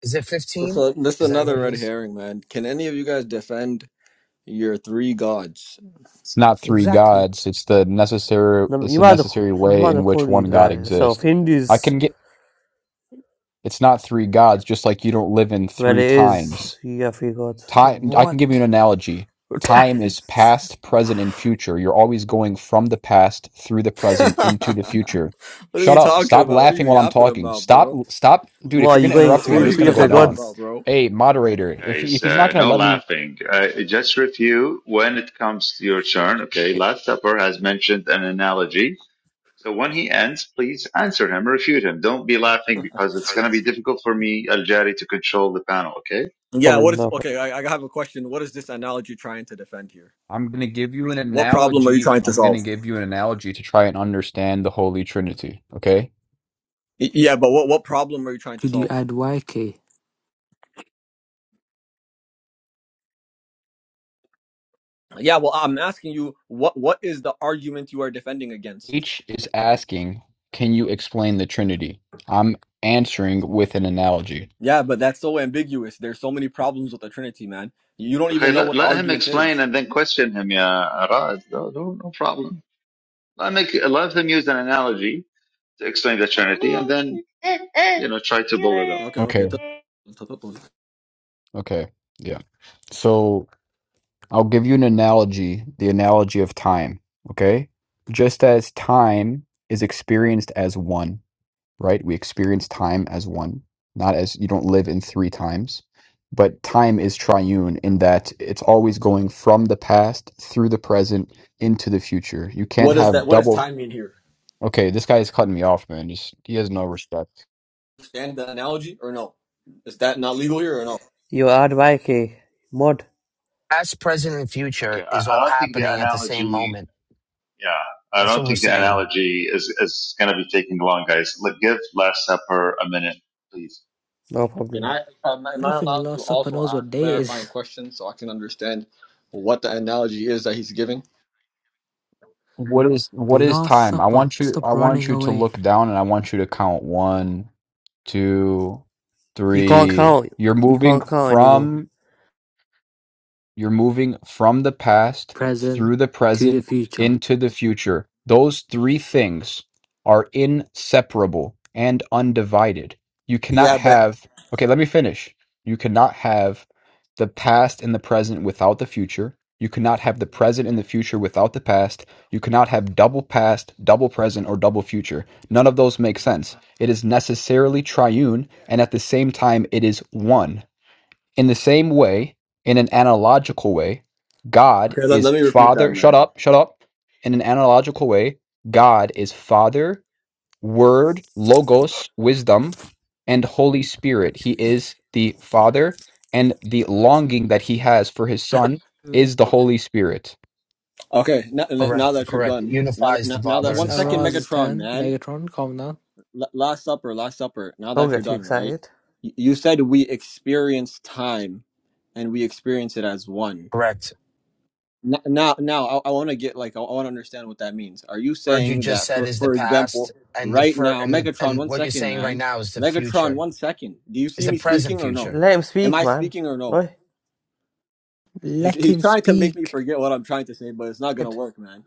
Speaker 11: Is it 15?
Speaker 13: So this is
Speaker 11: Is that what
Speaker 13: another
Speaker 11: it
Speaker 13: red
Speaker 11: is?
Speaker 13: herring, man. Can any of you guys defend your three gods?
Speaker 12: It's not three
Speaker 6: Exactly.
Speaker 12: gods. It's the necessary.
Speaker 9: No,
Speaker 12: It's
Speaker 9: You
Speaker 12: the
Speaker 9: might as
Speaker 12: necessary
Speaker 9: well, you
Speaker 12: way
Speaker 9: might as well
Speaker 12: in
Speaker 9: call
Speaker 12: which one
Speaker 9: it
Speaker 12: God
Speaker 9: like yourself.
Speaker 12: exists. I
Speaker 9: Hindus,
Speaker 12: can get. It's not three gods, just like you don't live in
Speaker 9: well,
Speaker 12: three
Speaker 9: it
Speaker 12: times.
Speaker 9: is. You got three gods.
Speaker 12: Time, I can give you an
Speaker 6: What
Speaker 12: analogy. Time is past, present, and future. You're always going from the past through the present into
Speaker 13: what
Speaker 12: the future.
Speaker 13: are
Speaker 12: Shut
Speaker 13: you
Speaker 12: up.
Speaker 13: talking
Speaker 12: Stop
Speaker 13: about? What are
Speaker 12: laughing
Speaker 13: you
Speaker 12: while I'm
Speaker 13: yapping
Speaker 12: talking.
Speaker 13: about,
Speaker 12: Stop,
Speaker 13: bro?
Speaker 12: stop. Dude, if
Speaker 9: well,
Speaker 12: you're going
Speaker 9: you
Speaker 12: to
Speaker 9: going
Speaker 13: What,
Speaker 12: interrupt me,
Speaker 13: what
Speaker 12: I'm
Speaker 9: three,
Speaker 13: are
Speaker 12: just
Speaker 13: you
Speaker 12: going
Speaker 9: three
Speaker 12: to
Speaker 9: of
Speaker 12: go
Speaker 9: the
Speaker 13: yapping
Speaker 12: down.
Speaker 13: about,
Speaker 9: gods.
Speaker 13: bro?
Speaker 12: Hey,
Speaker 2: okay.
Speaker 12: moderator, if he, if
Speaker 2: Guys,
Speaker 12: he's not
Speaker 2: uh,
Speaker 12: going to
Speaker 2: no
Speaker 12: let me,
Speaker 2: laughing. Uh, just review when it comes to your turn. Okay, last supper has mentioned an analogy. So when he ends, please answer him, refute him. Don't be laughing because it's going to be difficult for me, Al Jari, to control the panel, okay?
Speaker 13: Yeah, what
Speaker 9: Problem,
Speaker 13: is
Speaker 9: no problem.
Speaker 13: okay? I, I have a question. What is this analogy trying to defend here?
Speaker 12: I'm going to give you an
Speaker 13: What problem are you
Speaker 12: analogy.
Speaker 13: trying to
Speaker 12: I'm going to
Speaker 13: solve?
Speaker 12: give you an analogy to try and understand the Holy Trinity, okay?
Speaker 13: Y- Yeah, but what what problem are you trying to
Speaker 6: could you
Speaker 13: solve?
Speaker 6: add YK?
Speaker 13: Yeah, well, I'm asking you what what is the argument you are defending against?
Speaker 12: H is asking, can you explain the Trinity? I'm answering with an analogy.
Speaker 13: Yeah, but that's so ambiguous. There's so many problems with the Trinity, man. You don't
Speaker 2: Okay,
Speaker 13: even know
Speaker 2: let,
Speaker 13: what the
Speaker 2: let him
Speaker 13: argument
Speaker 2: explain
Speaker 13: is.
Speaker 2: and then question him, yeah, Raj. No, no, no problem. Let, make, let him use an analogy to explain the Trinity and then, you know, try to blow it up.
Speaker 13: Okay,
Speaker 12: Okay.
Speaker 13: okay. tough- tough up on
Speaker 12: Okay. Yeah. So I'll give you an analogy, the analogy of time. Okay. Just as time is experienced as one, right? We experience time as one, not as you don't live in three times. But time is triune in that it's always going from the past through the present into the future. You can't
Speaker 13: What does that?
Speaker 12: have
Speaker 13: What does
Speaker 12: double.
Speaker 13: time mean here?
Speaker 12: Okay, this guy is cutting me off, man. Just he has no respect
Speaker 13: Understand the analogy or no? Is that not legal here or no?
Speaker 9: You add Vaike, mod,
Speaker 11: Past, present, and
Speaker 2: Okay,
Speaker 11: future is
Speaker 2: I, I
Speaker 11: all
Speaker 2: don't think the
Speaker 11: happening at the same
Speaker 2: analogy,
Speaker 11: moment.
Speaker 2: yeah, I
Speaker 11: That's what
Speaker 2: don't
Speaker 11: we're
Speaker 2: think the
Speaker 11: saying.
Speaker 2: analogy is, is going to be taking long, guys. Let, give Last Supper a minute, please.
Speaker 9: no
Speaker 13: Can
Speaker 9: problem.
Speaker 13: I? Am I am
Speaker 6: I don't
Speaker 13: I
Speaker 6: think
Speaker 13: allowed to
Speaker 6: Last Supper
Speaker 13: also
Speaker 6: knows
Speaker 13: ask
Speaker 6: what day it
Speaker 13: clarifying
Speaker 6: is.
Speaker 13: questions so I can understand what the analogy is that he's giving?
Speaker 12: what is what is
Speaker 6: Last
Speaker 12: time i
Speaker 6: Supper.
Speaker 12: want you i
Speaker 6: Stop
Speaker 12: want
Speaker 6: running
Speaker 12: you to
Speaker 6: away.
Speaker 12: look down and i want you to count one two,
Speaker 9: You can't
Speaker 12: three.
Speaker 9: count.
Speaker 12: You're
Speaker 9: You
Speaker 12: moving
Speaker 9: can't count anymore.
Speaker 12: from you're moving from the past,
Speaker 6: Present
Speaker 12: through the
Speaker 6: to the
Speaker 12: present,
Speaker 6: future.
Speaker 12: into the future. Those three things are inseparable and undivided. You cannot
Speaker 13: Yeah, but
Speaker 12: have, okay, let me finish. You cannot have the past and the present without the future. You cannot have the present and the future without the past. You cannot have double past, double present, or double future. None of those make sense. It is necessarily triune, and at the same time, it is one. In the same way, in an analogical way, God
Speaker 13: Okay, let,
Speaker 12: is
Speaker 13: let me refute that,
Speaker 12: Father. Shut
Speaker 13: man.
Speaker 12: up, shut up. In an analogical way, God is Father, Word, Logos, Wisdom, and Holy Spirit. He is the Father, and the longing that he has for his Son is the Holy Spirit.
Speaker 13: Okay, now,
Speaker 11: Correct.
Speaker 13: now that you're
Speaker 11: Correct. It
Speaker 13: done, now that
Speaker 11: unifies the
Speaker 13: now, now that
Speaker 11: Father
Speaker 6: It's
Speaker 11: and
Speaker 13: one
Speaker 11: the
Speaker 13: second,
Speaker 11: Son.
Speaker 6: Araz's
Speaker 13: Megatron,
Speaker 6: turn.
Speaker 13: man.
Speaker 6: Megatron, calm down.
Speaker 13: L- Last Supper, Last Supper. Now
Speaker 9: Don't
Speaker 13: that you're
Speaker 9: get too
Speaker 13: done, right?
Speaker 9: excited.
Speaker 13: Y- You said we experience time, and we experience it as one.
Speaker 11: Correct.
Speaker 13: N- Now, now, I, I want to get like I, I want to understand what that means. Are you
Speaker 11: Word you
Speaker 13: saying
Speaker 11: just
Speaker 13: that,
Speaker 11: said
Speaker 13: for
Speaker 11: is the
Speaker 13: for
Speaker 11: past,
Speaker 13: example,
Speaker 11: and the
Speaker 13: right
Speaker 11: fir-
Speaker 13: now,
Speaker 11: and the,
Speaker 13: Megatron,
Speaker 11: and
Speaker 13: one
Speaker 11: what you're
Speaker 13: second,
Speaker 11: saying right
Speaker 13: man,
Speaker 11: now is the
Speaker 13: Megatron,
Speaker 11: future.
Speaker 13: one second. Do you
Speaker 11: Is
Speaker 13: see
Speaker 11: the
Speaker 13: me
Speaker 11: present
Speaker 13: speaking or no?
Speaker 11: future.
Speaker 9: Let him
Speaker 13: Am
Speaker 9: speak,
Speaker 13: I
Speaker 9: man.
Speaker 13: speaking or no?
Speaker 9: Right?
Speaker 13: He's
Speaker 6: Let
Speaker 13: he's
Speaker 6: him
Speaker 13: trying to make me
Speaker 6: speak.
Speaker 13: forget what I'm trying to say, but it's not gonna work, man.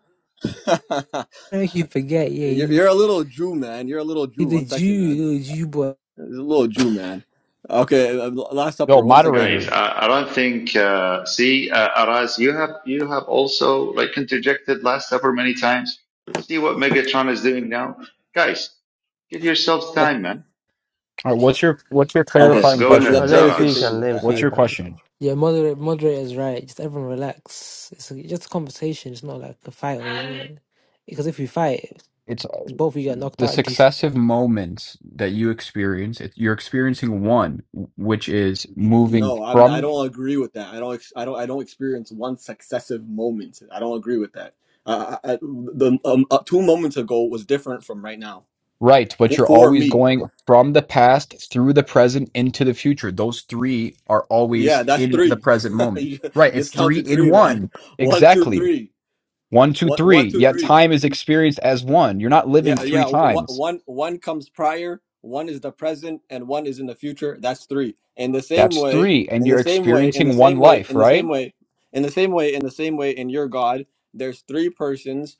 Speaker 6: I make you forget. Yeah,
Speaker 13: you're,
Speaker 6: he,
Speaker 13: you're a little Jew, man. You're a little
Speaker 6: he's
Speaker 13: Jew.
Speaker 6: the
Speaker 13: One second, man.
Speaker 6: Jew, little Jew boy.
Speaker 13: He's a little Jew, man. Okay, uh, Last
Speaker 12: Yo,
Speaker 13: Supper once again.
Speaker 12: moderator.
Speaker 2: Guys, I, I don't think. Uh, see, uh, Aras, you have you have also like interjected Last Supper many times. See what Megatron is doing now, guys. Give yourselves time, man.
Speaker 12: All right, what's your what's your
Speaker 13: Okay,
Speaker 2: Alas,
Speaker 12: clarifying
Speaker 2: go
Speaker 13: let,
Speaker 9: Oh,
Speaker 13: let,
Speaker 2: ahead,
Speaker 12: question?
Speaker 9: let
Speaker 13: let
Speaker 9: him
Speaker 13: me
Speaker 9: speak and
Speaker 13: continue.
Speaker 2: Aras.
Speaker 9: let him
Speaker 13: I,
Speaker 12: What's
Speaker 13: I
Speaker 12: your
Speaker 9: speak now. You know.
Speaker 12: question?
Speaker 6: Yeah, moderate, moderator's right. Just everyone relax. It's like, just a conversation. It's not like a fight, or is it? Because if we fight,
Speaker 12: it's uh,
Speaker 6: both of you get knocked
Speaker 12: the
Speaker 6: out.
Speaker 12: successive moments that you experience it, you're experiencing one w- which is moving
Speaker 13: no, I'm, I
Speaker 12: from
Speaker 13: don't agree with that. I don't ex- I don't I don't experience one successive moment. I don't agree with that. I, I, I- the um, uh, two moments ago was different from right now
Speaker 12: right but
Speaker 13: for,
Speaker 12: you're
Speaker 13: for
Speaker 12: always
Speaker 13: me.
Speaker 12: going from the past through the present into the future those three are
Speaker 13: Yeah,
Speaker 12: always
Speaker 13: that's
Speaker 12: in the
Speaker 13: three.
Speaker 12: present moment
Speaker 13: you
Speaker 12: right
Speaker 13: just
Speaker 12: it's three
Speaker 13: counted
Speaker 12: in
Speaker 13: three, man.
Speaker 12: one
Speaker 13: One, two,
Speaker 12: exactly
Speaker 13: three.
Speaker 12: one two
Speaker 13: One, one,
Speaker 12: three
Speaker 13: two,
Speaker 12: yet
Speaker 13: three.
Speaker 12: time is experienced as one you're not living
Speaker 13: Yeah,
Speaker 12: three
Speaker 13: yeah. One,
Speaker 12: times
Speaker 13: one, one comes prior, one is the present, and one is in the future. That's three. In the same
Speaker 12: that's
Speaker 13: way,
Speaker 12: three and
Speaker 13: in the
Speaker 12: you're
Speaker 13: same way, in the
Speaker 12: experiencing one
Speaker 13: same way,
Speaker 12: life
Speaker 13: in the same
Speaker 12: right
Speaker 13: way, in the same way, in the same way, in your God, there's three persons.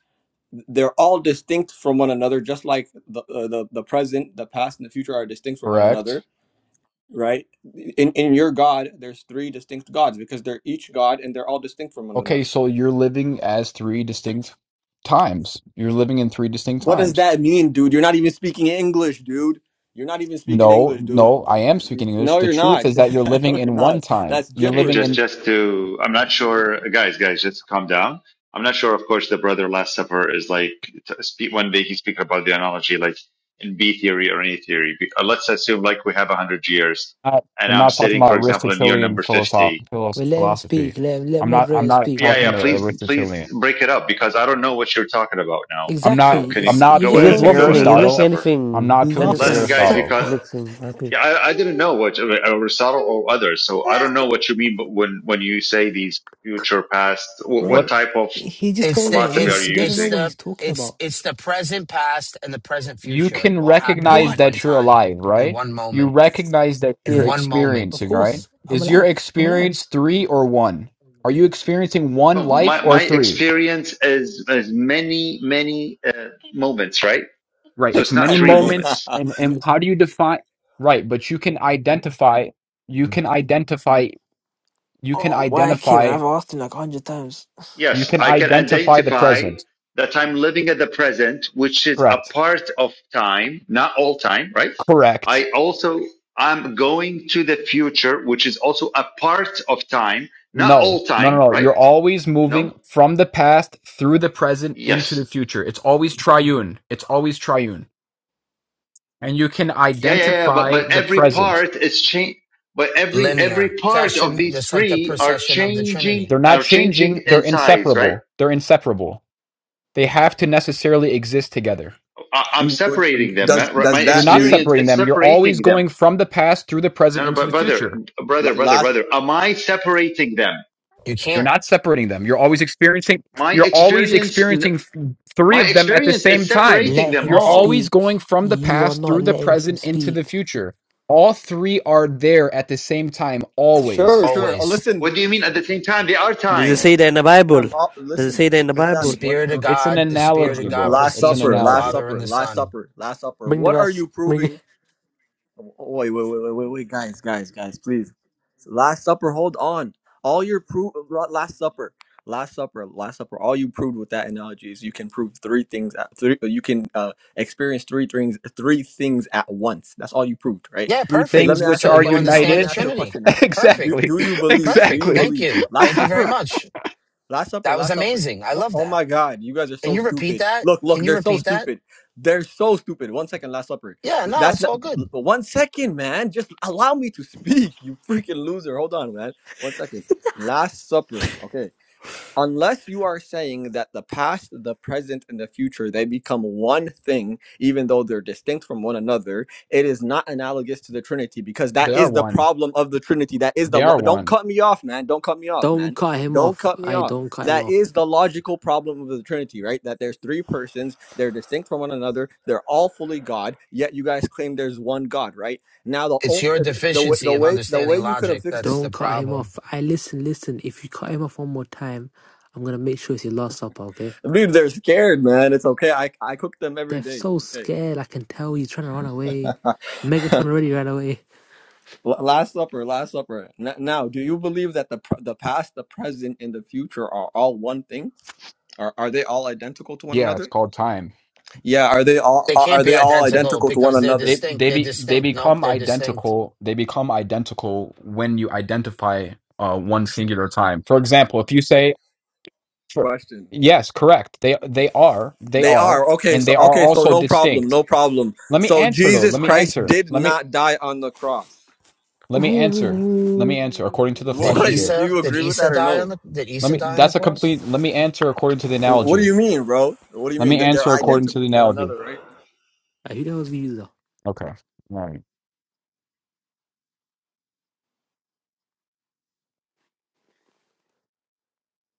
Speaker 13: They're all distinct from one another, just like the uh, the, the present, the past, and the future are distinct from one
Speaker 12: correct
Speaker 13: another, right? In in your God, there's three distinct gods because they're each God and they're all distinct from one
Speaker 12: Okay,
Speaker 13: another.
Speaker 12: so you're living as three distinct times. You're living in three distinct
Speaker 13: What does
Speaker 12: times.
Speaker 13: that mean, dude? You're not even speaking English, dude. You're not even speaking
Speaker 12: No,
Speaker 13: English, dude.
Speaker 12: no, I am speaking English.
Speaker 13: No,
Speaker 12: The
Speaker 13: you're
Speaker 12: truth
Speaker 13: not.
Speaker 12: is that you're living
Speaker 13: no, you're
Speaker 12: in one
Speaker 13: not.
Speaker 12: time.
Speaker 13: That's
Speaker 12: You're
Speaker 2: Okay,
Speaker 12: living
Speaker 2: just
Speaker 13: gibberish.
Speaker 12: in.
Speaker 2: just to. I'm not sure, guys. Guys, just calm down. I'm not sure. Of course, the brother Last Supper is like t- spe- one day he's speaking about the analogy like in B theory or any theory. Be- uh, Let's assume like we have a hundred years,
Speaker 12: I-
Speaker 2: and
Speaker 12: I'm
Speaker 2: I'm
Speaker 12: not talking
Speaker 2: sitting,
Speaker 12: about
Speaker 2: for example, in year
Speaker 12: Aristotelian
Speaker 2: number fifty
Speaker 12: philosoph philos
Speaker 6: But let him
Speaker 12: philosophy.
Speaker 6: speak. Let him, let
Speaker 12: I'm not. I'm
Speaker 6: moderator
Speaker 12: not
Speaker 6: speak.
Speaker 2: Yeah,
Speaker 6: Let
Speaker 12: talking
Speaker 2: yeah.
Speaker 12: to
Speaker 6: mod speak.
Speaker 2: Please,
Speaker 12: Aristotelian.
Speaker 2: please break it up because I don't know what you're talking about now.
Speaker 12: I'm
Speaker 2: So
Speaker 12: not.
Speaker 6: Exactly.
Speaker 2: can
Speaker 12: I'm
Speaker 2: you
Speaker 6: It's
Speaker 12: not
Speaker 6: you're
Speaker 2: go
Speaker 6: just
Speaker 9: He
Speaker 12: appealing
Speaker 9: is
Speaker 2: ahead?
Speaker 12: to
Speaker 6: going in the
Speaker 2: Go
Speaker 9: waffling.
Speaker 2: ahead.
Speaker 6: loop.
Speaker 9: He's
Speaker 2: Last
Speaker 9: making
Speaker 12: Aristotle.
Speaker 2: Supper.
Speaker 12: I'm
Speaker 9: anything,
Speaker 12: not appealing to
Speaker 2: Let
Speaker 6: Last
Speaker 2: him,
Speaker 9: anything
Speaker 2: guys,
Speaker 12: Aristotle.
Speaker 6: Supper,
Speaker 2: because
Speaker 9: makes him happy.
Speaker 2: yeah, I, I didn't know what Aristotle or others. So I don't know what you mean. But when when you say these future past, what, what
Speaker 6: bro.
Speaker 2: type of
Speaker 6: He's just
Speaker 11: It's
Speaker 6: going
Speaker 11: the
Speaker 6: in a
Speaker 2: philosophy are
Speaker 6: loop.
Speaker 11: it's
Speaker 6: He
Speaker 2: you
Speaker 6: doesn't know
Speaker 11: it's
Speaker 2: using?
Speaker 6: what he's
Speaker 11: the
Speaker 6: talking
Speaker 11: it's
Speaker 6: about.
Speaker 11: it's the present past and the present
Speaker 12: you
Speaker 11: future
Speaker 12: can
Speaker 11: all happening in
Speaker 12: recognize
Speaker 6: What?
Speaker 11: one
Speaker 12: that you're
Speaker 11: time,
Speaker 12: alive,
Speaker 11: in
Speaker 12: right?
Speaker 11: one
Speaker 12: You
Speaker 11: moment,
Speaker 12: recognize that
Speaker 11: in
Speaker 12: you're
Speaker 6: Yeah,
Speaker 11: one moment.
Speaker 6: of
Speaker 12: experiencing, right?
Speaker 6: course. I'm
Speaker 12: Is your
Speaker 6: alive. I'm alive.
Speaker 12: experience three or one? Are you experiencing one
Speaker 2: No,
Speaker 12: life
Speaker 2: my
Speaker 12: or
Speaker 2: my
Speaker 12: three?
Speaker 2: experience is is many many uh, moments, right?
Speaker 12: Right.
Speaker 2: So
Speaker 12: It's
Speaker 2: it's not
Speaker 12: many
Speaker 2: three
Speaker 13: Exactly.
Speaker 12: moments.
Speaker 2: moments.
Speaker 12: And, and how do you define? Right. But you can identify, you can identify, you can
Speaker 6: Oh, why came
Speaker 12: identify,
Speaker 6: I've asked him like a hundred times.
Speaker 12: you
Speaker 2: Yes,
Speaker 12: can
Speaker 2: I can
Speaker 12: identify the
Speaker 2: identify
Speaker 12: present.
Speaker 2: that I'm living at the present, which is a
Speaker 12: Correct.
Speaker 2: part of time, not all time, right?
Speaker 12: Correct.
Speaker 2: I also I'm going to the future, which is also a part of time, not
Speaker 12: No,
Speaker 2: all
Speaker 12: no, no,
Speaker 2: time,
Speaker 12: no.
Speaker 2: right?
Speaker 12: You're always
Speaker 2: No?
Speaker 12: moving from the past through the present into the
Speaker 2: Yes.
Speaker 12: future. It's always triune. It's always triune. and you can
Speaker 2: Yeah, yeah, yeah. But
Speaker 12: identify
Speaker 2: but
Speaker 12: the
Speaker 2: every
Speaker 12: present.
Speaker 2: part is change. But every every
Speaker 11: Linear.
Speaker 2: part of
Speaker 11: Procession
Speaker 2: these
Speaker 11: just like the
Speaker 2: three are
Speaker 11: procession of the Trinity.
Speaker 2: changing
Speaker 12: They're not
Speaker 2: are
Speaker 12: changing,
Speaker 2: changing
Speaker 12: they're
Speaker 2: in size, right?
Speaker 12: inseparable. They're inseparable. They have to necessarily exist together.
Speaker 2: I, I'm separating them.
Speaker 13: does
Speaker 2: My, my
Speaker 13: does
Speaker 12: You're
Speaker 13: that
Speaker 12: not
Speaker 13: mean
Speaker 2: experience
Speaker 12: separating
Speaker 2: is
Speaker 12: them. You're always
Speaker 2: separating them.
Speaker 12: going from the past through the present
Speaker 2: No, no,
Speaker 12: into the
Speaker 2: but brother,
Speaker 12: future.
Speaker 13: la-
Speaker 2: brother, brother,
Speaker 13: last?
Speaker 2: brother, am I separating them?
Speaker 11: You
Speaker 12: You're
Speaker 11: can't
Speaker 12: not separating them. You're always experiencing
Speaker 2: My
Speaker 12: you're always
Speaker 2: experience,
Speaker 12: experiencing th- three
Speaker 2: my
Speaker 12: of them at the
Speaker 2: experience
Speaker 12: same
Speaker 2: is
Speaker 12: time.
Speaker 2: separating
Speaker 6: Let
Speaker 2: them
Speaker 6: him
Speaker 12: You're
Speaker 2: all.
Speaker 12: always going
Speaker 6: speak.
Speaker 12: from the
Speaker 6: You are
Speaker 12: past
Speaker 6: not
Speaker 12: through the
Speaker 6: letting him
Speaker 12: present into the
Speaker 6: speak.
Speaker 12: future. All three are there at the same time
Speaker 13: Sure,
Speaker 12: always.
Speaker 13: sure. Oh,
Speaker 11: always.
Speaker 2: What
Speaker 13: listen,
Speaker 2: do you mean at the same time? They are
Speaker 9: Does
Speaker 2: time.
Speaker 9: it say that in the Bible?
Speaker 13: um, oh,
Speaker 9: Does it
Speaker 13: listen,
Speaker 9: say that in the
Speaker 11: The
Speaker 9: Bible?
Speaker 13: Islam. One
Speaker 11: Spirit of
Speaker 13: second.
Speaker 12: It's an
Speaker 11: God, the
Speaker 13: Uh,
Speaker 11: Spirit of
Speaker 12: analogy,
Speaker 11: God
Speaker 12: bro.
Speaker 13: last
Speaker 12: It's
Speaker 11: proceeds
Speaker 12: an
Speaker 11: from
Speaker 13: supper,
Speaker 11: the
Speaker 13: last
Speaker 12: analogy.
Speaker 11: Father and
Speaker 13: supper,
Speaker 11: the
Speaker 13: last
Speaker 11: Son.
Speaker 13: supper, last supper.
Speaker 6: Bring the
Speaker 13: What are
Speaker 6: verse.
Speaker 13: you
Speaker 6: Bring it.
Speaker 13: proving Oh, Wait, wait, wait, wait, wait, wait, guys, guys, guys, please. Last Supper, hold on. All your proof, Last Supper, Last Supper, Last Supper. All you proved with that analogy is you can prove three things. At, three, you can uh, experience three things, three things at once. That's all you proved, right?
Speaker 11: Yeah,
Speaker 12: Three
Speaker 13: Okay, let
Speaker 11: perfect.
Speaker 12: things
Speaker 13: me
Speaker 12: which
Speaker 13: ask
Speaker 11: So
Speaker 13: you a
Speaker 12: are
Speaker 11: you
Speaker 13: question now. Let
Speaker 11: understand
Speaker 13: me
Speaker 12: united
Speaker 11: the
Speaker 13: ask you a
Speaker 11: Trinity.
Speaker 13: question now. Do
Speaker 11: Perfect.
Speaker 12: exactly.
Speaker 13: do you believe? Do
Speaker 11: Perfect.
Speaker 13: you
Speaker 12: Exactly.
Speaker 11: Thank
Speaker 13: believe
Speaker 11: you.
Speaker 13: Last
Speaker 11: Thank you very
Speaker 13: Supper?
Speaker 11: much.
Speaker 13: Last Supper,
Speaker 11: That was
Speaker 13: Last Supper.
Speaker 11: amazing. I
Speaker 13: What?
Speaker 11: love
Speaker 13: Oh
Speaker 11: that.
Speaker 13: my God, you guys are
Speaker 11: Can
Speaker 13: so
Speaker 11: you repeat
Speaker 13: stupid.
Speaker 11: that?
Speaker 13: Look,
Speaker 11: Can
Speaker 13: look,
Speaker 11: you
Speaker 13: they're so
Speaker 11: repeat that?
Speaker 13: stupid. They're so stupid. One second, Last Supper.
Speaker 11: Yeah,
Speaker 13: Th-
Speaker 11: no,
Speaker 13: That's
Speaker 11: it's
Speaker 13: not
Speaker 11: all good.
Speaker 13: l- one second, man. Just allow me to speak. You freaking loser. Hold on, man. One second. Last Supper. Okay unless you are saying that the past, the present, and the future they become one thing, even though they're distinct from one another, it is not analogous to the Trinity because that
Speaker 12: they are
Speaker 13: is the
Speaker 12: one.
Speaker 13: problem of the Trinity. That is the
Speaker 12: They
Speaker 13: lo-
Speaker 12: are
Speaker 13: don't
Speaker 12: one.
Speaker 13: cut me off, man. Don't cut me off,
Speaker 6: Don't
Speaker 13: man.
Speaker 6: cut him
Speaker 13: Don't
Speaker 6: off.
Speaker 13: cut me
Speaker 6: I
Speaker 13: off.
Speaker 6: don't cut him
Speaker 13: That
Speaker 6: off.
Speaker 13: is the logical problem of the Trinity, right? That there's three persons, they're distinct from one another, they're all fully God, yet you guys claim there's one God, right? Now the
Speaker 11: It's
Speaker 13: o-
Speaker 11: your
Speaker 13: the the, the way
Speaker 11: deficiency
Speaker 13: the
Speaker 11: of
Speaker 13: way the
Speaker 11: understanding
Speaker 13: way you could have
Speaker 11: logic.
Speaker 13: fixed
Speaker 11: That's
Speaker 13: this
Speaker 11: the
Speaker 6: Don't cut him
Speaker 11: problem.
Speaker 6: off. I listen, listen. If you cut him off one more time, I'm gonna make sure it's your last supper. Okay?
Speaker 13: Dude, they're scared, man. It's okay. I I cook them every
Speaker 6: They're
Speaker 13: day.
Speaker 6: so
Speaker 13: It's okay.
Speaker 6: scared. I can tell he's trying to run away. Megatron already ran away.
Speaker 13: L- last supper, last supper. N- now, do you believe that the pr- the past, the present, and the future are all one thing? Are are they all identical to one
Speaker 12: Yeah, it's
Speaker 13: another?
Speaker 12: called time.
Speaker 13: Yeah, are they all
Speaker 11: They
Speaker 13: are,
Speaker 11: can't
Speaker 13: are
Speaker 11: be
Speaker 13: they all
Speaker 11: identical
Speaker 13: identical to one
Speaker 11: because they're
Speaker 13: another?
Speaker 12: They
Speaker 11: distinct.
Speaker 12: they
Speaker 11: They're
Speaker 12: be they
Speaker 11: distinct. Nope,
Speaker 12: become
Speaker 11: they're distinct.
Speaker 12: identical. They become identical when you identify uh, one singular time. For example, if you say, for,
Speaker 13: Question.
Speaker 12: "Yes, correct," they they are they
Speaker 13: They
Speaker 12: are,
Speaker 13: are. Okay,
Speaker 12: and
Speaker 13: so
Speaker 12: they are
Speaker 13: okay, so
Speaker 12: also
Speaker 13: no problem,
Speaker 12: distinct.
Speaker 13: no problem.
Speaker 12: Let me
Speaker 13: So
Speaker 12: answer though.
Speaker 13: Jesus
Speaker 12: Let me
Speaker 13: Christ
Speaker 12: answer.
Speaker 13: did
Speaker 12: Let me
Speaker 13: not die on the cross.
Speaker 12: let me answer. Let me answer. According to the
Speaker 11: Did
Speaker 12: flesh, you
Speaker 13: Boy,
Speaker 12: did.
Speaker 6: Ooh.
Speaker 13: do
Speaker 11: Isa?
Speaker 13: you
Speaker 11: Did
Speaker 13: agree with
Speaker 11: Isa
Speaker 13: that or
Speaker 11: die on
Speaker 13: no?
Speaker 11: the? Did
Speaker 12: Let
Speaker 11: Isa
Speaker 12: me.
Speaker 11: die on the
Speaker 12: That's a
Speaker 11: cross?
Speaker 12: complete. Let me answer according to the
Speaker 13: What do
Speaker 12: analogy.
Speaker 13: you mean, bro? What do you
Speaker 12: Let
Speaker 13: mean
Speaker 12: me
Speaker 13: that they're
Speaker 12: answer according
Speaker 6: Don't.
Speaker 12: to
Speaker 13: identical
Speaker 12: the
Speaker 13: to one
Speaker 12: analogy.
Speaker 13: another, right?
Speaker 6: Uh, Who knows he's a-
Speaker 12: Okay. All right.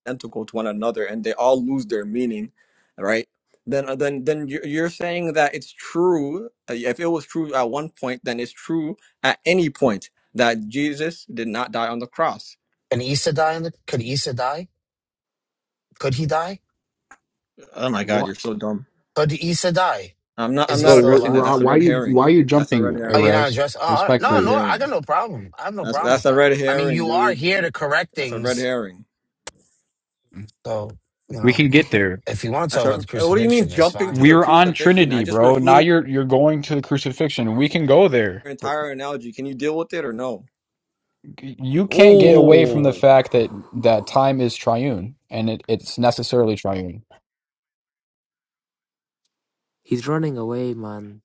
Speaker 13: identical to one another and they all lose their meaning right then uh, then then you- you're saying that it's true uh, if it was true at one point then it's true at any point that jesus did not die on the cross
Speaker 11: Can Isa die on the? Could Isa die? Could he die?
Speaker 13: oh my god you're
Speaker 6: what?
Speaker 13: so dumb
Speaker 11: Could Isa die?
Speaker 13: i'm not
Speaker 11: Is
Speaker 13: i'm
Speaker 11: he
Speaker 12: Bro,
Speaker 13: not
Speaker 11: still
Speaker 12: we're,
Speaker 13: addressing that
Speaker 11: alive?
Speaker 12: we're,
Speaker 13: that's a
Speaker 12: why
Speaker 13: red
Speaker 12: you why
Speaker 13: herring
Speaker 12: are you
Speaker 13: that's a red
Speaker 12: jumping,
Speaker 11: Oh, you're
Speaker 13: herring
Speaker 11: not
Speaker 12: Erez?
Speaker 11: addressing. Oh, all right.
Speaker 13: that's a
Speaker 11: No,
Speaker 13: red
Speaker 11: no,
Speaker 12: Respectfully.
Speaker 11: I got
Speaker 13: herring
Speaker 11: no problem. I have no
Speaker 13: that's,
Speaker 11: problem
Speaker 13: that's
Speaker 11: with
Speaker 13: a
Speaker 11: that.
Speaker 13: red
Speaker 11: I mean,
Speaker 13: herring
Speaker 11: you are
Speaker 13: dude
Speaker 11: here to correct
Speaker 13: that's a red
Speaker 11: things,
Speaker 13: herring
Speaker 11: so you
Speaker 12: We
Speaker 11: know
Speaker 12: can get there.
Speaker 11: if you want to
Speaker 13: that's
Speaker 11: talk
Speaker 13: a
Speaker 11: about the
Speaker 13: what do you mean
Speaker 11: crucifixion, it's
Speaker 13: jumping to
Speaker 11: fine.
Speaker 12: We
Speaker 13: the
Speaker 12: were on
Speaker 13: crucifixion i
Speaker 12: Trinity,
Speaker 13: just
Speaker 12: bro. Now
Speaker 13: refuted
Speaker 12: you're you're going to the crucifixion. We can go there,
Speaker 13: your
Speaker 12: but
Speaker 13: entire analogy can you deal with it or no
Speaker 12: you can't get away from the
Speaker 9: Oh,
Speaker 12: fact that that time is triune and it, it's necessarily triune.
Speaker 6: He's running away, man.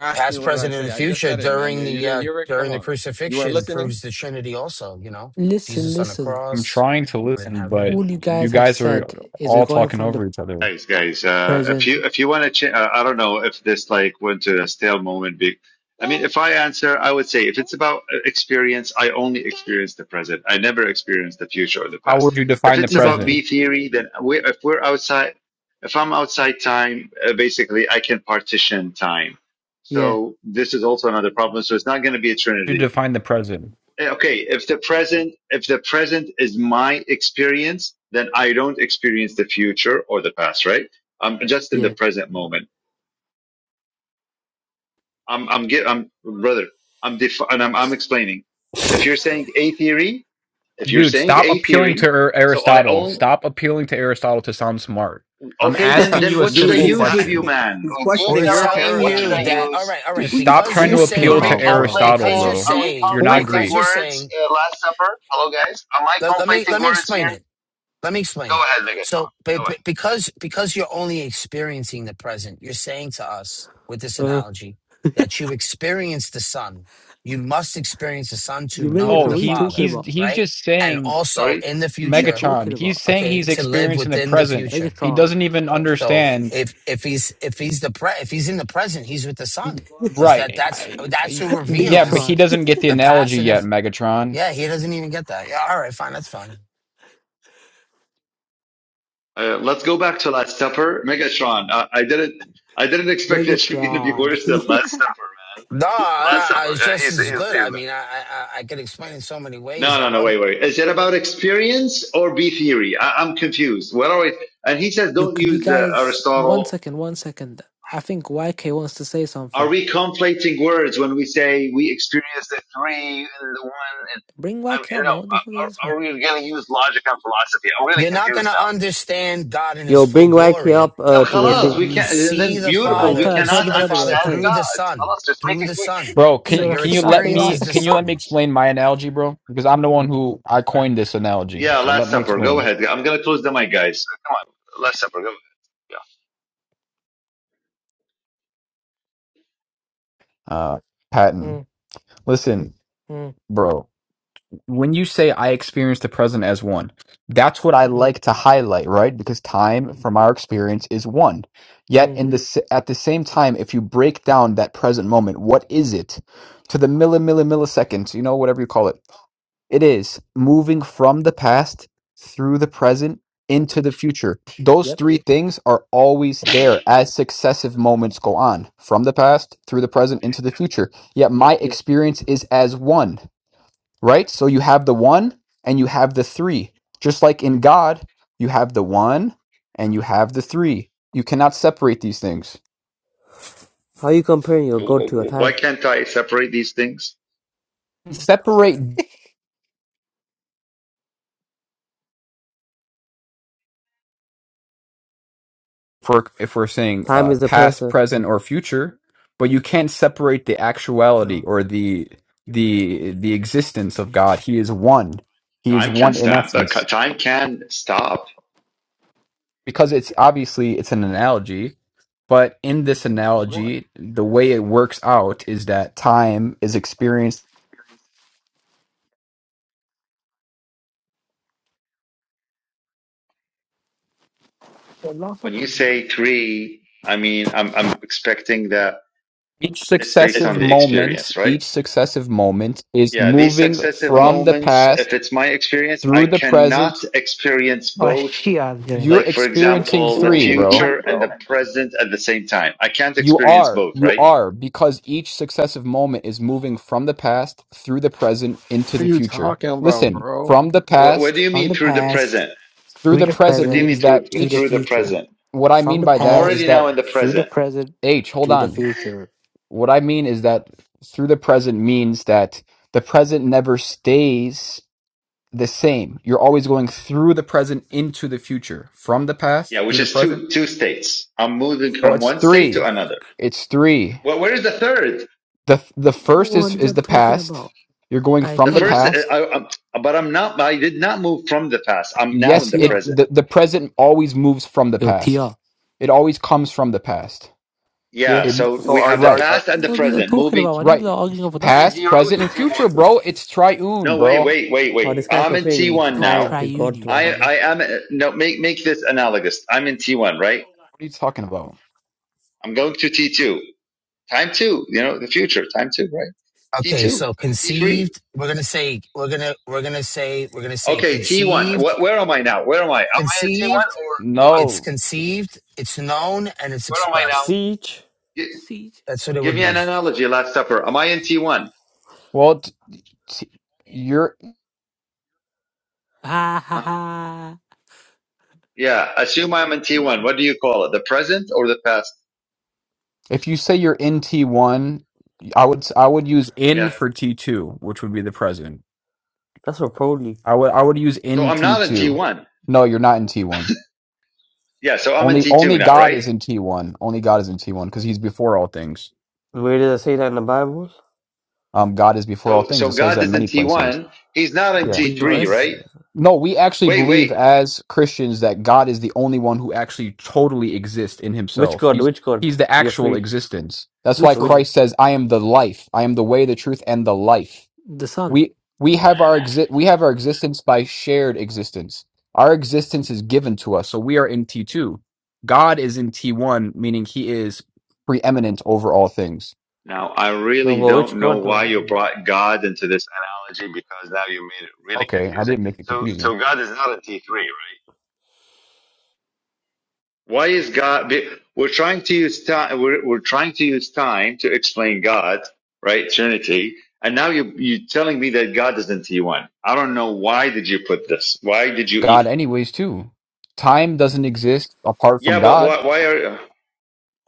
Speaker 13: asking
Speaker 11: past,
Speaker 13: what did I
Speaker 11: present, and
Speaker 13: say?
Speaker 11: the
Speaker 13: I just
Speaker 11: future
Speaker 13: said it, man.
Speaker 11: during
Speaker 13: You, you
Speaker 11: the
Speaker 13: didn't
Speaker 11: uh,
Speaker 13: hear it? Come
Speaker 11: during the
Speaker 13: on. You weren't
Speaker 11: crucifixion
Speaker 13: listening?
Speaker 11: proves the Trinity. Also, you know,
Speaker 6: Listen,
Speaker 11: Jesus on the
Speaker 6: listen.
Speaker 12: I'm
Speaker 11: cross
Speaker 12: trying to
Speaker 11: in
Speaker 12: listen, but
Speaker 11: heaven.
Speaker 6: All you
Speaker 12: you
Speaker 6: guys have
Speaker 12: guys are
Speaker 6: said is we're
Speaker 12: all
Speaker 6: going
Speaker 12: talking
Speaker 6: from the
Speaker 12: over each other.
Speaker 2: Guys, guys, uh, if you
Speaker 6: present.
Speaker 2: if you want to, ch- uh, I don't know if this like went to a stale moment. Be- I mean, if I answer, I would say if it's about uh, experience, I only experience the present. I never experience the future or the
Speaker 12: How
Speaker 2: past.
Speaker 12: would you
Speaker 2: If
Speaker 12: define the
Speaker 2: it's about
Speaker 12: present?
Speaker 2: B
Speaker 6: Exactly.
Speaker 2: theory, then we, if we're outside, if I'm outside time, uh, basically I can partition time.
Speaker 6: Yeah.
Speaker 2: So this is also another problem. So it's not going to be a trinity.
Speaker 12: you define the present?
Speaker 2: Eh, okay if the present if the present is my experience then i don't experience the future or the past right i'm just in the
Speaker 6: Yeah.
Speaker 2: present moment i'm i'm get i'm brother i'm def- and I'm, I'm explaining if you're saying a theory if you're
Speaker 12: Dude,
Speaker 2: saying
Speaker 12: stop
Speaker 2: a
Speaker 12: appealing to
Speaker 2: theory
Speaker 12: Ar-
Speaker 2: so i
Speaker 12: Aristotle.
Speaker 2: own
Speaker 12: Stop appealing to Aristotle to sound smart. I'm
Speaker 2: okay then
Speaker 12: asking
Speaker 2: then
Speaker 12: you a
Speaker 2: what should
Speaker 13: dude,
Speaker 2: i
Speaker 12: simple
Speaker 13: he's
Speaker 2: use with you
Speaker 12: question.
Speaker 2: man
Speaker 13: he's
Speaker 2: Well, you
Speaker 13: questioning
Speaker 11: We're
Speaker 2: tell
Speaker 13: your
Speaker 2: me
Speaker 11: telling
Speaker 2: what should
Speaker 13: paradigm,
Speaker 11: you
Speaker 2: i
Speaker 11: that.
Speaker 13: dude.
Speaker 11: All
Speaker 2: use
Speaker 11: right, all
Speaker 6: Dude,
Speaker 11: right.
Speaker 12: Just
Speaker 6: what are you
Speaker 12: stop
Speaker 11: Because
Speaker 12: trying
Speaker 11: you're
Speaker 12: to
Speaker 6: talking
Speaker 11: saying
Speaker 12: appeal
Speaker 2: are we
Speaker 12: to
Speaker 11: that.
Speaker 6: about,
Speaker 11: You,
Speaker 6: bro?
Speaker 12: Aristotle,
Speaker 11: because
Speaker 2: conflating
Speaker 11: you're
Speaker 12: bro.
Speaker 2: are we
Speaker 11: saying.
Speaker 12: You're not
Speaker 6: Talking?
Speaker 2: conflating
Speaker 11: Because you're
Speaker 12: Greek.
Speaker 2: words
Speaker 11: saying.
Speaker 2: uh, last supper hello guys am i
Speaker 11: Let, let me
Speaker 2: conflating
Speaker 11: let me
Speaker 2: words
Speaker 11: explain
Speaker 2: here
Speaker 11: it. let me
Speaker 2: go
Speaker 11: explain it
Speaker 2: ahead megatron
Speaker 11: so
Speaker 2: go
Speaker 11: but,
Speaker 2: ahead
Speaker 11: but because because you're only experiencing the present you're saying to us with this
Speaker 6: Uh,
Speaker 11: analogy that you experience the son you must experience the son to
Speaker 6: you
Speaker 11: know
Speaker 12: No,
Speaker 6: Megatron,
Speaker 11: the
Speaker 6: what are you
Speaker 12: he
Speaker 6: talking
Speaker 11: father
Speaker 12: he's
Speaker 6: about?
Speaker 12: he's
Speaker 11: right
Speaker 12: just
Speaker 11: and
Speaker 12: saying
Speaker 11: also
Speaker 2: sorry
Speaker 11: in the
Speaker 6: What are you
Speaker 11: future
Speaker 6: talking
Speaker 12: Megachon. He's
Speaker 6: about?
Speaker 12: saying
Speaker 11: okay
Speaker 12: he's
Speaker 11: to live
Speaker 12: experiencing the
Speaker 11: within the
Speaker 12: present.
Speaker 11: future
Speaker 12: He
Speaker 6: Megatron.
Speaker 12: doesn't even
Speaker 11: so
Speaker 12: understand.
Speaker 11: if if he's if he's the pre if he's in the present he's with the son because that
Speaker 12: Right.
Speaker 11: that's
Speaker 12: I,
Speaker 11: that's
Speaker 12: I-
Speaker 11: who
Speaker 12: yeah, but
Speaker 11: reveals
Speaker 12: he
Speaker 6: Megatron.
Speaker 12: doesn't get the
Speaker 11: the past
Speaker 12: analogy
Speaker 11: and
Speaker 12: yet,
Speaker 11: if
Speaker 12: Megatron.
Speaker 11: yeah he doesn't even get that yeah all right fine that's fine
Speaker 2: Uh, let's go back to Last Supper. Megatron, uh, I didn't, I didn't expect that you're gonna be
Speaker 6: Megatron.
Speaker 2: worse than Last Supper, man.
Speaker 11: No,
Speaker 2: Last
Speaker 11: I, I,
Speaker 2: Supper,
Speaker 11: it's
Speaker 2: uh,
Speaker 11: just
Speaker 2: he's, he's,
Speaker 11: as
Speaker 2: he's
Speaker 11: good. I
Speaker 2: better.
Speaker 11: mean, I, I I I could explain in so many ways.
Speaker 2: No,
Speaker 11: I
Speaker 2: no, no,
Speaker 11: love.
Speaker 2: wait, wait. Is it about experience or B theory? I, I'm confused. What are we? And he says,
Speaker 6: Yo,
Speaker 2: don't
Speaker 6: could you
Speaker 2: use uh,
Speaker 6: guys one
Speaker 2: Aristotle.
Speaker 6: second, one second. I think YK wants to say
Speaker 2: Are
Speaker 6: something.
Speaker 2: we conflating words when we say we experience the three and the one? And
Speaker 6: Bring
Speaker 2: I
Speaker 6: YK
Speaker 2: mean,
Speaker 6: up,
Speaker 2: no,
Speaker 6: man. What the fuck is this one?
Speaker 2: are, are we gonna use logic and philosophy? I'm really
Speaker 11: You're not going
Speaker 2: confused
Speaker 11: to
Speaker 2: now.
Speaker 11: understand God in His
Speaker 9: Yo,
Speaker 11: full
Speaker 9: bring Wacky
Speaker 11: glory.
Speaker 9: up uh,
Speaker 2: Then
Speaker 9: to the
Speaker 11: You
Speaker 2: خلاص,
Speaker 9: thing.
Speaker 2: we
Speaker 11: you
Speaker 2: can't.
Speaker 11: see
Speaker 2: Then
Speaker 11: the
Speaker 6: I
Speaker 2: beautiful,
Speaker 9: Oh,
Speaker 2: we
Speaker 11: Father.
Speaker 6: tell
Speaker 11: You
Speaker 6: tell
Speaker 2: cannot
Speaker 11: see
Speaker 6: the
Speaker 11: the Father
Speaker 6: moderator, tell
Speaker 2: understand
Speaker 6: him.
Speaker 11: through the
Speaker 2: God.
Speaker 11: Son.
Speaker 2: خلاص, just make
Speaker 11: Through
Speaker 2: it
Speaker 11: the
Speaker 2: quick.
Speaker 11: Son.
Speaker 12: Bro,
Speaker 11: So
Speaker 6: You are
Speaker 12: can
Speaker 6: a
Speaker 11: your
Speaker 12: can you
Speaker 6: scrap
Speaker 12: let
Speaker 6: it
Speaker 11: experience
Speaker 6: out.
Speaker 12: me
Speaker 11: is the
Speaker 12: can you let me
Speaker 11: Son.
Speaker 12: explain my analogy, bro? Because I'm the one who I coined this analogy.
Speaker 2: Yeah,
Speaker 12: So let
Speaker 2: Last
Speaker 12: me
Speaker 2: Supper. Go
Speaker 12: explain.
Speaker 2: ahead. I'm gonna close the mic, guys. Come on, Last Supper. Go. ahead. Yeah.
Speaker 12: Uh, Patton,
Speaker 6: mm,
Speaker 12: listen,
Speaker 6: mm,
Speaker 12: bro. When you say I experience the present as one, that's what I
Speaker 6: mm,
Speaker 12: like to highlight, right? Because time, from our experience, is one. Yet,
Speaker 6: mm.
Speaker 12: in the s- at the same time, if you break down that present moment, what is it to the milli milli milliseconds? You know, whatever you call it. It is moving from the past through the present into the future. Those
Speaker 6: Yep,
Speaker 12: three things are always there as successive moments go on from the past through the present into the future. Yet my
Speaker 6: yep.
Speaker 12: Yeah. experience is as one, right? So you have the one and you have the three. Just like in God, you have the one and you have the three. You cannot separate these things.
Speaker 9: how you comparing your god
Speaker 2: W-
Speaker 9: to a
Speaker 2: w- Why
Speaker 9: time?
Speaker 2: can't I separate these things?
Speaker 12: Separate for if we're saying
Speaker 9: Time
Speaker 12: uh,
Speaker 9: is a
Speaker 12: past,
Speaker 9: person.
Speaker 12: present, or future, but you can't separate the actuality
Speaker 9: Oh,
Speaker 12: or the the the existence of God. He is one. He is
Speaker 2: Time can
Speaker 12: one in
Speaker 2: stop. uh, ca-
Speaker 12: essence.
Speaker 2: Time can stop.
Speaker 12: Because it's obviously it's an analogy, but in this
Speaker 6: What
Speaker 12: analogy, the way it works out is that time is experienced.
Speaker 6: the last of
Speaker 2: When you say three, I mean, I'm I'm expecting that
Speaker 12: Each
Speaker 2: it's based
Speaker 6: It's
Speaker 2: on
Speaker 12: successive
Speaker 2: the
Speaker 6: based
Speaker 12: moment,
Speaker 2: experience, right?
Speaker 12: each successive moment is
Speaker 2: Yeah, these
Speaker 12: moving
Speaker 2: successive
Speaker 12: from the
Speaker 2: moments, if
Speaker 12: past
Speaker 2: it's my experience, I
Speaker 12: through the present.
Speaker 2: cannot experience
Speaker 6: Oh
Speaker 2: both,
Speaker 6: shit I was doing.
Speaker 12: You're
Speaker 2: like, for
Speaker 12: experiencing
Speaker 2: example, the
Speaker 6: on
Speaker 12: three,
Speaker 6: the
Speaker 12: bro
Speaker 6: future,
Speaker 2: future and the present at the same time. I can't
Speaker 12: You
Speaker 2: experience
Speaker 12: are,
Speaker 2: both,
Speaker 12: you
Speaker 2: right?
Speaker 12: are, because each successive moment is moving from the past through the present into
Speaker 13: Are
Speaker 12: the
Speaker 13: you t-
Speaker 12: future. Listen, from the
Speaker 2: What, what do
Speaker 12: past
Speaker 2: you
Speaker 6: From
Speaker 2: mean
Speaker 6: the
Speaker 2: through the
Speaker 6: past
Speaker 2: present?
Speaker 12: through
Speaker 6: through
Speaker 12: the
Speaker 6: the
Speaker 2: What
Speaker 12: present
Speaker 2: do you
Speaker 6: present
Speaker 2: mean
Speaker 12: means that
Speaker 2: through
Speaker 6: to the
Speaker 12: each,
Speaker 2: through the
Speaker 6: future.
Speaker 2: present?
Speaker 12: what I
Speaker 6: From
Speaker 12: mean
Speaker 6: the
Speaker 12: by
Speaker 2: I'm
Speaker 12: that is
Speaker 2: already
Speaker 6: past
Speaker 12: that,
Speaker 2: now in the
Speaker 6: through the
Speaker 2: present.
Speaker 6: present
Speaker 12: H, hold
Speaker 6: to the
Speaker 12: on.
Speaker 6: future.
Speaker 12: What I mean is that through the present means that the present never stays the same. You're always going through the present into the future. From the past
Speaker 2: Yeah,
Speaker 12: through
Speaker 2: which
Speaker 12: the
Speaker 2: is
Speaker 12: present.
Speaker 2: two two states. I'm moving
Speaker 12: No,
Speaker 2: from
Speaker 12: it's
Speaker 2: one state to
Speaker 12: three.
Speaker 2: another.
Speaker 12: It's three.
Speaker 2: Well, where is the third?
Speaker 12: The the first
Speaker 6: What
Speaker 12: is
Speaker 6: is
Speaker 12: is
Speaker 6: that
Speaker 12: the
Speaker 6: talking
Speaker 12: past.
Speaker 6: about?
Speaker 12: You're going
Speaker 6: I
Speaker 2: The
Speaker 12: from the
Speaker 6: tell her.
Speaker 2: first, uh,
Speaker 12: past
Speaker 2: I, i but I'm not. I did not move from the past. I'm
Speaker 6: Yo,
Speaker 2: now in
Speaker 12: Yes,
Speaker 2: the
Speaker 12: it
Speaker 6: TR.
Speaker 2: present.
Speaker 12: the, the present always moves from the
Speaker 6: Yo,
Speaker 12: past.
Speaker 6: TR.
Speaker 12: It always comes from the past.
Speaker 9: yeah.
Speaker 2: Yeah.
Speaker 12: It
Speaker 2: So
Speaker 13: so
Speaker 2: we
Speaker 13: are
Speaker 2: have the
Speaker 13: are
Speaker 12: right,
Speaker 13: are
Speaker 2: past and the
Speaker 6: What are you
Speaker 2: present
Speaker 6: talking
Speaker 2: moving
Speaker 6: about, man? These lot
Speaker 12: right.
Speaker 6: arguing over
Speaker 2: from
Speaker 6: nothing.
Speaker 2: T
Speaker 12: Past,
Speaker 2: zero
Speaker 12: present,
Speaker 2: to
Speaker 12: and
Speaker 2: T
Speaker 12: future,
Speaker 2: one.
Speaker 12: bro. It's triune,
Speaker 2: No,
Speaker 12: bro.
Speaker 2: wait,
Speaker 12: What are
Speaker 2: wait, wait,
Speaker 9: oh,
Speaker 2: wait.
Speaker 9: this guy's
Speaker 2: I'm in T
Speaker 9: comparing
Speaker 6: It's
Speaker 2: one
Speaker 6: not
Speaker 9: time
Speaker 2: now.
Speaker 9: to
Speaker 6: triune,
Speaker 9: God,
Speaker 6: you
Speaker 2: I
Speaker 9: man.
Speaker 6: dummy.
Speaker 2: I am uh, no make make this analogous. I'm in T one, right?
Speaker 12: you talking about?
Speaker 2: I'm going to T two. Time two, you know, the future, time two, right?
Speaker 11: Okay.
Speaker 2: T2,
Speaker 11: So
Speaker 2: T3.
Speaker 11: conceived. We're gonna say. We're gonna. We're gonna say. We're gonna say
Speaker 2: Okay, T1.
Speaker 11: conceived.
Speaker 2: What, where am I now? Where am I? Am I in T1
Speaker 11: Conceived.
Speaker 2: or, or what?
Speaker 11: It's
Speaker 12: No.
Speaker 11: conceived. It's known and it's
Speaker 2: Where am I now?
Speaker 11: expressed.
Speaker 9: Siege.
Speaker 2: Gi-
Speaker 6: Siege.
Speaker 11: That's what it
Speaker 2: give
Speaker 11: would
Speaker 2: me
Speaker 11: be.
Speaker 2: an analogy, Last Supper. Am I in T1?
Speaker 12: Well, t- t- you're
Speaker 6: Ha ha
Speaker 2: Huh?
Speaker 6: ha.
Speaker 2: Yeah, assume I'm in T1. What do you call it? The present or the past?
Speaker 12: if you say you're in T1, I would s- I would use in
Speaker 2: Yeah.
Speaker 12: for T2, which would be the present.
Speaker 9: That's what probably.
Speaker 12: I would I would use
Speaker 2: So
Speaker 12: in
Speaker 2: I'm not in
Speaker 12: T2.
Speaker 2: T1.
Speaker 12: No, you're not in T1.
Speaker 2: Yeah, so I'm in
Speaker 12: Only
Speaker 2: T2
Speaker 12: only
Speaker 2: now,
Speaker 12: God
Speaker 2: right?
Speaker 12: is in T1. Only God is in T1 because he's before all things.
Speaker 9: Where does it say that in the Bible?
Speaker 12: um, God is before all
Speaker 2: So,
Speaker 12: things.
Speaker 2: so
Speaker 12: It says that
Speaker 2: God
Speaker 12: in
Speaker 2: is in
Speaker 12: many places.
Speaker 2: T1. He's not in
Speaker 12: Yeah.
Speaker 6: Bring the
Speaker 9: No, it
Speaker 2: T3,
Speaker 9: doesn't.
Speaker 6: verse.
Speaker 2: right?
Speaker 9: Yeah.
Speaker 12: No, we actually
Speaker 2: Wait,
Speaker 12: believe
Speaker 2: wait.
Speaker 12: as Christians that God is the only one who actually totally exists in
Speaker 9: Which
Speaker 12: himself.
Speaker 9: god?
Speaker 12: He's
Speaker 9: Which god?
Speaker 12: he's the
Speaker 9: You're
Speaker 12: actual
Speaker 9: free.
Speaker 12: existence. That's why
Speaker 6: Which
Speaker 9: Which?
Speaker 6: one?
Speaker 12: Christ says, "I am the life. I am the way, the truth and the life."
Speaker 6: The sun.
Speaker 12: We we have our exi- we have our existence by shared existence. Our existence is given to us. So we are in T2. God is in T1, meaning he is preeminent over all things.
Speaker 2: Now, I
Speaker 9: No,
Speaker 2: really
Speaker 9: but which
Speaker 2: don't know
Speaker 9: god,
Speaker 2: why you
Speaker 9: man?
Speaker 2: brought God into this analogy because now you made it really
Speaker 12: Okay, I
Speaker 2: confusing.
Speaker 12: didn't make it
Speaker 2: So,
Speaker 12: confusing.
Speaker 2: so God is not a T three, right? Why is God? be- We're trying to use time. We're, we're trying to use time to explain God, right? Trinity, and now you you telling me that God is in T one. I don't know why did you put this. Why did you? e-
Speaker 12: God anyways too. Time doesn't exist apart from
Speaker 2: Yeah, but
Speaker 12: God.
Speaker 2: why? Why are?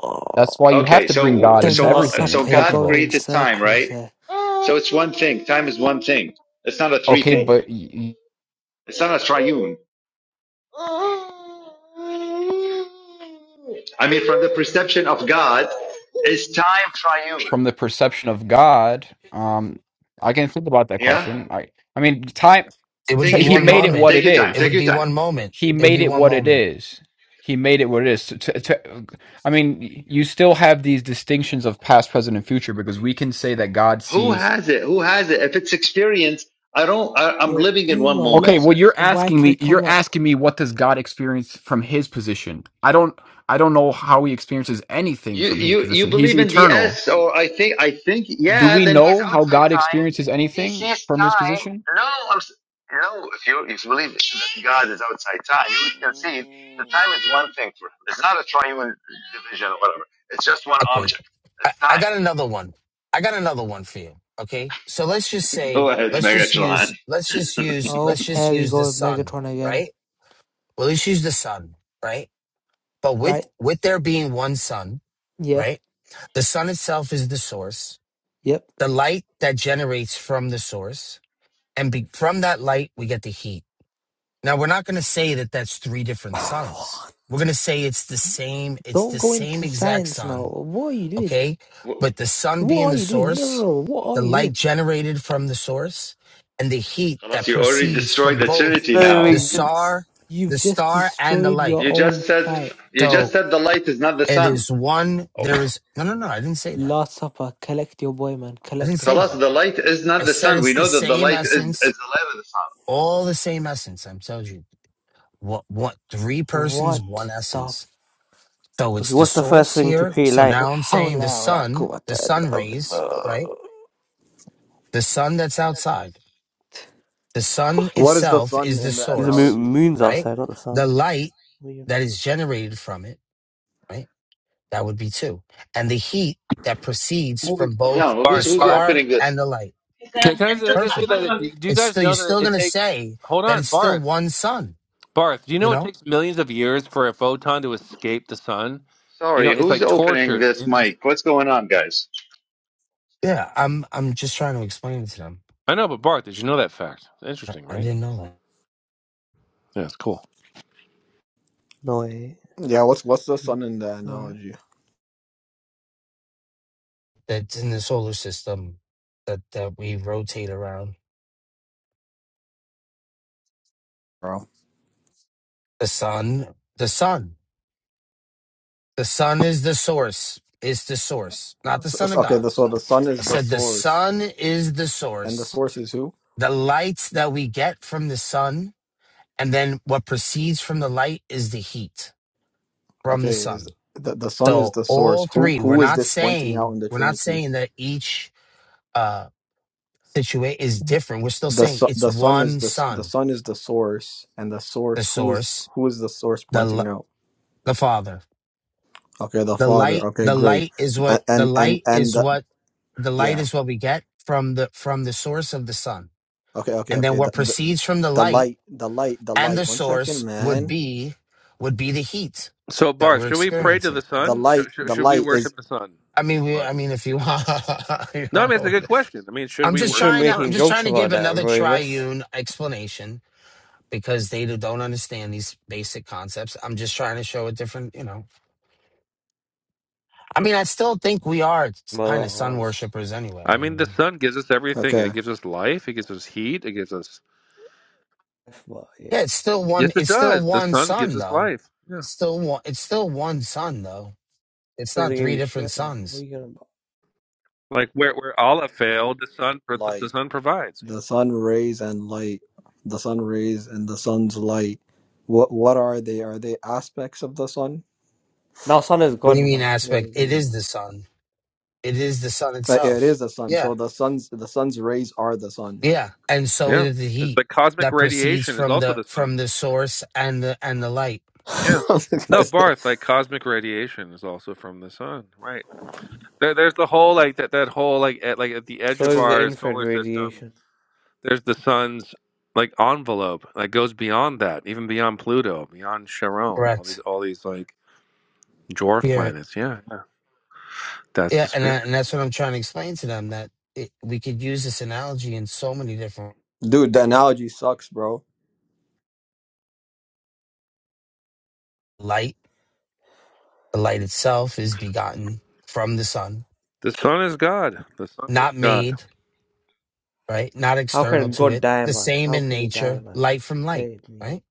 Speaker 6: Oh,
Speaker 12: That's why you have
Speaker 2: Okay,
Speaker 12: to bring
Speaker 2: so
Speaker 12: God
Speaker 6: the
Speaker 12: into
Speaker 2: so
Speaker 6: Last
Speaker 2: uh,
Speaker 12: everything. What are
Speaker 2: so
Speaker 12: you
Speaker 6: Supper, you're
Speaker 12: talking
Speaker 2: God
Speaker 6: going
Speaker 12: about?
Speaker 6: in
Speaker 2: created time,
Speaker 6: circles
Speaker 2: right?
Speaker 6: here.
Speaker 2: So it's one thing. Time is one thing. It's not a three
Speaker 12: Okay,
Speaker 2: thing.
Speaker 12: but y- y-
Speaker 2: It's not a triune. I mean, from the perception of God, it's time triune?
Speaker 12: from the perception of God, um, I can think about that
Speaker 2: Yeah.
Speaker 12: question. I, I mean, time.
Speaker 11: It would
Speaker 12: So
Speaker 2: Think
Speaker 11: be
Speaker 12: he
Speaker 11: one
Speaker 2: think
Speaker 12: made
Speaker 2: about
Speaker 12: it
Speaker 2: it.
Speaker 11: moment.
Speaker 12: what
Speaker 2: Take
Speaker 12: it
Speaker 2: your time.
Speaker 11: It
Speaker 12: is.
Speaker 2: Take
Speaker 11: would
Speaker 2: your
Speaker 11: be
Speaker 2: time.
Speaker 11: one moment.
Speaker 12: He
Speaker 11: It would
Speaker 12: made
Speaker 11: be
Speaker 12: it
Speaker 11: one
Speaker 12: what it
Speaker 11: moment.
Speaker 12: is. He made it what it is. To, to, to- I mean, you still have these distinctions of past, present, and future because we can say that God
Speaker 2: Who
Speaker 12: sees
Speaker 2: has it? Who has it? If it's experience, I don't. I, I'm
Speaker 6: Yo,
Speaker 2: living in one
Speaker 6: Uma,
Speaker 12: Okay,
Speaker 2: moment.
Speaker 6: let
Speaker 12: well you're asking me
Speaker 6: YK
Speaker 12: you're
Speaker 6: come up.
Speaker 12: asking me what does God experience from his position? I don't I don't know how he experiences anything
Speaker 2: You
Speaker 12: from his
Speaker 2: you you
Speaker 12: position. He's
Speaker 2: believe in
Speaker 12: eternal.
Speaker 2: DS, or I think I think
Speaker 12: Do
Speaker 2: yeah.
Speaker 12: we
Speaker 2: Then he's
Speaker 12: know how
Speaker 2: outside
Speaker 12: God
Speaker 2: time.
Speaker 12: experiences
Speaker 2: He
Speaker 12: anything
Speaker 2: sees
Speaker 12: from his
Speaker 2: time.
Speaker 12: position?
Speaker 2: No, I'm s- no. If you if you believe that God is outside time, you would concede that time is one thing for him. It's not a triune division or whatever. It's just one
Speaker 11: Okay.
Speaker 2: object.
Speaker 11: I,
Speaker 2: It's
Speaker 11: I
Speaker 2: time.
Speaker 11: got another one. I got another one for you. Okay. So let's just
Speaker 2: Go
Speaker 11: say,
Speaker 2: ahead,
Speaker 11: let's just use,
Speaker 2: Megatron.
Speaker 11: let's just use,
Speaker 6: Oh,
Speaker 11: let's just
Speaker 6: here we
Speaker 11: use the
Speaker 6: go with
Speaker 11: sun,
Speaker 6: Megatron again.
Speaker 11: right? Well, let's use the sun, right? But
Speaker 6: Right?
Speaker 11: with, with there being one sun,
Speaker 6: Yeah.
Speaker 11: right? The sun itself is the source,
Speaker 6: Yep.
Speaker 11: the light that generates from the source. And be, from that light, we get the heat. Now we're not going to say that that's three different sons. We're going to say it's the same. It's
Speaker 6: Don't
Speaker 11: the
Speaker 6: go
Speaker 11: same
Speaker 6: into
Speaker 11: exact
Speaker 6: science now.
Speaker 11: sun.
Speaker 6: What are you doing?
Speaker 11: Okay,
Speaker 2: W-
Speaker 11: but the sun
Speaker 6: What
Speaker 11: being
Speaker 6: are
Speaker 11: the
Speaker 6: you doing? No, no,
Speaker 11: source,
Speaker 6: no. What are
Speaker 11: the
Speaker 6: you
Speaker 11: light
Speaker 6: doing?
Speaker 11: generated from the source, and the heat that
Speaker 2: Unless you already
Speaker 11: proceeds
Speaker 2: destroyed
Speaker 11: from
Speaker 2: the
Speaker 11: both
Speaker 2: Trinity
Speaker 9: Doesn't
Speaker 11: the
Speaker 2: now.
Speaker 9: make sense.
Speaker 11: star,
Speaker 6: You've
Speaker 11: the
Speaker 6: just
Speaker 11: star, and the
Speaker 6: destroyed
Speaker 11: light.
Speaker 6: your
Speaker 2: You
Speaker 6: own
Speaker 2: just said
Speaker 6: fight.
Speaker 2: you just
Speaker 11: So
Speaker 2: said the light is not the
Speaker 11: it
Speaker 2: sun.
Speaker 11: is one.
Speaker 2: Oh,
Speaker 11: There is no, no, no. I didn't say that.
Speaker 6: Last Supper, collect your boy, man.
Speaker 11: I didn't
Speaker 6: Collect him.
Speaker 11: say
Speaker 2: خلاص,
Speaker 11: that.
Speaker 2: the light is not
Speaker 11: I
Speaker 2: the
Speaker 11: said
Speaker 2: sun. We
Speaker 11: it's the
Speaker 2: know that the
Speaker 11: same
Speaker 2: light is is
Speaker 11: essence,
Speaker 2: the light of the sun.
Speaker 11: all the same essence. I'm telling you, what, what? Three persons, one
Speaker 6: What the
Speaker 11: essence.
Speaker 6: f-
Speaker 11: So it's the
Speaker 9: What's the first
Speaker 11: source
Speaker 9: thing to
Speaker 11: here.
Speaker 9: create
Speaker 11: So
Speaker 9: light?
Speaker 6: La
Speaker 11: now I'm saying the
Speaker 6: hawla wa la
Speaker 11: sun, the
Speaker 6: quwwata
Speaker 11: sun
Speaker 6: illa
Speaker 11: rays, right?
Speaker 6: billah.
Speaker 11: The sun that's outside. The sun
Speaker 6: What?
Speaker 13: what is
Speaker 11: itself is the
Speaker 9: There's a moon,
Speaker 11: source,
Speaker 13: analogy?
Speaker 9: moon's
Speaker 11: right?
Speaker 9: outside, not the
Speaker 11: The
Speaker 9: sun.
Speaker 11: light that is generated from it, right? That would be two. And the heat that proceeds
Speaker 2: moving
Speaker 11: from both
Speaker 2: down.
Speaker 11: the
Speaker 2: Who's
Speaker 14: Barth,
Speaker 2: who's
Speaker 14: Barth.
Speaker 11: star
Speaker 2: opening this?
Speaker 11: and the light.
Speaker 14: Can, can I just, I just say
Speaker 11: Perfect.
Speaker 14: that? Do you, do you
Speaker 11: It's
Speaker 14: guys
Speaker 11: still you're
Speaker 14: know that
Speaker 11: still
Speaker 14: it
Speaker 11: gonna
Speaker 14: takes?
Speaker 11: say
Speaker 14: Hold
Speaker 11: that
Speaker 14: on,
Speaker 11: it's still
Speaker 14: Barth,
Speaker 11: one sun,
Speaker 14: Barth. Do you
Speaker 11: you
Speaker 14: know it
Speaker 11: know?
Speaker 14: takes millions of years for a photon to escape the sun? You know,
Speaker 2: Sorry,
Speaker 14: it's
Speaker 2: who's
Speaker 14: like
Speaker 2: opening
Speaker 14: tortured
Speaker 2: this
Speaker 14: in this.
Speaker 2: mic? What's going on, guys?
Speaker 11: Yeah, I'm I'm just trying to explain it to them.
Speaker 14: I know, but Barth, did you know that fact?
Speaker 11: I,
Speaker 14: Interesting,
Speaker 11: I
Speaker 14: right?
Speaker 11: didn't know that.
Speaker 14: Yeah, it's cool.
Speaker 9: No way.
Speaker 13: Yeah, what's what's the
Speaker 9: Mm,
Speaker 13: sun in the
Speaker 9: Alright.
Speaker 13: analogy,
Speaker 11: that's in the solar system that that we rotate around.
Speaker 13: bro?
Speaker 11: The sun, the sun, the sun is the source. Is the source, not the
Speaker 13: So,
Speaker 11: son of
Speaker 13: so- okay,
Speaker 11: God.
Speaker 13: the, so the sun
Speaker 11: I
Speaker 13: is the
Speaker 11: said the
Speaker 13: source,
Speaker 11: sun is the
Speaker 13: and
Speaker 11: source.
Speaker 13: this is who?
Speaker 11: The light that we get from the sun, and then what proceeds from the light is the heat from the
Speaker 13: Okay, is
Speaker 11: sun.
Speaker 13: the the sun is
Speaker 11: So
Speaker 13: the source?
Speaker 11: all
Speaker 13: Who
Speaker 11: three. We're
Speaker 13: who is
Speaker 11: not
Speaker 13: this pointing out
Speaker 11: saying
Speaker 13: in the
Speaker 11: we're not
Speaker 13: Trinity?
Speaker 11: saying that each uh situation is different. We're still
Speaker 13: The
Speaker 11: saying
Speaker 13: su-
Speaker 11: it's
Speaker 13: the sun is
Speaker 11: one
Speaker 13: the s- the
Speaker 11: sun,
Speaker 13: sun is the source, and the
Speaker 11: the
Speaker 13: source who is
Speaker 11: source,
Speaker 13: who is the source
Speaker 11: the
Speaker 13: pointing
Speaker 11: l-
Speaker 13: out?
Speaker 11: the father
Speaker 13: Okay, the
Speaker 11: the
Speaker 13: Father.
Speaker 11: light
Speaker 13: Okay,
Speaker 11: the
Speaker 13: great.
Speaker 11: light is what
Speaker 13: A-
Speaker 11: the
Speaker 13: And and
Speaker 11: light
Speaker 13: and
Speaker 11: is
Speaker 13: the
Speaker 11: what the light
Speaker 13: yeah.
Speaker 11: is what we get from the from the source of the sun
Speaker 13: Okay, okay,
Speaker 11: and then
Speaker 13: okay. The,
Speaker 11: what
Speaker 13: the
Speaker 11: proceeds from the
Speaker 13: the
Speaker 11: light
Speaker 13: light, the light, the
Speaker 11: and the
Speaker 13: light. One
Speaker 11: source
Speaker 13: second,
Speaker 11: would
Speaker 13: man.
Speaker 11: be would be the heat
Speaker 14: So,
Speaker 11: that
Speaker 14: Barth,
Speaker 11: we're
Speaker 14: should we pray to the
Speaker 11: experiencing
Speaker 13: The
Speaker 14: sun?
Speaker 13: light,
Speaker 14: Should, should,
Speaker 13: the
Speaker 14: should we
Speaker 13: light is
Speaker 14: worship the sun?
Speaker 11: i mean we i
Speaker 14: Barth.
Speaker 11: mean if you want, you
Speaker 14: No, I
Speaker 11: want
Speaker 14: mean
Speaker 11: to
Speaker 14: it's a
Speaker 11: word
Speaker 14: good
Speaker 11: it.
Speaker 14: question. I mean, should
Speaker 11: i'm
Speaker 14: we
Speaker 9: You
Speaker 11: just
Speaker 14: worship
Speaker 9: shouldn't
Speaker 14: the
Speaker 11: trying
Speaker 9: be
Speaker 11: to
Speaker 14: sun?
Speaker 11: i'm
Speaker 9: making
Speaker 11: just trying
Speaker 9: jokes
Speaker 11: to
Speaker 9: about
Speaker 11: give
Speaker 9: that,
Speaker 11: another
Speaker 9: Roivus.
Speaker 11: triune explanation because they don't understand these basic concepts i'm just trying to show a different you know i mean i still think we are
Speaker 9: Man, I
Speaker 11: kind of sun
Speaker 9: was.
Speaker 11: worshippers anyway
Speaker 14: I mean, the
Speaker 11: and.
Speaker 14: sun gives us everything. It
Speaker 13: okay.
Speaker 14: gives us life. It gives us heat. It gives us.
Speaker 9: F about it.
Speaker 11: Yeah, it's still one.
Speaker 14: Yes, it
Speaker 11: It's still
Speaker 14: does. The
Speaker 11: one
Speaker 14: sun gives
Speaker 11: sun,
Speaker 14: us
Speaker 11: though.
Speaker 14: life. Yeah.
Speaker 11: It's still one. It's still one sun, though. It's not
Speaker 9: Doesn't give
Speaker 11: three
Speaker 9: a
Speaker 11: different
Speaker 9: shit, man. What are
Speaker 11: suns.
Speaker 9: you gonna about?
Speaker 14: Like where where Allah failed, the sun pro- the
Speaker 13: Light,
Speaker 14: sun provides. Yeah,
Speaker 13: the sun rays and light, the sun rays and the sun's light. What what are they? Are they aspects of the sun?
Speaker 9: Now, sun is
Speaker 11: What do you
Speaker 9: God,
Speaker 11: mean
Speaker 9: man.
Speaker 11: aspect?
Speaker 9: Please
Speaker 11: It
Speaker 9: be,
Speaker 11: is the
Speaker 9: man.
Speaker 11: sun. It is the sun
Speaker 13: Uh, yeah, It
Speaker 11: itself.
Speaker 13: is the sun.
Speaker 11: Yeah,
Speaker 13: So the sun's the sun's rays are the sun.
Speaker 11: yeah. And so
Speaker 14: yeah.
Speaker 11: is the
Speaker 14: It's
Speaker 11: heat
Speaker 14: like cosmic
Speaker 11: that proceeds
Speaker 14: radiation is
Speaker 11: from
Speaker 14: also
Speaker 11: the
Speaker 14: the
Speaker 11: from
Speaker 14: sun.
Speaker 11: the source and the and the light.
Speaker 14: Yeah. No, Barth, like cosmic radiation is also from the sun. Right. There, there's the whole like that that whole like at, like at the edge
Speaker 9: So
Speaker 14: of
Speaker 9: is the
Speaker 14: our
Speaker 9: infrared
Speaker 14: solar system.
Speaker 9: radiation.
Speaker 14: There's the sun's like envelope that goes beyond that, even beyond Pluto, beyond Charon, all these
Speaker 11: Correct.
Speaker 14: all these like dwarf
Speaker 11: Spirit.
Speaker 14: planets. Yeah, yeah. That's
Speaker 11: Yeah,
Speaker 14: the
Speaker 11: and
Speaker 14: spirit.
Speaker 11: that- and that's what I'm trying to explain to them that it, we could use this analogy in so many different
Speaker 13: Dude, the analogy sucks, bro.
Speaker 11: light. The light itself is begotten from the sun,
Speaker 14: The sun is God. The sun is
Speaker 11: not
Speaker 14: God.
Speaker 11: made right? Not
Speaker 9: How
Speaker 11: external
Speaker 9: can
Speaker 11: to
Speaker 9: God
Speaker 11: it.
Speaker 9: die,
Speaker 11: The
Speaker 9: man?
Speaker 11: same
Speaker 9: How
Speaker 11: in
Speaker 9: can he die,
Speaker 11: nature,
Speaker 9: man?
Speaker 11: light from light,
Speaker 9: Please be.
Speaker 11: right?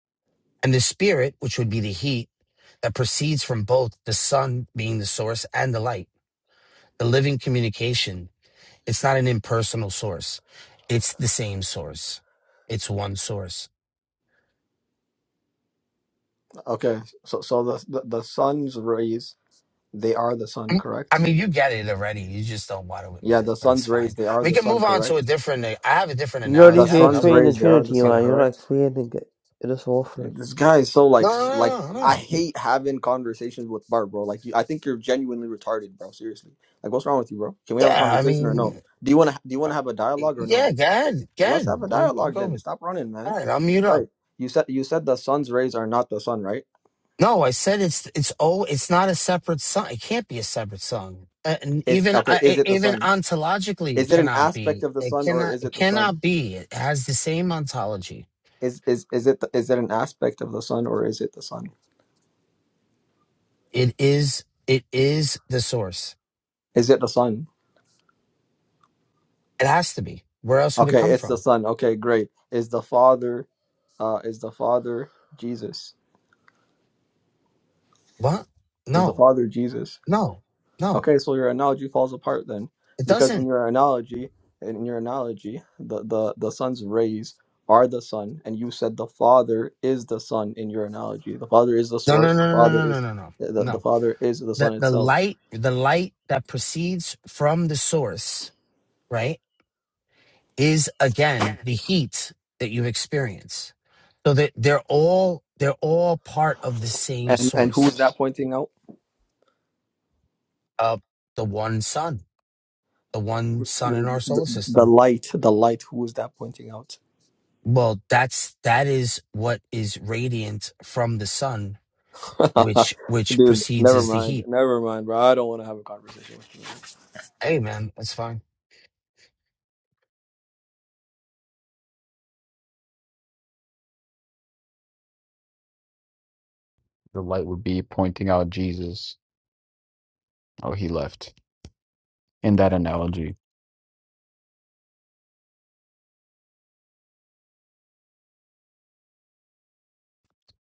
Speaker 11: And the spirit, which would be the heat that proceeds from both the sun being the source and the light, the living communication. It's not an impersonal source. It's the same source. It's one source.
Speaker 13: Okay, so so the the, the sun's rays they are the sun,
Speaker 11: Mm, I
Speaker 13: correct?
Speaker 11: mean, you get it already. You just don't want to admit
Speaker 13: Yeah,
Speaker 11: it,
Speaker 13: the
Speaker 11: but it's
Speaker 13: sun's rays,
Speaker 11: fine.
Speaker 13: they are
Speaker 11: We
Speaker 13: the
Speaker 11: can
Speaker 13: sun,
Speaker 11: move on to a
Speaker 13: correct?
Speaker 11: different. I have a different
Speaker 9: You don't
Speaker 13: The
Speaker 11: analogy.
Speaker 9: need
Speaker 11: I
Speaker 9: to
Speaker 11: have
Speaker 13: sun's
Speaker 11: another
Speaker 9: explain the
Speaker 11: one
Speaker 13: rays, they are the
Speaker 9: Trinity,
Speaker 11: if you
Speaker 13: sun,
Speaker 9: man.
Speaker 11: want.
Speaker 9: You're not
Speaker 13: correct?
Speaker 9: explaining it. It is awful.
Speaker 13: Eh, This guy is so
Speaker 11: No,
Speaker 13: like,
Speaker 11: no,
Speaker 13: s- like
Speaker 11: no, no,
Speaker 13: I
Speaker 11: no.
Speaker 13: hate having conversations with Bart, bro. Like, you, I think you're genuinely retarded, bro. Seriously, like, what's wrong with you, bro? Can we have a
Speaker 11: Yeah, I
Speaker 13: conversation or no?
Speaker 11: mean,
Speaker 13: Do you want to? Do you want to have a dialogue or
Speaker 11: yeah,
Speaker 13: no?
Speaker 11: go ahead. Go
Speaker 13: Let's
Speaker 11: ahead.
Speaker 13: have a
Speaker 11: We'll, we'll
Speaker 13: dialogue
Speaker 11: go
Speaker 13: then. Stop running,
Speaker 11: All
Speaker 13: man.
Speaker 11: right, I'll mute up.
Speaker 13: Right? You said you said the sun's rays are not the sun, right?
Speaker 11: No, I said it's it's oh, it's not a separate song. It can't be a separate song. Uh, And
Speaker 13: Is
Speaker 11: even
Speaker 13: okay?
Speaker 11: I
Speaker 13: Is
Speaker 11: I-
Speaker 13: it the
Speaker 11: even
Speaker 13: sun?
Speaker 11: ontologically, it
Speaker 13: Is it an
Speaker 11: cannot
Speaker 13: aspect
Speaker 11: be.
Speaker 13: of the
Speaker 11: It
Speaker 13: sun or
Speaker 11: cannot.
Speaker 13: is
Speaker 11: It
Speaker 13: it the sun?
Speaker 11: cannot be. It has the same ontology.
Speaker 13: Is is is it the, is it an aspect of the sun or is it the sun?
Speaker 11: It is. It is the source.
Speaker 13: Is it the sun?
Speaker 11: It has to be. Where else would it
Speaker 13: Okay,
Speaker 11: come
Speaker 13: it's the
Speaker 11: from?
Speaker 13: Son. Okay, great. Is the Father, uh, is the Father Jesus?
Speaker 11: What?
Speaker 13: Is the
Speaker 11: No.
Speaker 13: Father Jesus?
Speaker 11: No. No.
Speaker 13: Okay, so your analogy falls apart then,
Speaker 11: It
Speaker 13: because in
Speaker 11: doesn't.
Speaker 13: your analogy, in your analogy, the the the Son's rays are the Son, and you said the Father is the Son in your analogy. The Father is the
Speaker 11: No. No.
Speaker 13: source. The
Speaker 11: No. No.
Speaker 13: Father
Speaker 11: No. No.
Speaker 13: is
Speaker 11: No. No.
Speaker 13: the the
Speaker 11: No.
Speaker 13: Father is the
Speaker 11: The
Speaker 13: Son
Speaker 11: the
Speaker 13: itself.
Speaker 11: light the light that proceeds from the source, right? is again the heat that you experience. So that they're all they're all part of the same
Speaker 13: And and who
Speaker 11: source
Speaker 13: is that pointing out?
Speaker 11: of the one sun, the one sun in our
Speaker 13: The, the,
Speaker 11: solar
Speaker 13: the
Speaker 11: system.
Speaker 13: light, the light. Who is that pointing out?
Speaker 11: Well, that's that is what is radiant from the sun, which which
Speaker 13: Dude,
Speaker 11: precedes
Speaker 13: never
Speaker 11: as the
Speaker 13: mind.
Speaker 11: heat.
Speaker 13: Never mind, bro. I don't want to have a conversation with you.
Speaker 11: Hey man, that's fine.
Speaker 12: The light would be pointing out Jesus. Oh, he left. In that analogy.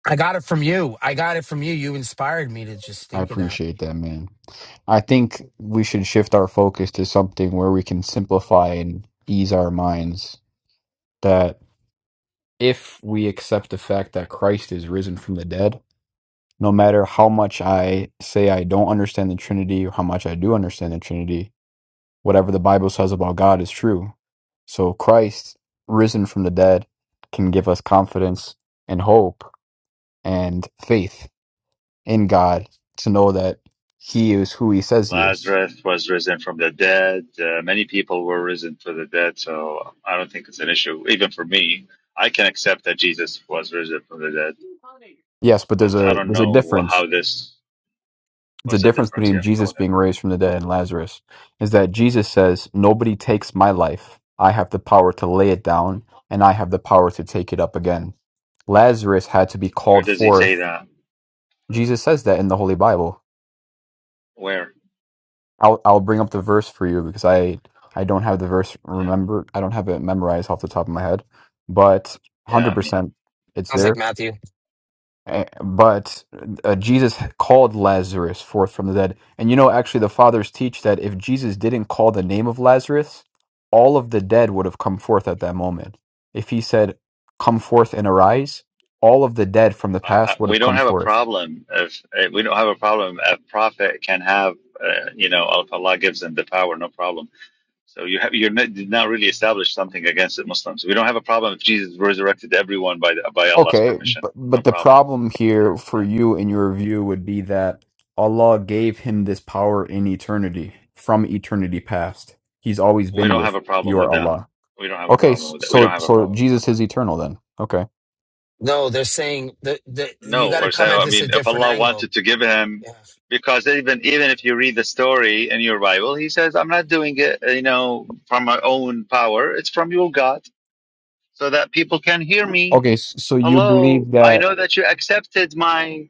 Speaker 11: I got it from you. I got it from you. You inspired me to just
Speaker 12: I
Speaker 11: think of that.
Speaker 12: appreciate that, man. I think we should shift our focus to something where we can simplify and ease our minds that if we accept the fact that Christ is risen from the dead, no matter how much I say I don't understand the Trinity or how much I do understand the Trinity, whatever the Bible says about God is true. So Christ, risen from the dead, can give us confidence and hope and faith in God to know that He is who He says He is.
Speaker 2: Lazarus was risen from the dead. Uh, many people were risen from the dead, so I don't think it's an issue, even for me. I can accept that Jesus was risen from the dead,
Speaker 12: Yes, but there's
Speaker 2: but I
Speaker 12: a
Speaker 2: don't
Speaker 12: there's a
Speaker 2: know
Speaker 12: difference.
Speaker 2: how this
Speaker 12: the
Speaker 2: was a
Speaker 12: difference
Speaker 2: difference.
Speaker 12: between
Speaker 2: Yeah, go
Speaker 12: Jesus
Speaker 2: ahead.
Speaker 12: being raised from the dead and Lazarus is that Jesus says, Nobody takes my life. I have the power to lay it down, and I have the power to take it up again. Lazarus had to be
Speaker 2: Where
Speaker 12: called
Speaker 2: does he say
Speaker 12: forth.
Speaker 2: that?
Speaker 12: Jesus says that in the Holy Bible.
Speaker 2: Where?
Speaker 12: I'll, I'll bring up the verse for you because I, I don't have the verse
Speaker 2: Yeah,
Speaker 12: remember I don't have it memorized off the top of my head, but
Speaker 2: yeah. I mean.
Speaker 12: 100% it's
Speaker 11: Sounds like
Speaker 12: there
Speaker 11: Matthew.
Speaker 12: Eh, But uh, Jesus called Lazarus forth from the dead. And you know, actually, the fathers teach that if Jesus didn't call the name of Lazarus, all of the dead would have come forth at that moment. If he said, Come forth and arise, all of the dead from the
Speaker 2: I, I,
Speaker 12: past would have
Speaker 2: we don't
Speaker 12: come
Speaker 2: have a
Speaker 12: forth.
Speaker 2: problem if uh, we don't have a problem. A prophet can have, uh, you know, if Allah gives them the power, no problem. So you have you're not, did not really establish something against the Muslims. We don't have a problem if Jesus resurrected everyone by the, by Allah's
Speaker 12: Okay,
Speaker 2: permission.
Speaker 12: but,
Speaker 2: No
Speaker 12: but the
Speaker 2: problem.
Speaker 12: problem here for
Speaker 2: Yeah.
Speaker 12: you in your view would be that Allah gave him this power in eternity, from eternity past. He's always
Speaker 2: We
Speaker 12: been
Speaker 2: don't have
Speaker 12: with
Speaker 2: a problem
Speaker 12: your
Speaker 2: with that.
Speaker 12: Allah.
Speaker 2: We don't have a
Speaker 12: Okay,
Speaker 2: problem
Speaker 12: s-
Speaker 2: with that. We don't
Speaker 12: so
Speaker 2: have a
Speaker 12: so
Speaker 2: problem with that.
Speaker 12: Jesus is eternal then. Okay.
Speaker 11: No, they're saying that the, you
Speaker 2: No,
Speaker 11: got to
Speaker 2: or
Speaker 11: come
Speaker 2: so
Speaker 11: at
Speaker 2: I
Speaker 11: this a
Speaker 2: mean, if
Speaker 11: different
Speaker 2: Allah
Speaker 11: angle.
Speaker 2: wanted to give him,
Speaker 11: Yeah.
Speaker 2: because even even if you read the story in your Bible, He says, "I'm not doing it, uh, you know, from my own power. It's from your God." so that people can hear me.
Speaker 12: Okay, s- so you
Speaker 2: Hello,
Speaker 12: believe
Speaker 2: I
Speaker 12: that
Speaker 2: know that you accepted my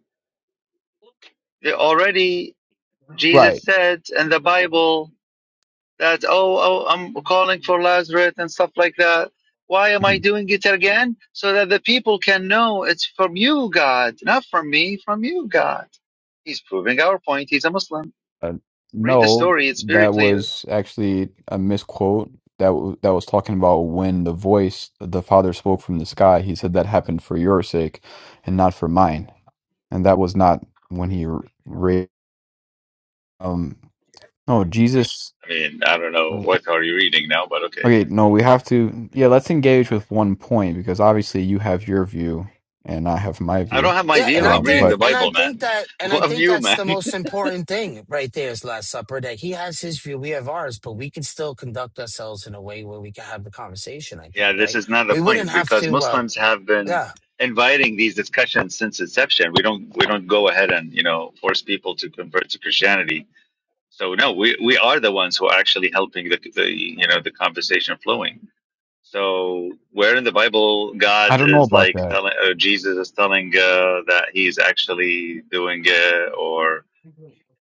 Speaker 2: already. Jesus
Speaker 12: right.
Speaker 2: said in the Bible that oh, oh I'm calling for Lazarus and stuff like that. Why am I
Speaker 12: Mhm.
Speaker 2: doing it again? So that the people can know it's from you, God, not from me, from you, God. He's proving our point. He's a Muslim.
Speaker 12: Uh,
Speaker 2: Read the
Speaker 12: no,
Speaker 2: story; it's very
Speaker 12: that
Speaker 2: clear.
Speaker 12: was actually a misquote. That w that was talking about when the voice the Father spoke from the sky. He said that happened for your sake and not for mine. And that was not when he r- ra- um no, Jesus
Speaker 2: I mean, I don't know what are you reading now, but okay.
Speaker 12: Okay, no, we have to yeah, let's engage with one point because obviously you have your view and I have my
Speaker 2: I
Speaker 12: view.
Speaker 2: don't have my
Speaker 11: Yeah, and
Speaker 2: view.
Speaker 11: I
Speaker 2: I'm
Speaker 12: Um,
Speaker 2: reading
Speaker 12: but
Speaker 11: think
Speaker 2: the
Speaker 11: and I
Speaker 2: Bible,
Speaker 11: think
Speaker 2: man.
Speaker 11: that and I
Speaker 2: What
Speaker 11: think
Speaker 2: view,
Speaker 11: that's
Speaker 2: man?
Speaker 11: the most important thing right there is Last Supper that he has his view, we have ours, but we can still conduct ourselves in a way where we can have the conversation, I
Speaker 2: Yeah,
Speaker 11: think,
Speaker 2: this
Speaker 11: right?
Speaker 2: is not the
Speaker 11: We
Speaker 2: point
Speaker 11: wouldn't have
Speaker 2: because
Speaker 11: to uh
Speaker 2: Muslims have been
Speaker 11: yeah.
Speaker 2: inviting these discussions since inception. We don't we don't go ahead and you know force people to convert to Christianity. So no, we, we are the ones who are actually helping the, the you know the conversation flowing. So where in the Bible
Speaker 12: I
Speaker 2: God
Speaker 12: don't know
Speaker 2: is
Speaker 12: about
Speaker 2: like
Speaker 12: that.
Speaker 2: telling or Jesus is telling uh, that he's actually doing it, or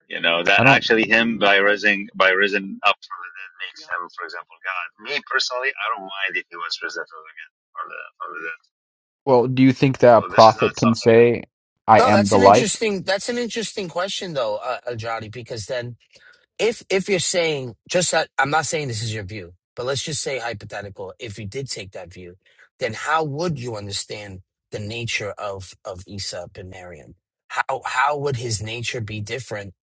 Speaker 2: you know
Speaker 12: I
Speaker 2: that actually him
Speaker 12: don't.
Speaker 2: by rising by rising up from the dead makes him, for example, God. Me personally, I don't mind if he was risen from the dead. From the, from the dead.
Speaker 12: Well, do you think that
Speaker 2: So
Speaker 12: a
Speaker 2: this is
Speaker 12: prophet
Speaker 2: not
Speaker 12: can
Speaker 2: something that
Speaker 12: say, "I
Speaker 11: No,
Speaker 12: am
Speaker 11: that's
Speaker 12: the
Speaker 11: an
Speaker 12: life"?
Speaker 11: interesting that's an interesting question though, uh, Ajadi, because then if if you're saying just that i'm not saying this is your view but let's just say hypothetical if you did take that view then how would you understand the nature of of aesop and miriam how how would his nature be different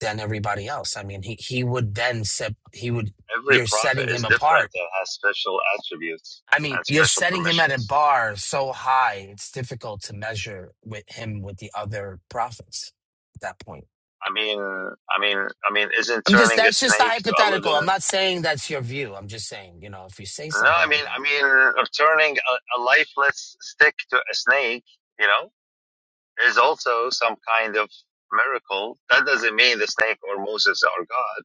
Speaker 11: than everybody else i mean he he would then set he would
Speaker 2: every
Speaker 11: you're setting
Speaker 2: prophet
Speaker 11: him
Speaker 2: is different
Speaker 11: apart
Speaker 2: and has special attributes
Speaker 11: i mean
Speaker 2: and
Speaker 11: you're
Speaker 2: special
Speaker 11: setting him at a
Speaker 2: permissions.
Speaker 11: bar so high it's difficult to measure with him with the other prophets at that point
Speaker 2: I mean, I mean, I mean, isn't
Speaker 11: I'm just
Speaker 2: turning a
Speaker 11: that's just a
Speaker 2: snake to a
Speaker 11: hypothetical. I'm
Speaker 2: living?
Speaker 11: not saying that's your view. I'm just saying, you know, if you say
Speaker 2: No,
Speaker 11: something
Speaker 2: I
Speaker 11: like
Speaker 2: mean, I
Speaker 11: that,
Speaker 2: mean, or turning a, a lifeless stick to a snake, you know, is also some kind of miracle. That doesn't mean the snake or Moses are God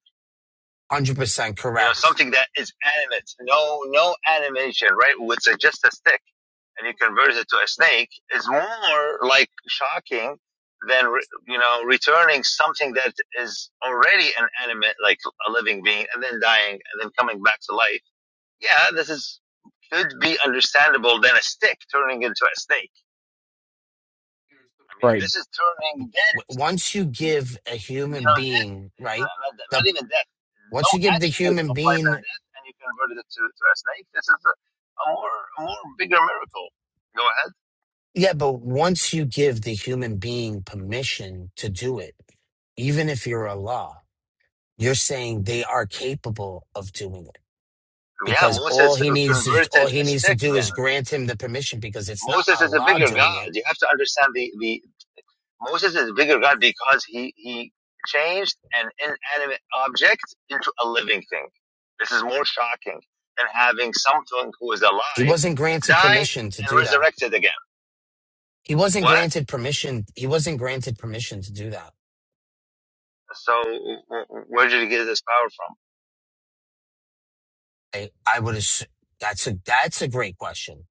Speaker 11: 100%
Speaker 2: You know,
Speaker 11: correct.
Speaker 2: something that is animate, no no animation, right? With a, just a stick, and you convert it to a snake is more like shocking than re, you know returning something that is already an animate, like a living being, and then dying and then coming back to life. Yeah, this is could be understandable than a stick turning into a snake. I mean,
Speaker 12: Right.
Speaker 2: this is turning
Speaker 11: W-
Speaker 2: dead.
Speaker 11: once you give a
Speaker 2: And, you
Speaker 11: human
Speaker 2: know, death,
Speaker 11: being, right?
Speaker 2: uh, not, that- not
Speaker 11: The
Speaker 2: even death, no
Speaker 11: once you give the
Speaker 2: attribute
Speaker 11: human
Speaker 2: of life
Speaker 11: being,
Speaker 2: and death, and you converted it to, to a snake. This is a, a more, a more bigger miracle. Go ahead.
Speaker 11: yeah, but once you give the human being permission to do it, even if you're Allah, you're saying they are capable of doing it.
Speaker 2: Yeah,
Speaker 11: Because all
Speaker 2: Moses
Speaker 11: he needs is all
Speaker 2: converted
Speaker 11: he
Speaker 2: a
Speaker 11: needs to
Speaker 2: stick
Speaker 11: do is
Speaker 2: then.
Speaker 11: grant him the permission because it's not
Speaker 2: Moses is a
Speaker 11: Allah
Speaker 2: bigger
Speaker 11: doing
Speaker 2: God.
Speaker 11: it.
Speaker 2: You have to understand the, the Moses is a bigger God because he, he changed an inanimate object into a living thing. This is more shocking than having something who is
Speaker 11: He
Speaker 2: alive
Speaker 11: wasn't granted
Speaker 2: died
Speaker 11: permission to
Speaker 2: and
Speaker 11: do that
Speaker 2: resurrected again.
Speaker 11: He wasn't
Speaker 2: What?
Speaker 11: granted permission. He wasn't granted permission to do that.
Speaker 2: So w- w- where did he get this power from?
Speaker 11: I, I would assume that's a that's a great question.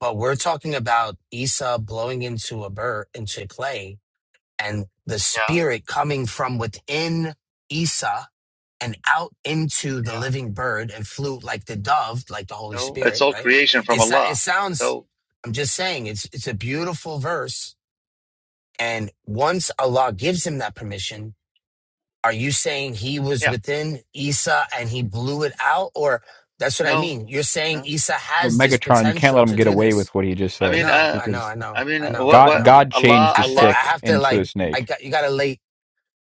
Speaker 11: But we're talking about Esau blowing into a bird into clay and the
Speaker 2: Yeah,
Speaker 11: spirit coming from within Esau and out into the
Speaker 2: yeah.
Speaker 11: living bird and flew like the dove, like the Holy
Speaker 2: So it's
Speaker 11: Spirit,
Speaker 2: all
Speaker 11: right?
Speaker 2: creation from
Speaker 11: It, so- it
Speaker 2: Allah.
Speaker 11: sounds
Speaker 2: So
Speaker 11: I'm just saying it's it's a beautiful verse. And once Allah gives him that permission, Are you saying he was
Speaker 2: yeah,
Speaker 11: within Isa and he blew it out? Or that's what I
Speaker 2: no,
Speaker 11: mean. You're saying
Speaker 2: no.
Speaker 11: Isa
Speaker 12: Well,
Speaker 11: has this
Speaker 12: Megatron, you can't let
Speaker 11: potential
Speaker 12: him
Speaker 11: to
Speaker 12: get
Speaker 11: do
Speaker 12: away
Speaker 11: this.
Speaker 12: with what he just
Speaker 2: I
Speaker 11: I
Speaker 2: mean,
Speaker 12: said
Speaker 11: know,
Speaker 2: uh,
Speaker 11: I know,
Speaker 12: because
Speaker 11: I know,
Speaker 2: I mean,
Speaker 11: I
Speaker 2: uh,
Speaker 11: know,
Speaker 2: what,
Speaker 11: I
Speaker 12: God
Speaker 2: what?
Speaker 11: know.
Speaker 12: God
Speaker 2: Allah,
Speaker 11: I
Speaker 12: changed the
Speaker 11: have to, I
Speaker 2: Allah.
Speaker 12: stick
Speaker 11: have to
Speaker 12: into
Speaker 11: like,
Speaker 12: a
Speaker 11: I
Speaker 12: snake.
Speaker 11: got, you gotta late,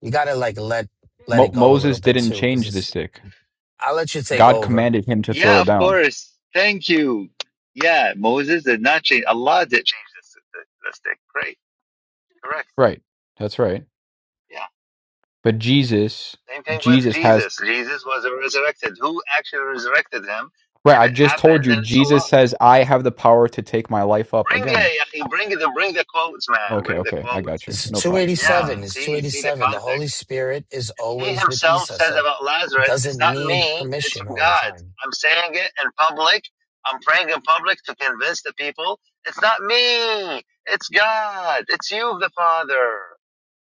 Speaker 11: you gotta like let, let
Speaker 12: Mo-
Speaker 11: it go a little
Speaker 12: Moses
Speaker 11: bit
Speaker 12: didn't
Speaker 11: too. Cause
Speaker 12: change the
Speaker 11: it's,
Speaker 12: stick.
Speaker 11: I'll let you take
Speaker 12: God
Speaker 11: over.
Speaker 12: commanded him to throw
Speaker 2: Yeah,
Speaker 12: it
Speaker 2: of
Speaker 12: down.
Speaker 2: course. Thank you. Yeah, Moses did not change. Allah did change this th- this thing. Great, correct.
Speaker 12: Right. That's right.
Speaker 2: Yeah.
Speaker 12: But Jesus,
Speaker 2: Same thing with
Speaker 12: Jesus has.
Speaker 2: Jesus. Jesus was resurrected. Who actually resurrected him?
Speaker 12: Right.
Speaker 2: If
Speaker 12: I
Speaker 2: it
Speaker 12: just told
Speaker 2: happened,
Speaker 12: you.
Speaker 2: then it's
Speaker 12: Jesus
Speaker 2: Allah.
Speaker 12: says, "I have the power to take my life up
Speaker 2: Bring
Speaker 12: again."
Speaker 2: it, Yahi. Bring it. Bring the quotes, man.
Speaker 12: Okay.
Speaker 2: Bring the
Speaker 12: Okay. I
Speaker 2: quotes.
Speaker 12: got you.
Speaker 11: It's
Speaker 12: No problem.
Speaker 2: Yeah,
Speaker 12: No problem.
Speaker 11: 287. It's
Speaker 2: see, see the
Speaker 11: 287. The Holy
Speaker 2: context.
Speaker 11: Spirit is
Speaker 2: He
Speaker 11: always with
Speaker 2: himself
Speaker 11: Isa.
Speaker 2: says
Speaker 11: So
Speaker 2: about Lazarus,
Speaker 11: doesn't
Speaker 2: it's not
Speaker 11: need
Speaker 2: me, it's
Speaker 11: permission
Speaker 2: from
Speaker 11: all the
Speaker 2: God.
Speaker 11: time.
Speaker 2: I'm saying it in public. I'm praying in public to convince the people. It's not me, it's God. It's you, the Father.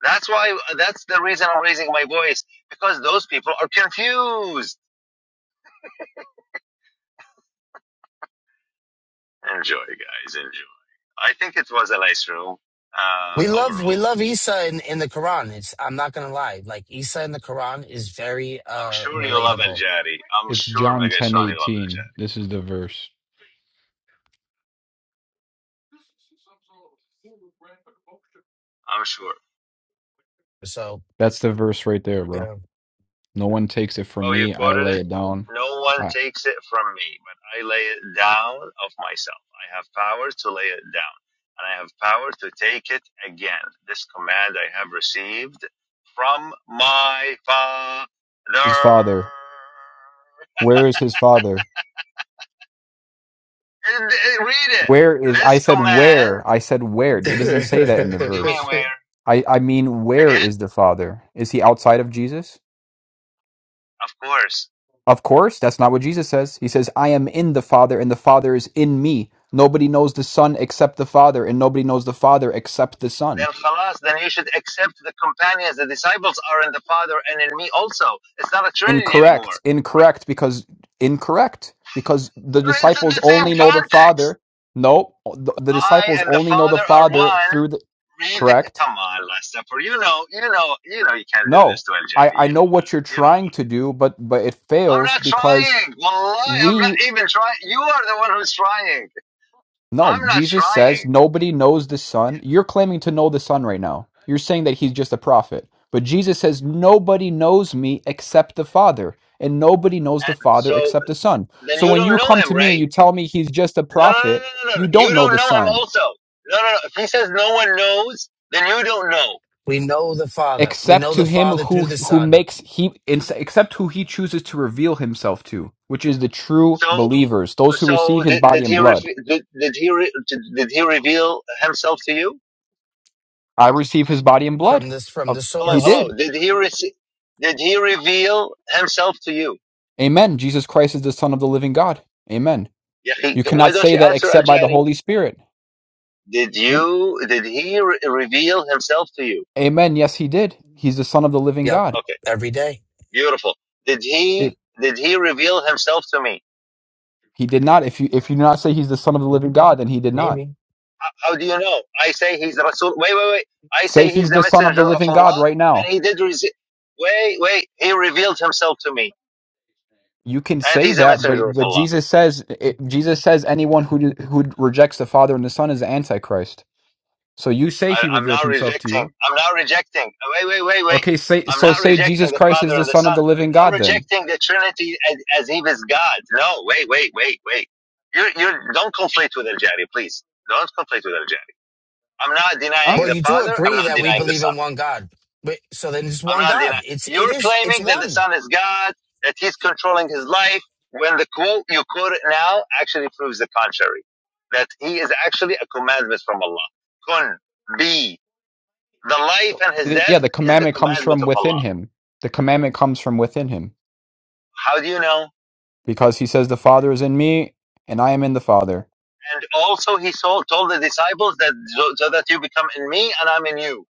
Speaker 2: That's why, that's the reason I'm raising my voice, because those people are confused. Enjoy, guys, enjoy. I think it was a nice room um,
Speaker 11: We love we
Speaker 2: overall.
Speaker 11: love Isa in, in the Quran. It's I'm not gonna lie. Like Isa in the Quran is very
Speaker 2: I'm
Speaker 11: uh
Speaker 2: sure you love Al
Speaker 11: relatable.
Speaker 2: Jari. I'm
Speaker 12: It's
Speaker 2: sure
Speaker 12: John ten
Speaker 2: Megatron, you love Al
Speaker 12: eighteen.
Speaker 2: Jari.
Speaker 12: This is the verse.
Speaker 2: I'm sure.
Speaker 11: So
Speaker 12: That's the verse right there, bro.
Speaker 11: yeah.
Speaker 12: No one takes it from
Speaker 2: Oh, you
Speaker 12: me. I
Speaker 2: quoted
Speaker 12: lay
Speaker 2: it?
Speaker 12: it down.
Speaker 2: No one
Speaker 12: I,
Speaker 2: takes it from me, but I lay it down of myself. I have power to lay it down, and I have power to take it again. This command I have received from my Father.
Speaker 12: his father. Where is his father?
Speaker 2: Read it.
Speaker 12: Where is I
Speaker 2: This
Speaker 12: said
Speaker 2: command,
Speaker 12: where? I said where. It doesn't say that in the
Speaker 2: what do you mean
Speaker 12: verse.
Speaker 2: where?
Speaker 12: I, I mean where
Speaker 2: Again?
Speaker 12: is the father? Is he outside of Jesus?
Speaker 2: Of course.
Speaker 12: Of course, that's not what Jesus says. He says, I am in the Father, and the Father is in me. Nobody knows the Son except the Father, and nobody knows the Father except the Son.
Speaker 2: Then khalas, then you should accept the companions, the disciples are in the Father and in me also. It's not a Trinity
Speaker 12: Incorrect.
Speaker 2: anymore
Speaker 12: Incorrect because incorrect because the
Speaker 2: It's in
Speaker 12: disciples
Speaker 2: the same
Speaker 12: only know the
Speaker 2: context.
Speaker 12: Father. No, the, the
Speaker 2: I
Speaker 12: disciples
Speaker 2: and the
Speaker 12: only know the
Speaker 2: Father are
Speaker 12: Father
Speaker 2: one.
Speaker 12: through the
Speaker 2: Read the.
Speaker 12: correct.
Speaker 2: Come on, Lester. For you know, you know, you know, you can't do
Speaker 12: No.
Speaker 2: this to Al
Speaker 12: I
Speaker 2: Jari.
Speaker 12: I
Speaker 2: You know
Speaker 12: know what you're
Speaker 2: that. You know that.
Speaker 12: trying to do, but but it
Speaker 2: I'm
Speaker 12: fails
Speaker 2: not
Speaker 12: because
Speaker 2: trying. Wallahi, I'm not
Speaker 12: we
Speaker 2: even trying. You are the one who's trying.
Speaker 12: No,
Speaker 2: I'm not
Speaker 12: Jesus
Speaker 2: trying.
Speaker 12: says nobody knows the Son. You're claiming to know the Son right now. You're saying that he's just a prophet. But Jesus says nobody knows me except the Father, and nobody knows the
Speaker 2: And
Speaker 12: Father
Speaker 2: so
Speaker 12: except the Son.
Speaker 2: then
Speaker 12: So
Speaker 2: you
Speaker 12: when
Speaker 2: don't
Speaker 12: you
Speaker 2: know
Speaker 12: come to
Speaker 2: him,
Speaker 12: me and
Speaker 2: right?
Speaker 12: you tell me he's just a
Speaker 2: No, no, no,
Speaker 12: prophet,
Speaker 2: no, no, no. no.
Speaker 12: you
Speaker 2: You
Speaker 12: don't know
Speaker 2: don't
Speaker 12: the
Speaker 2: know him.
Speaker 12: Son
Speaker 2: Also, no, no, no. If he says no one knows, then you don't know.
Speaker 11: we know the Father. We
Speaker 12: except
Speaker 11: know
Speaker 12: to
Speaker 11: the
Speaker 12: him
Speaker 11: Father through
Speaker 12: who
Speaker 11: the
Speaker 12: who
Speaker 11: Son
Speaker 12: makes he except who he chooses to reveal himself to, which is the true
Speaker 2: So,
Speaker 12: believers, those who receive
Speaker 2: so
Speaker 12: his
Speaker 2: did,
Speaker 12: body
Speaker 2: did
Speaker 12: and
Speaker 2: he
Speaker 12: blood.
Speaker 2: did, did he did he reveal himself to you?
Speaker 12: I receive his body and blood.
Speaker 11: from this from
Speaker 12: Of
Speaker 11: the
Speaker 12: he
Speaker 2: Hello,
Speaker 11: source.
Speaker 12: did.
Speaker 2: hello. Did he rece- Did he reveal himself to you?
Speaker 12: Amen. Jesus Christ is the Son of the living God. Amen.
Speaker 2: يا أخي,
Speaker 12: You
Speaker 2: Why
Speaker 12: cannot
Speaker 2: don't
Speaker 12: say
Speaker 2: you
Speaker 12: that
Speaker 2: answer Al
Speaker 12: except by the
Speaker 2: Jari?
Speaker 12: Holy Spirit.
Speaker 2: Did
Speaker 12: Am-
Speaker 2: you? Did he re- reveal himself to you?
Speaker 12: Amen. Yes, he did. He's the Son of the living
Speaker 11: Yep.
Speaker 12: God.
Speaker 2: Okay,
Speaker 11: Every day.
Speaker 2: beautiful. Did
Speaker 12: If
Speaker 2: he? Did he reveal himself to me?
Speaker 12: he did not, if you if you do not say he's the Son of the living God, then he did not.
Speaker 11: Maybe.
Speaker 2: How do you know? I say he's Rasul. Wait, wait, wait. I
Speaker 12: Say
Speaker 2: say he's
Speaker 12: he's
Speaker 2: the
Speaker 12: the Son of the
Speaker 2: messenger of
Speaker 12: living God
Speaker 2: Allah,
Speaker 12: right
Speaker 2: and
Speaker 12: now.
Speaker 2: he did. Re- wait, wait. He revealed himself to me,
Speaker 12: You can
Speaker 2: and
Speaker 12: say
Speaker 2: he's a
Speaker 12: that,
Speaker 2: messenger
Speaker 12: but
Speaker 2: of
Speaker 12: but
Speaker 2: Allah.
Speaker 12: Jesus says it, Jesus says anyone who who rejects the Father and the Son is the Antichrist. So you say
Speaker 2: I,
Speaker 12: he
Speaker 2: I'm
Speaker 12: revealed
Speaker 2: not
Speaker 12: himself to
Speaker 2: rejecting.
Speaker 12: you.
Speaker 2: I'm not rejecting. Wait, wait, wait, wait.
Speaker 12: Okay, say
Speaker 2: I'm
Speaker 12: so.
Speaker 2: not
Speaker 12: Say
Speaker 2: rejecting
Speaker 12: Jesus
Speaker 2: the
Speaker 12: Christ
Speaker 2: Father
Speaker 12: is the
Speaker 2: and the
Speaker 12: Son of
Speaker 2: Son.
Speaker 12: the living
Speaker 2: I'm
Speaker 12: God. Then,
Speaker 2: rejecting the Trinity as, as if it's God. No, wait, wait, wait, wait. You, you don't conflate with Al Jari, please. Don't conflate with Al Jari. I'm not
Speaker 12: huh?
Speaker 2: denying
Speaker 11: Well,
Speaker 2: the
Speaker 11: you do
Speaker 2: Father. I'm
Speaker 11: agree
Speaker 2: not
Speaker 11: that we
Speaker 2: denying the
Speaker 11: believe
Speaker 2: Son.
Speaker 11: in one God. But so then it's
Speaker 2: I'm
Speaker 11: one
Speaker 2: not
Speaker 11: God.
Speaker 2: denying.
Speaker 11: It's it
Speaker 2: You're
Speaker 11: is it's
Speaker 2: claiming that the
Speaker 11: one.
Speaker 2: Son is God, that He's controlling His life. When the quote you quote now actually proves the contrary, that He is actually a commandment from Allah. Kun, be. The life and his
Speaker 12: Y- Yeah,
Speaker 2: death
Speaker 12: the
Speaker 2: is the
Speaker 12: commandment comes
Speaker 2: commandment
Speaker 12: from
Speaker 2: of
Speaker 12: within
Speaker 2: Allah.
Speaker 12: him. The commandment comes from within him
Speaker 2: How do you know?
Speaker 12: because he says the Father is in me and I am in the Father.
Speaker 2: And also he told, the disciples that so, so that you become in me and I'm in you.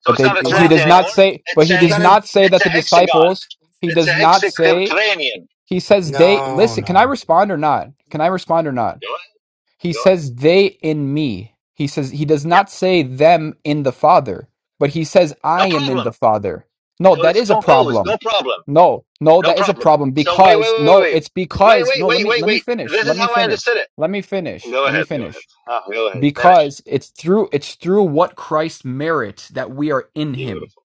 Speaker 2: So
Speaker 12: But
Speaker 2: it's
Speaker 12: they
Speaker 2: not a
Speaker 11: A
Speaker 12: he
Speaker 11: lot
Speaker 2: trinity
Speaker 12: does not
Speaker 2: anymore.
Speaker 12: say but
Speaker 2: It's
Speaker 12: he
Speaker 11: you
Speaker 2: a
Speaker 12: does
Speaker 11: gotta
Speaker 12: not say
Speaker 2: it's
Speaker 12: that
Speaker 2: a
Speaker 12: the
Speaker 2: hexagon.
Speaker 12: disciples he
Speaker 2: It's a
Speaker 12: does not say
Speaker 2: hexacranian.
Speaker 12: he says they
Speaker 11: no
Speaker 12: listen can I
Speaker 11: no
Speaker 12: respond or not? Can I respond or not?
Speaker 2: Go ahead.
Speaker 12: He
Speaker 2: Go ahead.
Speaker 12: says they in me. He says he does
Speaker 2: Yeah.
Speaker 12: not say them in the Father, but he says
Speaker 2: No
Speaker 12: I am in
Speaker 2: problem.
Speaker 12: the Father. No,
Speaker 2: So
Speaker 12: that
Speaker 2: it's
Speaker 12: is a
Speaker 2: composed. No
Speaker 12: problem.
Speaker 2: problem.
Speaker 12: No, no,
Speaker 2: No
Speaker 12: that is a
Speaker 2: problem.
Speaker 12: problem
Speaker 2: So wait, wait,
Speaker 12: because
Speaker 2: wait,
Speaker 12: no,
Speaker 2: wait,
Speaker 12: it's
Speaker 2: wait,
Speaker 12: because
Speaker 2: wait,
Speaker 12: no, let
Speaker 2: wait,
Speaker 12: me
Speaker 2: wait,
Speaker 12: let me
Speaker 2: wait.
Speaker 12: finish.
Speaker 2: This
Speaker 12: Let
Speaker 2: is
Speaker 12: me
Speaker 2: how I
Speaker 12: finish.
Speaker 2: understood it.
Speaker 12: Let me finish.
Speaker 2: Go
Speaker 12: Let me
Speaker 2: ahead. Go ahead.
Speaker 12: finish.
Speaker 2: Ah, go ahead. Finish.
Speaker 12: Because it's through it's through what Christ merits that we are in him.
Speaker 2: Beautiful.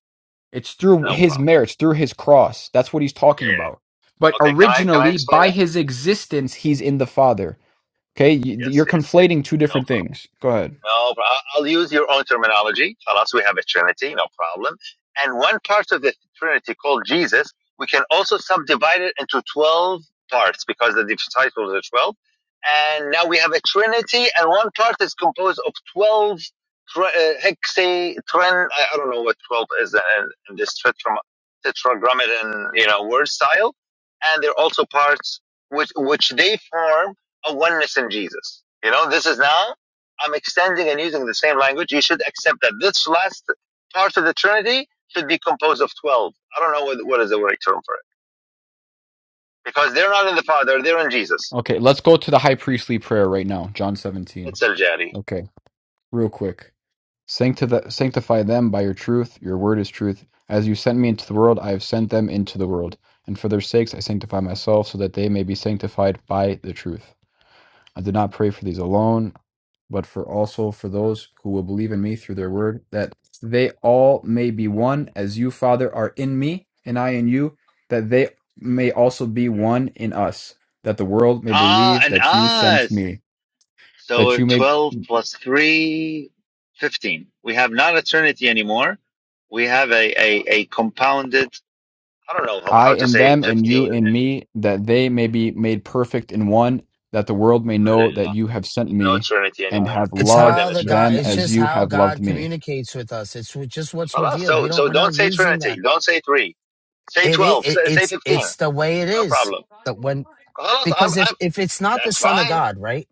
Speaker 12: It's through
Speaker 2: No
Speaker 12: his
Speaker 2: problem.
Speaker 12: merits, through his cross. That's what he's
Speaker 2: Yeah,
Speaker 12: talking
Speaker 2: yeah.
Speaker 12: about. But
Speaker 2: yeah. Okay. Can I can I
Speaker 12: originally
Speaker 2: explain
Speaker 12: by
Speaker 2: now?
Speaker 12: his existence he's in the Father Okay, y-
Speaker 2: Yes.
Speaker 12: you're
Speaker 2: Yes.
Speaker 12: conflating two
Speaker 2: No
Speaker 12: different
Speaker 2: problem.
Speaker 12: things. Go ahead.
Speaker 2: No, problem. I'll use your own terminology. Alas, we have a Trinity, no problem. And one part of the Trinity called Jesus, we can also subdivide it into 12 parts because the disciples are 12. And now we have a Trinity, and one part is composed of 12 tri- uh, hexa, I don't know what 12 is in, this tetragrammaton, you know, word style. And they're also parts which, which they form a oneness in Jesus. You know, this is now I'm extending and using the same language, you should accept that this last part of the Trinity should be composed of 12. I don't know what, what is the right term for it. Because they're not in the Father, they're in Jesus.
Speaker 12: Okay, let's go to the high priestly prayer right now, John 17.
Speaker 2: It's Al Jari.
Speaker 12: Okay, real quick. Sancti- sanctify them by your truth. Your word is truth. As you sent me into the world, I have sent them into the world. And for their sakes, I sanctify myself so that they may be sanctified by the truth. I did not pray for these alone, but for also for those who will believe in me through their word, that they all may be one, as you, Father, are in me, and I in you, that they may also be one in us, that the world may
Speaker 2: Ah,
Speaker 12: believe
Speaker 2: and
Speaker 12: that you sent
Speaker 2: us.
Speaker 12: me, that
Speaker 2: So
Speaker 12: you may
Speaker 2: 12 plus 3, 15. We have not a trinity anymore. We have a, a, a compounded. I don't know how,
Speaker 12: I
Speaker 2: how to
Speaker 12: in
Speaker 2: say
Speaker 12: them and you
Speaker 2: 15
Speaker 12: in
Speaker 2: and
Speaker 12: me, that they may be made perfect in one, that the world may know that
Speaker 2: Alhamdulillah.
Speaker 12: you have sent
Speaker 2: No
Speaker 12: me
Speaker 2: Trinity
Speaker 12: and
Speaker 2: anymore.
Speaker 12: have
Speaker 11: It's
Speaker 2: It's more
Speaker 12: loved
Speaker 2: than
Speaker 11: how
Speaker 2: a
Speaker 11: the God.
Speaker 2: Trinity.
Speaker 12: them
Speaker 11: It's
Speaker 12: as
Speaker 11: just
Speaker 12: you
Speaker 11: how
Speaker 12: have loved
Speaker 11: God
Speaker 12: me.
Speaker 11: communicates with us. It's just what's
Speaker 2: خلاص
Speaker 11: revealed. We
Speaker 2: so
Speaker 11: don't.
Speaker 2: so
Speaker 11: We're not
Speaker 2: don't say
Speaker 11: using
Speaker 2: Trinity
Speaker 11: that.
Speaker 2: don't say three say
Speaker 11: It, it,
Speaker 2: twelve
Speaker 11: it
Speaker 2: say, say
Speaker 11: it's
Speaker 2: fifteen
Speaker 11: it's the way it
Speaker 2: no
Speaker 11: is.
Speaker 2: problem
Speaker 11: That when
Speaker 2: خلاص I'm,
Speaker 11: because if
Speaker 2: I'm
Speaker 11: if it's not the
Speaker 2: that's
Speaker 11: Son of
Speaker 2: fine
Speaker 11: God, right?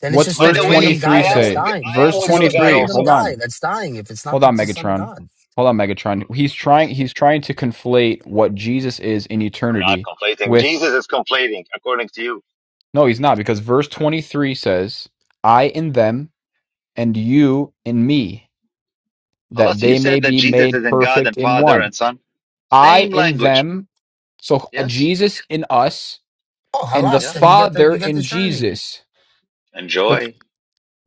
Speaker 11: Then it's
Speaker 12: What's
Speaker 11: just
Speaker 2: by
Speaker 11: a
Speaker 12: verse
Speaker 2: the way
Speaker 11: random
Speaker 12: 23
Speaker 2: I
Speaker 11: guy
Speaker 2: am
Speaker 11: that's
Speaker 2: with
Speaker 12: say?
Speaker 11: dying.
Speaker 2: I am
Speaker 12: Verse
Speaker 11: It's
Speaker 2: with
Speaker 11: just
Speaker 2: your
Speaker 11: a
Speaker 2: God
Speaker 12: 23,
Speaker 2: also
Speaker 11: random
Speaker 12: hold on.
Speaker 11: guy that's dying. If it's not
Speaker 12: Hold
Speaker 11: the,
Speaker 12: on,
Speaker 11: the Son of
Speaker 12: Megatron.
Speaker 11: God,
Speaker 12: Hold on, Megatron. He's
Speaker 2: خلاص
Speaker 12: trying he's trying to conflate what Jesus is in
Speaker 2: I'm not
Speaker 12: eternity
Speaker 2: conflating
Speaker 12: with
Speaker 2: Jesus is conflating according to you
Speaker 12: No, he's not because verse 23 says, "I in them and you in me, that
Speaker 2: خلاص you
Speaker 12: they may
Speaker 2: said that
Speaker 12: be
Speaker 2: Jesus
Speaker 12: made
Speaker 2: is in God
Speaker 12: perfect
Speaker 2: and
Speaker 12: in
Speaker 2: Father
Speaker 12: one."
Speaker 2: and Son
Speaker 12: I
Speaker 2: same
Speaker 12: in
Speaker 2: language
Speaker 12: them, so uh,
Speaker 2: yes
Speaker 12: Jesus in us
Speaker 11: oh
Speaker 12: and the
Speaker 11: halas,
Speaker 2: yeah
Speaker 11: then you get the
Speaker 12: Father
Speaker 11: you get the
Speaker 12: in
Speaker 11: Trinity.
Speaker 12: Jesus. The
Speaker 2: enjoy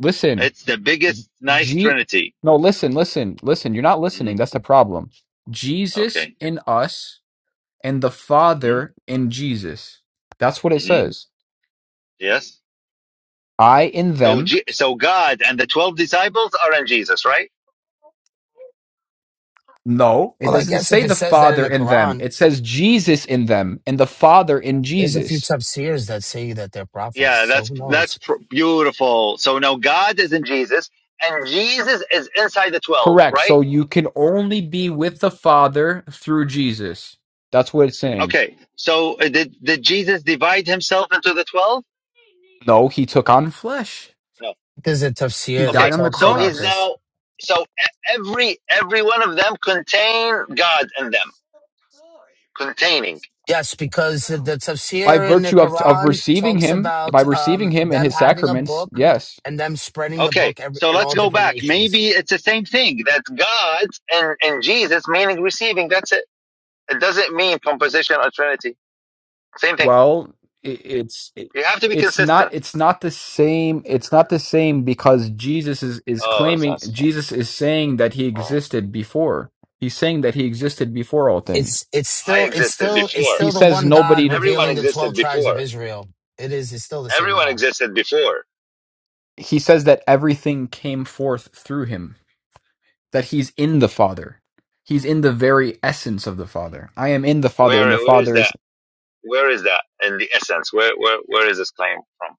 Speaker 12: listen,
Speaker 2: it's the biggest nice
Speaker 12: G
Speaker 2: Trinity
Speaker 12: No, listen, listen, listen. You're not
Speaker 2: hmm
Speaker 12: listening. That's the problem. Jesus
Speaker 2: okay
Speaker 12: in us and the
Speaker 2: hmm
Speaker 12: Father in Jesus. That's what it
Speaker 2: hmm
Speaker 12: says.
Speaker 2: yes
Speaker 12: I in
Speaker 2: So,
Speaker 12: them.
Speaker 2: G- so God and the twelve disciples are in Jesus, right?
Speaker 12: No, it
Speaker 11: Well, I
Speaker 12: doesn't
Speaker 11: guess
Speaker 12: say
Speaker 11: if it
Speaker 12: the
Speaker 11: says that in
Speaker 12: Father
Speaker 11: the
Speaker 12: in them.
Speaker 11: Quran,
Speaker 12: It says Jesus in them and the Father in
Speaker 11: there's a few
Speaker 12: Jesus.
Speaker 11: tafsirs that say that they're prophets.
Speaker 2: Yeah,
Speaker 11: So
Speaker 2: that's
Speaker 11: who
Speaker 2: that's
Speaker 11: knows?
Speaker 2: pr- beautiful. So now God is in Jesus, and Jesus is inside the twelve,
Speaker 12: Correct.
Speaker 2: right?
Speaker 12: So you can only be with the Father through Jesus. That's what it's saying.
Speaker 2: Okay. So uh, did did Jesus divide himself into the twelve?
Speaker 12: No, he took on flesh.
Speaker 2: No.
Speaker 11: There's a
Speaker 12: He
Speaker 11: tafsir that
Speaker 2: Okay.
Speaker 12: died on the
Speaker 11: talks
Speaker 2: So
Speaker 11: about
Speaker 2: he's
Speaker 12: cross.
Speaker 11: this
Speaker 2: now. So e- every every one of them contain God in them, containing.
Speaker 11: Yes, because the
Speaker 12: By
Speaker 11: tafsir in the
Speaker 12: virtue of, of
Speaker 11: Quran
Speaker 12: receiving
Speaker 11: talks
Speaker 12: him, by
Speaker 11: about
Speaker 12: receiving
Speaker 11: um,
Speaker 12: him in
Speaker 11: them
Speaker 12: his
Speaker 11: having a
Speaker 12: sacraments,
Speaker 11: book
Speaker 12: yes.
Speaker 11: and them spreading the
Speaker 2: Okay.
Speaker 11: book every,
Speaker 2: So
Speaker 11: in
Speaker 2: let's
Speaker 11: all
Speaker 2: go
Speaker 11: different
Speaker 2: back.
Speaker 11: nations.
Speaker 2: Maybe it's the same thing. That's God and and Jesus, meaning receiving. That's it. It doesn't mean composition or Trinity. Same thing.
Speaker 12: Well, it, it's it,
Speaker 2: You have to be
Speaker 12: it's not
Speaker 2: consistent.
Speaker 12: it's not the same. It's not the same because Jesus is is
Speaker 2: Oh, it's
Speaker 12: claiming
Speaker 2: not. so
Speaker 12: Jesus is saying that he
Speaker 2: bad. Oh.
Speaker 12: existed before. He's saying that he existed before all things.
Speaker 11: It's it's
Speaker 2: I
Speaker 11: still it's
Speaker 2: existed
Speaker 11: still it's
Speaker 2: before.
Speaker 12: He
Speaker 11: still the
Speaker 12: says
Speaker 11: one God
Speaker 12: nobody.
Speaker 2: Everyone
Speaker 11: revealing the twelve
Speaker 2: existed
Speaker 11: tribes of
Speaker 2: before.
Speaker 11: Israel. It is it's still the same
Speaker 2: Everyone
Speaker 11: God.
Speaker 2: existed before.
Speaker 12: He says that everything came forth through him. That he's in the Father. He's in the very essence of the Father. I am in the Father, and the
Speaker 2: Where where is
Speaker 12: Father is.
Speaker 2: that? Where is that in the essence? Where where where is this claim from?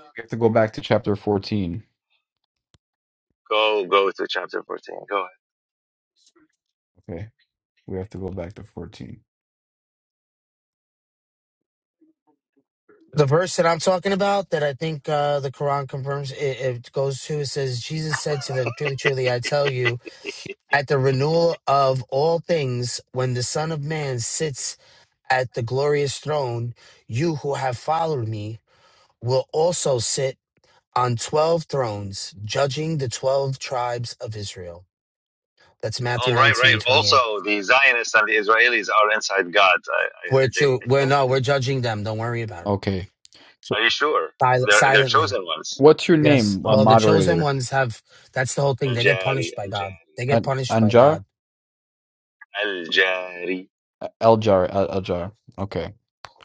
Speaker 12: We have to go back to chapter fourteen.
Speaker 2: Go go to chapter fourteen. Go ahead.
Speaker 12: Okay, we have to go back to fourteen.
Speaker 11: The verse that I'm talking about that I think uh, the Quran confirms it, it goes to it says Jesus said to them, "Truly, truly, I tell you." at the renewal of all things when the Son of Man sits at the glorious throne, you who have followed me will also sit on 12 thrones, judging the 12 tribes of Israel. That's Matthew
Speaker 2: Oh right right.
Speaker 11: nineteen twenty-eight.
Speaker 2: Also, the Zionists and the Israelis are inside God. I I,
Speaker 11: We're,
Speaker 2: I did.
Speaker 11: cho-
Speaker 2: I
Speaker 11: we're
Speaker 2: think.
Speaker 11: no, we're judging them. Don't worry about it.
Speaker 12: Okay. So,
Speaker 2: Are you sure?
Speaker 11: Sil-
Speaker 2: They're they're
Speaker 11: silently.
Speaker 2: chosen ones.
Speaker 12: what's your
Speaker 11: Yes.
Speaker 12: name, uh,
Speaker 11: Well, the
Speaker 2: Okay.
Speaker 11: chosen
Speaker 12: moderator?
Speaker 11: ones have, that's the whole thing.
Speaker 2: Al
Speaker 11: They get
Speaker 2: Jari
Speaker 11: punished by
Speaker 2: Al
Speaker 11: God.
Speaker 2: Jari
Speaker 11: They get
Speaker 12: An
Speaker 11: punished by
Speaker 12: Anjar?
Speaker 11: God.
Speaker 2: Al Jari.
Speaker 12: Uh, Eljar, Al- Aljar. Okay.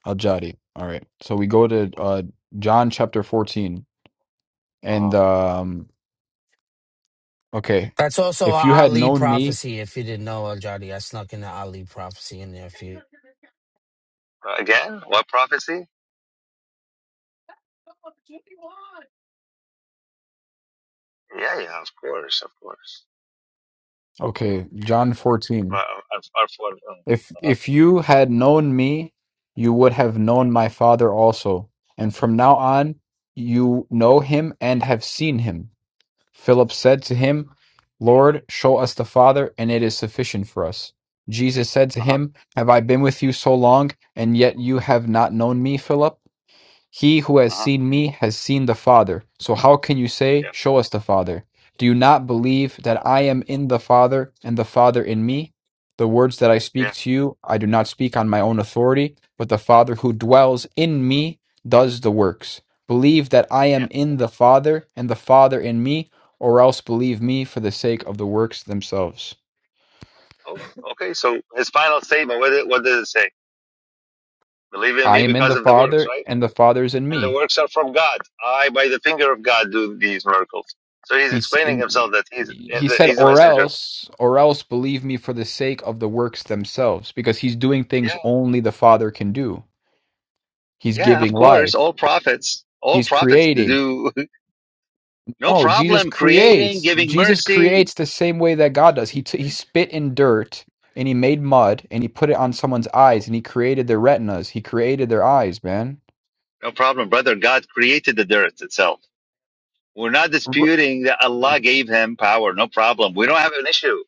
Speaker 12: Al-Jari. All right. So we go to
Speaker 2: Yes.
Speaker 12: uh John chapter 14. And
Speaker 2: Oh.
Speaker 12: um okay.
Speaker 11: That's also
Speaker 12: If
Speaker 11: a
Speaker 12: you had
Speaker 11: Ali
Speaker 12: known me,
Speaker 11: prophecy. If you didn't know, Al Jadi, I snuck in the Ali prophecy in there for you.
Speaker 2: Again, what prophecy? Yeah, yeah, of course, of course.
Speaker 12: okay, John
Speaker 2: But
Speaker 12: 14.
Speaker 2: I, I, I thought,
Speaker 12: If
Speaker 2: uh huh,
Speaker 12: if you had known me, you would have known my Father also. And from now on, you know him and have seen him. Philip said to him, Lord, show us the Father, and it is sufficient for us. Jesus said to
Speaker 2: uh huh,
Speaker 12: him, Have I been with you so long, and yet you have not known me, Philip? He who has
Speaker 2: uh huh.
Speaker 12: seen me has seen the Father. So how can you say,
Speaker 2: Yeah,
Speaker 12: Show us the Father? Do you not believe that I am in the Father and the Father in me? The words that I speak
Speaker 2: yeah,
Speaker 12: to you, I do not speak on my own authority, but the Father who dwells in me does the works. Believe that I
Speaker 2: yeah.
Speaker 12: am in the Father and the Father in me, or else believe me for the sake of the works themselves.
Speaker 2: Oh, okay. So his final statement, what did, what does it say? Believe in
Speaker 12: I
Speaker 2: me
Speaker 12: am in
Speaker 2: because
Speaker 12: the
Speaker 2: of the works,
Speaker 12: Father
Speaker 2: right?
Speaker 12: and the Father is in
Speaker 2: And the
Speaker 12: me.
Speaker 2: works are from God. I, by the finger of God, do these miracles. So he's
Speaker 12: He's
Speaker 2: explaining
Speaker 12: in,
Speaker 2: himself that he's eh,
Speaker 12: he
Speaker 2: that
Speaker 12: said,
Speaker 2: he's a
Speaker 12: or
Speaker 2: messenger.
Speaker 12: else, or else believe me for the sake of the works themselves, because he's doing things
Speaker 2: Yeah,
Speaker 12: only the Father can do. He's
Speaker 2: yeah,
Speaker 12: giving
Speaker 2: of course.
Speaker 12: life.
Speaker 2: All prophets, all
Speaker 12: He's
Speaker 2: prophets
Speaker 12: creating.
Speaker 2: do no
Speaker 12: No, Jesus
Speaker 2: problem creating,
Speaker 12: creates.
Speaker 2: giving
Speaker 12: Jesus
Speaker 2: mercy.
Speaker 12: creates the same way that God does. He t- he
Speaker 2: Mm,
Speaker 12: spit in dirt and he made mud and he put it on someone's eyes
Speaker 2: Well,
Speaker 12: and he created their retinas. He created their eyes, man.
Speaker 2: no problem, brother. God created the earth itself We're not
Speaker 12: R-
Speaker 2: disputing that Allah gave him power. No problem. We don't have an issue.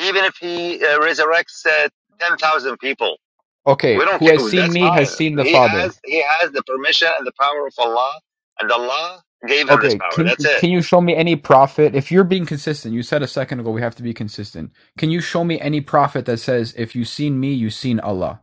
Speaker 2: Even if he uh, resurrects uh, 10,000 people,
Speaker 12: okay,
Speaker 2: we don't
Speaker 12: who
Speaker 2: care.
Speaker 12: has seen
Speaker 2: That's
Speaker 12: me has
Speaker 2: fine.
Speaker 12: seen the
Speaker 2: He
Speaker 12: Father.
Speaker 2: has, he has the permission and the power of Allah and Allah gave him this
Speaker 12: Okay,
Speaker 2: power.
Speaker 12: can
Speaker 2: That's
Speaker 12: you
Speaker 2: it.
Speaker 12: can you show me any prophet if you're being consistent? You said a second ago we have to be consistent. Can you show me any prophet that says if you seen me, you seen Allah?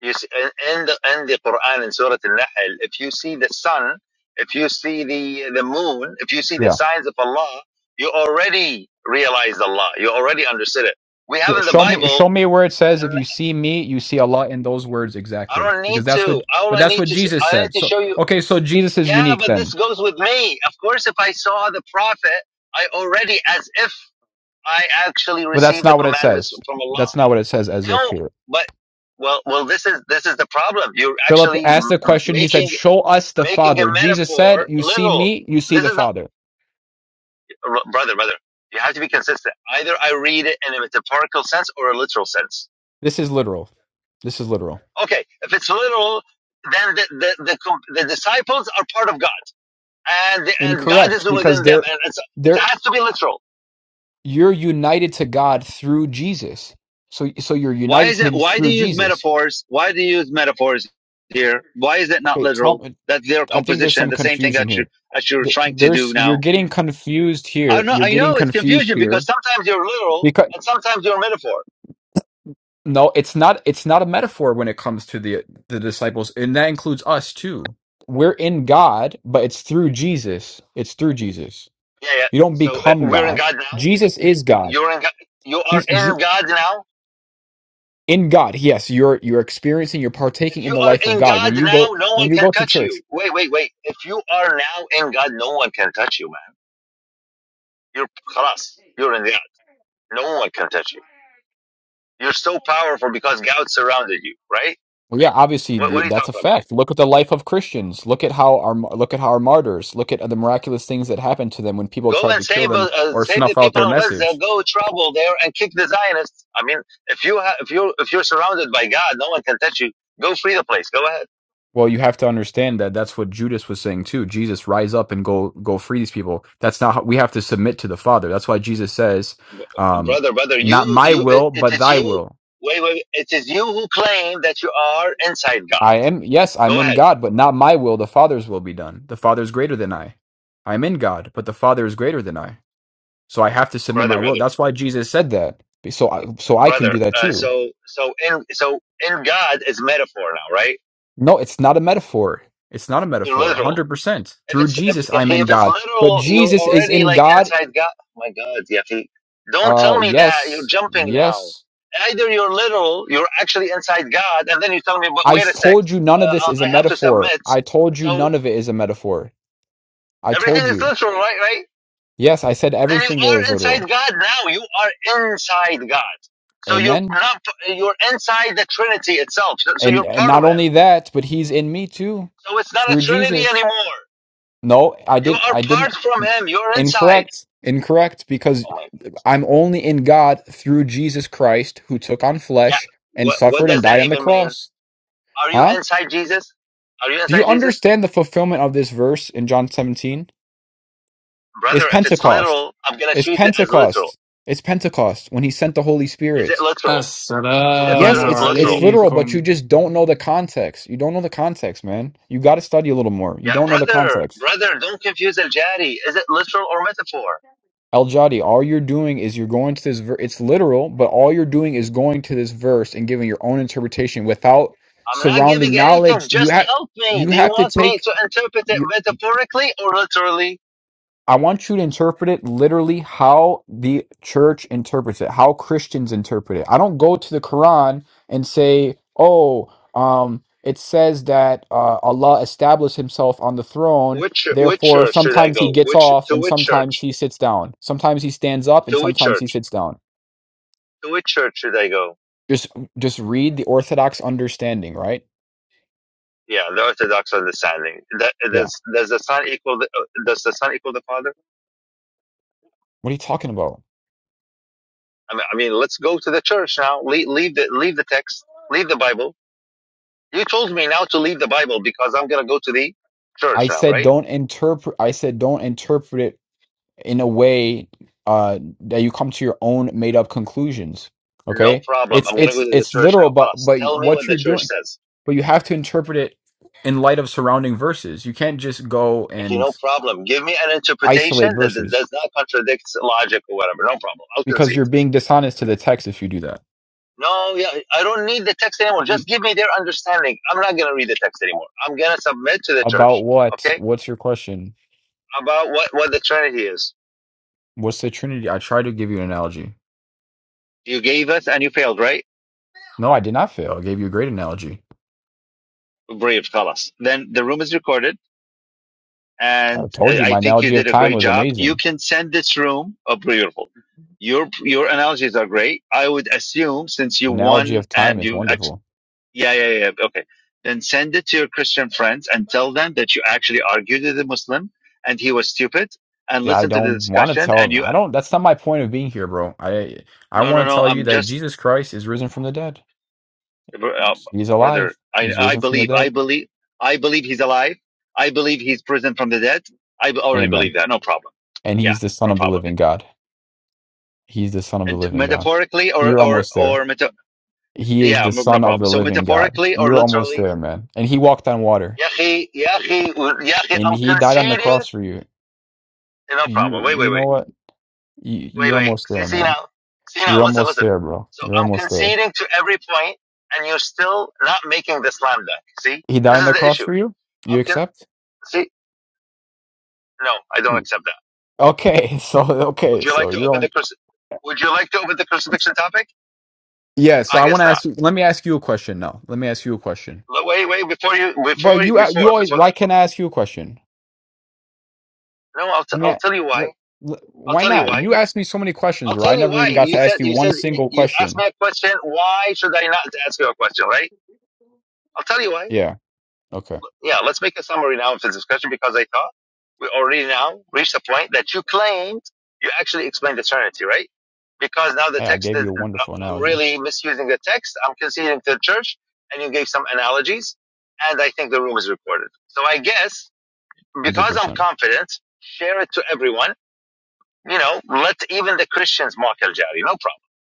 Speaker 2: You see, in in the, in the Quran in Surah Al-Nahl, if you see the sun, if you see the, the moon, if you see the
Speaker 12: Yeah.
Speaker 2: signs of Allah, you already realized Allah. You already understood it. We have
Speaker 12: Yeah,
Speaker 2: in the
Speaker 12: show me
Speaker 2: Bible
Speaker 12: show me where it says
Speaker 2: um,
Speaker 12: if you see me, you see Allah in those words
Speaker 2: I
Speaker 12: exactly.
Speaker 2: don't need
Speaker 12: Because that's what
Speaker 2: to. All
Speaker 12: but
Speaker 2: I
Speaker 12: that's
Speaker 2: need
Speaker 12: what
Speaker 2: to,
Speaker 12: Jesus
Speaker 2: I need
Speaker 12: said.
Speaker 2: to
Speaker 12: So
Speaker 2: show you.
Speaker 12: okay, so Jesus is
Speaker 2: Yeah,
Speaker 12: unique
Speaker 2: but this
Speaker 12: then.
Speaker 2: goes with me. Of course, if I saw the prophet, I already, as if I actually
Speaker 12: But that's
Speaker 2: received the
Speaker 12: not what it
Speaker 2: commandments
Speaker 12: says.
Speaker 2: from
Speaker 12: That's
Speaker 2: Allah.
Speaker 12: not what it says as if
Speaker 2: No,
Speaker 12: here.
Speaker 2: but well, well, this is this is the problem. You're
Speaker 12: Philip
Speaker 2: actually
Speaker 12: asked the question, he said,
Speaker 2: making
Speaker 12: "Show us the
Speaker 2: making a
Speaker 12: Father." Jesus said,
Speaker 2: metaphor
Speaker 12: "You see
Speaker 2: little.
Speaker 12: me, you see
Speaker 2: This
Speaker 12: the
Speaker 2: is not,
Speaker 12: Father."
Speaker 2: brother, brother. You have to be consistent. Either I read it in a metaphorical sense or a literal sense.
Speaker 12: This is literal. This is literal.
Speaker 2: Okay, if it's literal, then the the the, the disciples are part of God and the, and God is
Speaker 12: Incorrect, because
Speaker 2: within them,
Speaker 12: they're
Speaker 2: and it's, it
Speaker 12: they're
Speaker 2: has to be literal.
Speaker 12: you're united to God through Jesus. So so you're
Speaker 2: Why
Speaker 12: united
Speaker 2: is
Speaker 12: to
Speaker 2: it?
Speaker 12: Him
Speaker 2: Why do
Speaker 12: through
Speaker 2: you use
Speaker 12: Jesus.
Speaker 2: metaphors? Why do you use metaphors here? Why is it not
Speaker 12: Okay, tell
Speaker 2: literal?
Speaker 12: me.
Speaker 2: That their
Speaker 12: I think there's
Speaker 2: composition,
Speaker 12: some
Speaker 2: the same thing
Speaker 12: confusion
Speaker 2: that you
Speaker 12: here.
Speaker 2: that you're
Speaker 12: Th-
Speaker 2: trying to
Speaker 12: There's
Speaker 2: do
Speaker 12: you're
Speaker 2: now.
Speaker 12: getting confused
Speaker 2: I
Speaker 12: here.
Speaker 2: know,
Speaker 12: You're
Speaker 2: I
Speaker 12: getting
Speaker 2: know, it's
Speaker 12: confused
Speaker 2: confusion because
Speaker 12: here
Speaker 2: sometimes you're literal
Speaker 12: because
Speaker 2: and sometimes you're metaphor.
Speaker 12: no, it's not. It's not a metaphor when it comes to the the disciples, and that includes us too. We're in God, but it's through Jesus. It's through Jesus.
Speaker 2: Yeah, yeah.
Speaker 12: You don't
Speaker 2: So uh,
Speaker 12: become
Speaker 2: we're in
Speaker 12: God.
Speaker 2: God now.
Speaker 12: Jesus is God.
Speaker 2: You're in. God, you are
Speaker 12: He's
Speaker 2: in God now.
Speaker 12: in God. Yes, you're you're experiencing, you're partaking
Speaker 2: If
Speaker 12: in
Speaker 2: you
Speaker 12: the
Speaker 2: are
Speaker 12: life of
Speaker 2: in
Speaker 12: God when
Speaker 2: God
Speaker 12: you
Speaker 2: now,
Speaker 12: go
Speaker 2: no one
Speaker 12: when you go
Speaker 2: can
Speaker 12: to
Speaker 2: touch
Speaker 12: church.
Speaker 2: you. Wait, wait, wait. If you are now in God, no one can touch you, man. You're خلاص. You're in the No one can touch you. You're so powerful because God surrounded you, right?
Speaker 12: Well, yeah, obviously
Speaker 2: What,
Speaker 12: the,
Speaker 2: what are you
Speaker 12: that's a
Speaker 2: talking about?
Speaker 12: fact. Look at the life of Christians. Look at how our look at how our martyrs. Look at the miraculous things that happened to them when people
Speaker 2: Go
Speaker 12: tried
Speaker 2: and
Speaker 12: to kill
Speaker 2: save
Speaker 12: them
Speaker 2: uh, uh,
Speaker 12: or
Speaker 2: save the
Speaker 12: snuff out
Speaker 2: people
Speaker 12: their
Speaker 2: in Gaza.
Speaker 12: message.
Speaker 2: Go travel there and kick the Zionists. I mean, if you ha- if you if you're surrounded by God, no one can touch you. Go free the place. Go ahead,
Speaker 12: Well, you have to understand that that's what Judas was saying too. Jesus, rise up and go go free these people. That's not how we have to submit to the Father. That's why Jesus says, um,
Speaker 2: brother, brother. You
Speaker 12: "Not my
Speaker 2: you
Speaker 12: will,
Speaker 2: it
Speaker 12: but
Speaker 2: is
Speaker 12: Thy
Speaker 2: you.
Speaker 12: will."
Speaker 2: Wait, wait. It is you who claim that you are inside God.
Speaker 12: I am, yes, I'm
Speaker 2: Go
Speaker 12: in
Speaker 2: ahead,
Speaker 12: God, but not my will, the Father's will be done. The Father is greater than I. I'm in God, but the Father is greater than I. So I have to submit
Speaker 2: brother,
Speaker 12: my will.
Speaker 2: brother,
Speaker 12: That's why Jesus said that. So I, so I can
Speaker 2: brother.
Speaker 12: do that
Speaker 2: Uh,
Speaker 12: too.
Speaker 2: so so in so in God is metaphor now, right?
Speaker 12: No, it's not a metaphor. It's not a
Speaker 2: You're
Speaker 12: metaphor.
Speaker 2: literal
Speaker 12: 100%.
Speaker 2: If
Speaker 12: Through
Speaker 2: it's if
Speaker 12: Jesus, I'm in
Speaker 2: if it's
Speaker 12: God. But
Speaker 2: literal, you're
Speaker 12: Jesus is
Speaker 2: already
Speaker 12: in
Speaker 2: like
Speaker 12: God.
Speaker 2: inside God. My God, Yafi, don't
Speaker 12: Uh,
Speaker 2: tell me that you're
Speaker 12: yes.
Speaker 2: jumping now.
Speaker 12: Yes.
Speaker 2: Either you're literal, you're actually inside God, and then you tell me, but
Speaker 12: I
Speaker 2: wait a sec,
Speaker 12: told you none
Speaker 2: uh,
Speaker 12: of this
Speaker 2: uh,
Speaker 12: is a
Speaker 2: I have to
Speaker 12: metaphor.
Speaker 2: submit.
Speaker 12: I told you
Speaker 2: So
Speaker 12: none of it is a metaphor. I told
Speaker 2: everything is
Speaker 12: you.
Speaker 2: literal, right? Right?
Speaker 12: Yes, I said
Speaker 2: Then you
Speaker 12: everything there is
Speaker 2: are
Speaker 12: literal.
Speaker 2: inside God now. You are inside God. So you're
Speaker 12: Amen.
Speaker 2: not. You're inside the Trinity itself. So so
Speaker 12: and
Speaker 2: you're
Speaker 12: and
Speaker 2: part of
Speaker 12: not
Speaker 2: Him.
Speaker 12: only that but he's in me too
Speaker 2: So it's not a
Speaker 12: through
Speaker 2: Trinity
Speaker 12: jesus
Speaker 2: anymore.
Speaker 12: no i
Speaker 2: You
Speaker 12: didn't
Speaker 2: are
Speaker 12: i didn't
Speaker 2: part from Him. You're inside.
Speaker 12: incorrect incorrect because
Speaker 2: Oh my.
Speaker 12: i'm only in god through jesus christ who took on
Speaker 2: Yeah.
Speaker 12: flesh and
Speaker 2: What what
Speaker 12: suffered and
Speaker 2: does that
Speaker 12: died on the
Speaker 2: even mean?
Speaker 12: cross
Speaker 2: Are you
Speaker 12: huh
Speaker 2: inside Jesus? Are you
Speaker 12: do you
Speaker 2: inside Jesus?
Speaker 12: understand the fulfillment of this verse in john 17
Speaker 2: Brother,
Speaker 12: it's
Speaker 2: if it's
Speaker 12: pentecost
Speaker 2: literal, I'm gonna
Speaker 12: it's
Speaker 2: treat it as literal.
Speaker 12: pentecost it's pentecost when he sent the holy
Speaker 2: Is it
Speaker 12: spirit
Speaker 2: literal? Is it
Speaker 1: Assalamu
Speaker 12: yes
Speaker 2: lit-
Speaker 12: it's it's
Speaker 2: literal?
Speaker 12: literal but
Speaker 1: alaikum.
Speaker 12: you just don't know the context you don't know the context man you got to study a little more you
Speaker 2: Yeah,
Speaker 12: don't know the
Speaker 2: brother,
Speaker 12: context
Speaker 2: brother, don't confuse Al Jari. Is it literal or metaphor?
Speaker 12: Al-Jadi, all you're doing is you're going to this ver- it's literal, but all you're doing is going to this verse and giving your own interpretation without
Speaker 2: I'm not
Speaker 12: surrounding
Speaker 2: giving anything.
Speaker 12: knowledge. You
Speaker 2: Just
Speaker 12: have
Speaker 2: help me.
Speaker 12: you
Speaker 2: Do you
Speaker 12: have to
Speaker 2: want me
Speaker 12: take
Speaker 2: to interpret it
Speaker 12: you,
Speaker 2: metaphorically or literally?
Speaker 12: I want you to interpret it literally how the church interprets it, how Christians interpret it. I don't go to the Quran and say, "Oh, um it says that uh, Allah established himself on the throne
Speaker 2: Which which
Speaker 12: Therefore,
Speaker 2: church should I
Speaker 12: sometimes he
Speaker 2: go?
Speaker 12: gets
Speaker 2: Which
Speaker 12: off
Speaker 2: to
Speaker 12: and
Speaker 2: which
Speaker 12: sometimes
Speaker 2: church?
Speaker 12: he sits down. Sometimes he stands up and
Speaker 2: To which
Speaker 12: sometimes he
Speaker 2: church?
Speaker 12: sits down.
Speaker 2: To which church should I go?
Speaker 12: Just just read the Orthodox understanding, right?
Speaker 2: Yeah, the Orthodox understanding. That,
Speaker 12: Yeah.
Speaker 2: does does the Son equal the uh, does the Son equal the Father?
Speaker 12: What are you talking about?
Speaker 2: I mean, I mean, let's go to the church now. Leave, leave the leave the text. Leave the Bible. You told me now to leave the Bible because I'm gonna go to the church
Speaker 12: I
Speaker 2: now,
Speaker 12: said
Speaker 2: right?
Speaker 12: don't interpret I said don't interpret it in a way uh that you come to your own made up conclusions.
Speaker 2: No
Speaker 12: Okay?
Speaker 2: problem.
Speaker 12: It's
Speaker 2: I'm gonna
Speaker 12: it's
Speaker 2: go to the
Speaker 12: it's
Speaker 2: church now.
Speaker 12: literal but
Speaker 2: Plus,
Speaker 12: but
Speaker 2: tell me what
Speaker 12: what
Speaker 2: the
Speaker 12: you're
Speaker 2: church
Speaker 12: doing
Speaker 2: says.
Speaker 12: but you have to interpret it in light of surrounding verses. You can't just go
Speaker 2: If you no
Speaker 12: and
Speaker 2: problem, give me an
Speaker 12: isolate
Speaker 2: interpretation that, that
Speaker 12: verses
Speaker 2: does not contradict logic or whatever. No problem. I'll
Speaker 12: because
Speaker 2: concede.
Speaker 12: you're being dishonest to the text if you do that.
Speaker 2: No, yeah, I don't need the text anymore. Just
Speaker 12: Mhm.
Speaker 2: give me their understanding. I'm not gonna read the text anymore. I'm gonna submit to the
Speaker 12: About
Speaker 2: church.
Speaker 12: what?
Speaker 2: Okay
Speaker 12: What's your question?
Speaker 2: about what, what the strategy is.
Speaker 12: What's the Trinity? I tried to give you an analogy.
Speaker 2: You gave us and you failed, right?
Speaker 12: No, I did not fail. I gave you a great analogy.
Speaker 2: Brave, خلاص. Then the room is recorded
Speaker 12: I
Speaker 2: and
Speaker 12: told
Speaker 2: uh,
Speaker 12: you
Speaker 2: I
Speaker 12: my
Speaker 2: think you
Speaker 12: analogy of
Speaker 2: did a
Speaker 12: time
Speaker 2: great
Speaker 12: was
Speaker 2: job. You
Speaker 12: amazing.
Speaker 2: can send this room a beautiful. Your, your analogies are great. I would assume since you
Speaker 12: The analogy
Speaker 2: won
Speaker 12: of time
Speaker 2: and
Speaker 12: is
Speaker 2: you, act-
Speaker 12: wonderful.
Speaker 2: yeah, yeah, yeah. yeah, Okay. Then send it to your Christian friends and tell them that you actually argued with a Muslim and he was stupid and
Speaker 12: I
Speaker 2: listen to the
Speaker 12: don't want to
Speaker 2: discussion and
Speaker 12: tell.
Speaker 2: you,
Speaker 12: I don't. That's not my point of being here, bro. I I
Speaker 2: no, no,
Speaker 12: want to
Speaker 2: no.
Speaker 12: tell you
Speaker 2: I'm
Speaker 12: that
Speaker 2: just
Speaker 12: Jesus Christ is risen from the dead.
Speaker 2: uh,
Speaker 12: He's
Speaker 2: brother,
Speaker 12: alive.
Speaker 2: I,
Speaker 12: He's
Speaker 2: I
Speaker 12: risen from the
Speaker 2: believe,
Speaker 12: dead.
Speaker 2: I believe, I believe he's alive. I believe he's risen from the dead. I already
Speaker 12: Amen.
Speaker 2: believe that. No problem.
Speaker 12: And
Speaker 2: Yeah,
Speaker 12: he's the Son
Speaker 2: no
Speaker 12: of the
Speaker 2: problem.
Speaker 12: Living God. He's the Son of the
Speaker 2: And
Speaker 12: Living God.
Speaker 2: metaphorically or,
Speaker 12: You're
Speaker 2: or,
Speaker 12: almost there.
Speaker 2: or, meta-
Speaker 12: He is
Speaker 2: yeah,
Speaker 12: the
Speaker 2: no no
Speaker 12: Son of
Speaker 2: problem.
Speaker 12: the
Speaker 2: So
Speaker 12: Living God.
Speaker 2: metaphorically or
Speaker 12: You're almost
Speaker 2: literally,
Speaker 12: there, man. And he walked on water.
Speaker 2: yahi, yahi, yahi,
Speaker 12: And
Speaker 2: I'm
Speaker 12: he died on the
Speaker 2: conceding.
Speaker 12: cross for you.
Speaker 2: No problem.
Speaker 12: You
Speaker 2: Wait,
Speaker 12: you
Speaker 2: wait,
Speaker 12: know
Speaker 2: wait,
Speaker 12: what? You,
Speaker 2: wait,
Speaker 12: you're
Speaker 2: wait.
Speaker 12: almost
Speaker 2: See,
Speaker 12: there,
Speaker 2: see
Speaker 12: man.
Speaker 2: now, see now,
Speaker 12: You're
Speaker 2: listen,
Speaker 12: almost
Speaker 2: listen.
Speaker 12: there, bro.
Speaker 2: So
Speaker 12: You're
Speaker 2: I'm
Speaker 12: almost there.
Speaker 2: conceding to every point and you're still not making the slam dunk. See,
Speaker 12: He died
Speaker 2: this
Speaker 12: on
Speaker 2: is
Speaker 12: the
Speaker 2: the
Speaker 12: cross
Speaker 2: issue.
Speaker 12: for you? You
Speaker 2: I'm con-
Speaker 12: accept?
Speaker 2: see, no, I don't
Speaker 12: Mm.
Speaker 2: accept that.
Speaker 12: Okay, so
Speaker 2: Would
Speaker 12: okay,
Speaker 2: you like
Speaker 12: so
Speaker 2: to
Speaker 12: you're
Speaker 2: open
Speaker 12: on.
Speaker 2: the cruci- Would you like to open the crucifixion topic?
Speaker 12: Yeah, so
Speaker 2: I
Speaker 12: I want
Speaker 2: guess
Speaker 12: to
Speaker 2: not.
Speaker 12: ask you. Let me ask you a question now. Let me ask you a question.
Speaker 2: But Wait, wait, before you,
Speaker 12: But
Speaker 2: before,
Speaker 12: you a-
Speaker 2: before,
Speaker 12: you always.
Speaker 2: before
Speaker 12: Why
Speaker 2: that.
Speaker 12: can't I ask you a question?
Speaker 2: No, I'll, t-
Speaker 12: Let me.
Speaker 2: I'll
Speaker 12: a-
Speaker 2: tell you why.
Speaker 12: Let, let-
Speaker 2: I'll
Speaker 12: why
Speaker 2: tell you
Speaker 12: not?
Speaker 2: why.
Speaker 12: You asked me so many questions,
Speaker 2: I'll
Speaker 12: bro. I
Speaker 2: tell you
Speaker 12: never
Speaker 2: why.
Speaker 12: even got to
Speaker 2: You
Speaker 12: ask
Speaker 2: said,
Speaker 12: you
Speaker 2: you
Speaker 12: one
Speaker 2: said,
Speaker 12: single
Speaker 2: you asked
Speaker 12: question.
Speaker 2: me a question. Why should I not ask you a question, right? I'll tell you why.
Speaker 12: Yeah. Okay.
Speaker 2: Yeah, let's make a summary now of the discussion because I thought we already now reached the point that you claimed you actually explained eternity, right? Because now the
Speaker 12: Yeah, I
Speaker 2: text
Speaker 12: gave
Speaker 2: is,
Speaker 12: you a
Speaker 2: uh,
Speaker 12: wonderful
Speaker 2: I'm
Speaker 12: analogy.
Speaker 2: really misusing the text. I'm conceding to the church and you gave some analogies and I think the room is recorded. So I guess
Speaker 12: Hundred
Speaker 2: because I'm
Speaker 12: percent.
Speaker 2: confident, share it to everyone. You know, let even the Christians mock El Jari. No problem.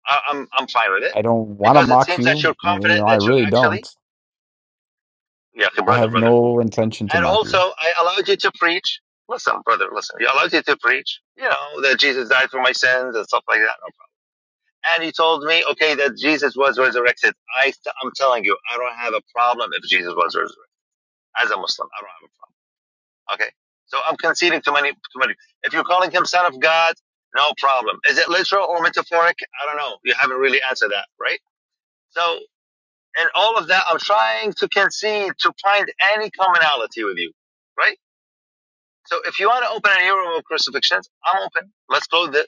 Speaker 2: I, I'm, I'm fine with it
Speaker 12: I don't want to
Speaker 2: because it
Speaker 12: mock
Speaker 2: seems that
Speaker 12: you.
Speaker 2: you're
Speaker 12: You
Speaker 2: confident
Speaker 12: know, I
Speaker 2: that you
Speaker 12: really don't.
Speaker 2: actually, yeah, okay,
Speaker 12: I
Speaker 2: brother,
Speaker 12: have
Speaker 2: brother.
Speaker 12: no intention to
Speaker 2: And
Speaker 12: mock
Speaker 2: also,
Speaker 12: you.
Speaker 2: I allowed you to preach. Listen, brother, listen. You allowed you to preach, you know, that Jesus died for my sins and stuff like that. No problem. And he told me, okay, that Jesus was resurrected. I, I'm telling you, I don't have a problem if Jesus was resurrected. As a Muslim, I don't have a problem. Okay. So I'm conceding to many, to many. If you're calling him son of God, no problem. Is it literal or metaphoric? I don't know. You haven't really answered that, right? So in all of that, I'm trying to concede to find any commonality with you, right? So if you want to open a new room of crucifixions, I'm open. Let's close this,